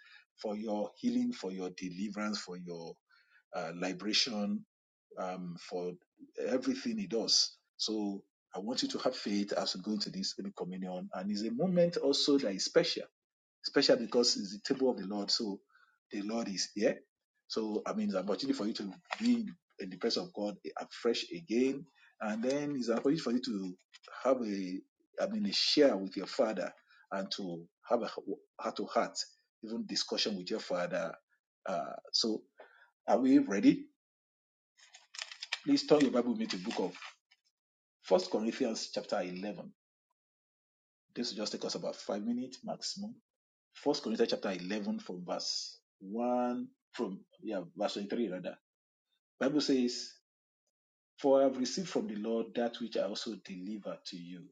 S1: for your healing, for your deliverance, for your uh, liberation, um, for everything he does. So I want you to have faith as we go into this Holy communion. And it's a moment also that is special, special because it's the table of the Lord. So the Lord is here. So I mean, it's an opportunity for you to be in the presence of God afresh again. And then it's an opportunity for you to have a, I mean, a share with your father and to have a heart to heart, even discussion with your father. Uh, so are we ready? Please turn your Bible with me to the book of First Corinthians chapter 11. This will just take us about five minutes maximum. First Corinthians chapter 11 from verse 1 from yeah verse 23 rather. Bible says, "For I have received from the Lord that which I also deliver to you,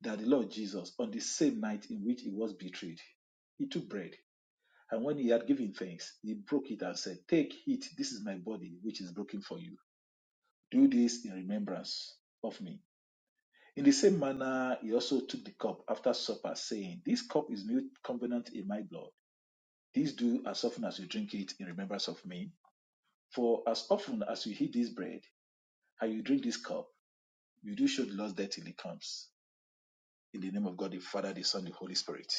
S1: that the Lord Jesus, on the same night in which he was betrayed, he took bread, and when he had given thanks, he broke it and said, 'Take it, this is my body, which is broken for you. Do this in remembrance of me." In the same manner, he also took the cup after supper, saying, This cup is new covenant in my blood. This do as often as you drink it in remembrance of me. For as often as you eat this bread and you drink this cup, you do show the Lord's death till he comes. In the name of God, the Father, the Son, the Holy Spirit.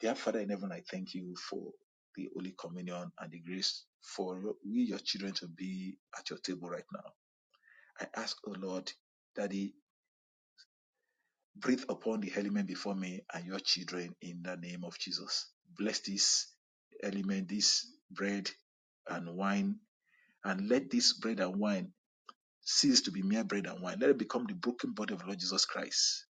S1: Dear Father in heaven, I thank you for the Holy Communion and the grace for your- we, your children, to be at your table right now. I ask, O Lord, Daddy. Breathe upon the element before me and your children in the name of Jesus. Bless this element, this bread and wine, and let this bread and wine cease to be mere bread and wine. Let it become the broken body of the Lord Jesus Christ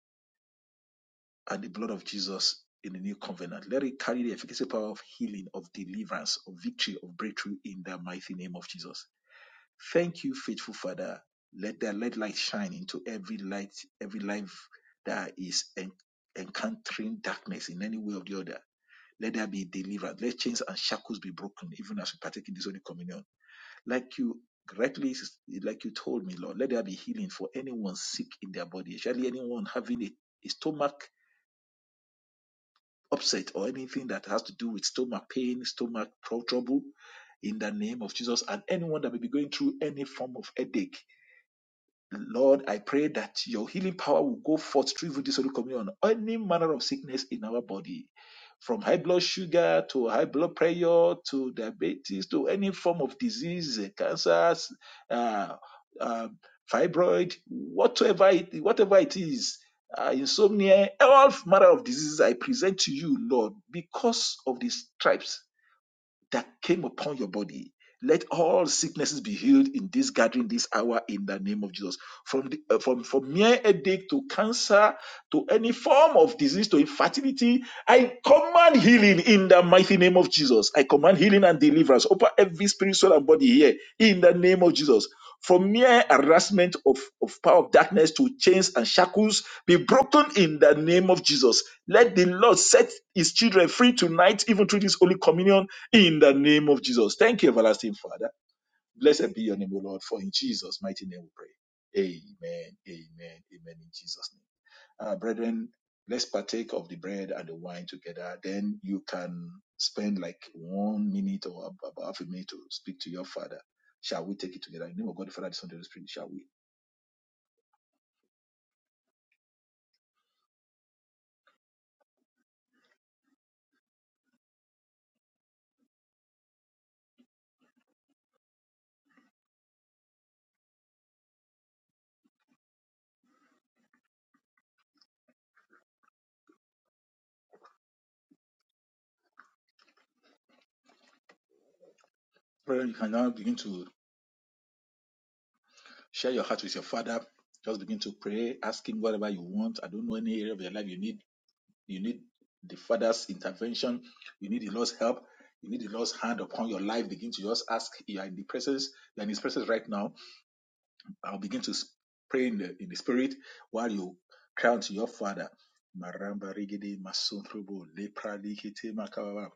S1: and the blood of Jesus in the new covenant. Let it carry the efficacy power of healing, of deliverance, of victory, of breakthrough in the mighty name of Jesus. Thank you, faithful Father. Let that let light shine into every light, every life that is en- encountering darkness in any way or the other. Let there be delivered. Let chains and shackles be broken, even as we partake in this Holy Communion. Like you rightly, like you told me, Lord, let there be healing for anyone sick in their body, especially anyone having a, a stomach upset or anything that has to do with stomach pain, stomach trou- trouble, in the name of Jesus, and anyone that may be going through any form of headache Lord, I pray that your healing power will go forth through even this Holy Communion, on any manner of sickness in our body, from high blood sugar to high blood pressure to diabetes to any form of disease, eh, cancers, uh, um, fibroid, whatever it, whatever it is, uh, insomnia, all manner of diseases I present to you, Lord, because of the stripes that came upon your body. Let all sicknesses be healed in this gathering, this hour, in the name of Jesus. From the, uh, from from mere headache to cancer to any form of disease to infertility, I command healing in the mighty name of Jesus. I command healing and deliverance over every spirit, soul, and body here in the name of Jesus. From mere harassment of, of power of darkness to chains and shackles be broken in the name of Jesus. Let the Lord set his children free tonight, even through this holy communion in the name of Jesus. Thank you, everlasting Father. Blessed be your name, O Lord, for in Jesus' mighty name we pray. Amen, amen, amen, in Jesus' name. Uh, brethren, let's partake of the bread and the wine together. Then you can spend like one minute or about half a minute to speak to your Father. Shall we take it together? In the name of God, the Father, the Son, and the Holy Spirit, shall we? Brethren, you can now begin to share your heart with your Father. Just begin to pray, ask him whatever you want. I don't know any area of your life you need You need the Father's intervention. You need the Lord's help. You need the Lord's hand upon your life. Begin to just ask. You are in the presence. You are in His presence right now. I'll begin to s- pray in the, in the Spirit while you cry to your Father. Maramba rigidi masumprobo lepra likete makababa.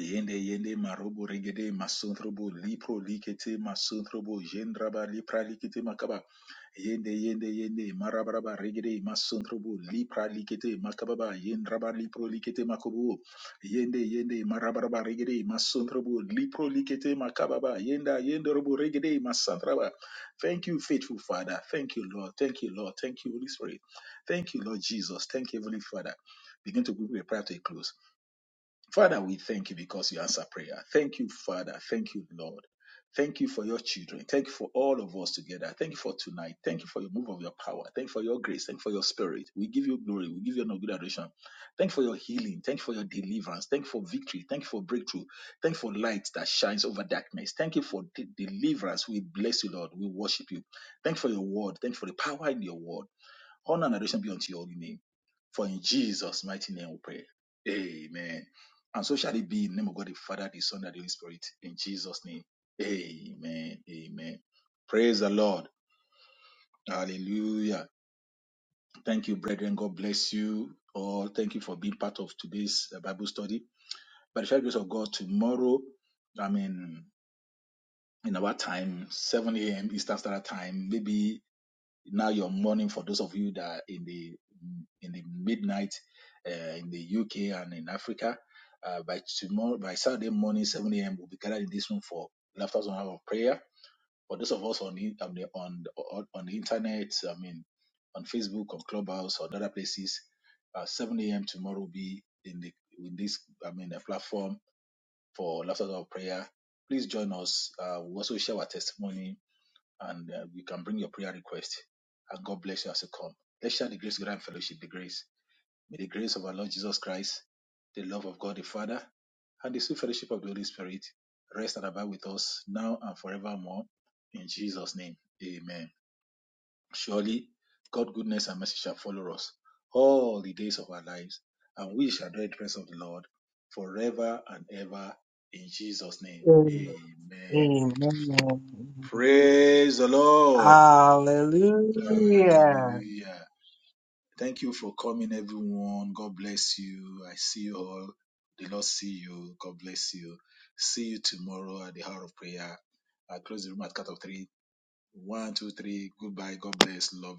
S1: Yende yende marobo regede masundrobo lipro likete masundrobo jendraba lipra likete makaba yende yende yende marabaraba regede masundrobo lipra likete makababa yendraba lipro likete makobo yende yende marabaraba regede masundrobo lipro likete makababa yenda yendrobo regede masandraba thank you faithful father thank you lord thank you lord thank you holy spirit thank you lord jesus thank you heavenly father begin to group your prayer to a close Father, we thank you because you answer prayer. Thank you, Father. Thank you, Lord. Thank you for your children. Thank you for all of us together. Thank you for tonight. Thank you for your move of your power. Thank you for your grace. Thank you for your spirit. We give you glory. We give you no good adoration. Thank you for your healing. Thank you for your deliverance. Thank you for victory. Thank you for breakthrough. Thank you for light that shines over darkness. Thank you for de- deliverance. We bless you, Lord. We worship you. Thank you for your word. Thank you for the power in your word. Honor and adoration be unto your holy name. For in Jesus' mighty name we pray. Amen. And so shall it be in the name of God the Father, the Son, and the Holy Spirit. In Jesus' name. Amen. Amen. Praise the Lord. Hallelujah. Thank you, brethren. God bless you all. Thank you for being part of today's uh, Bible study. By the sheer grace of God, tomorrow, I mean, in our time, 7 a.m. Eastern Standard Time, maybe now your morning for those of you that are in the in the midnight uh, in the UK and in Africa. Uh, by tomorrow, by Saturday morning, 7 a.m., we'll be gathered in this room for laughter and hour of prayer. For those of us on the, on the on on on the internet, I mean, on Facebook, on Clubhouse, or other places, uh, 7 a.m. tomorrow will be in the in this I mean the platform for laughter and hour of prayer. Please join us. Uh, we also share our testimony and uh, you can bring your prayer request. And God bless you as you come. Let's share the grace, grand fellowship, the grace. May the grace of our Lord Jesus Christ, the love of God the Father, and the sweet fellowship of the Holy Spirit rest and abide with us now and forevermore. In Jesus' name, amen. Surely, God's goodness and mercy shall follow us all the days of our lives, and we shall dwell in the presence of the Lord forever and ever. In Jesus' name,
S2: muted.
S1: amen.
S2: Amen.
S1: Praise the Lord.
S2: Hallelujah.
S1: Hallelujah. Thank you for coming, everyone. God bless you. I see you all. The Lord see you. God bless you. See you tomorrow at the hour of prayer. I close the room at cut of three. One, two, three. Goodbye. God bless. Love you.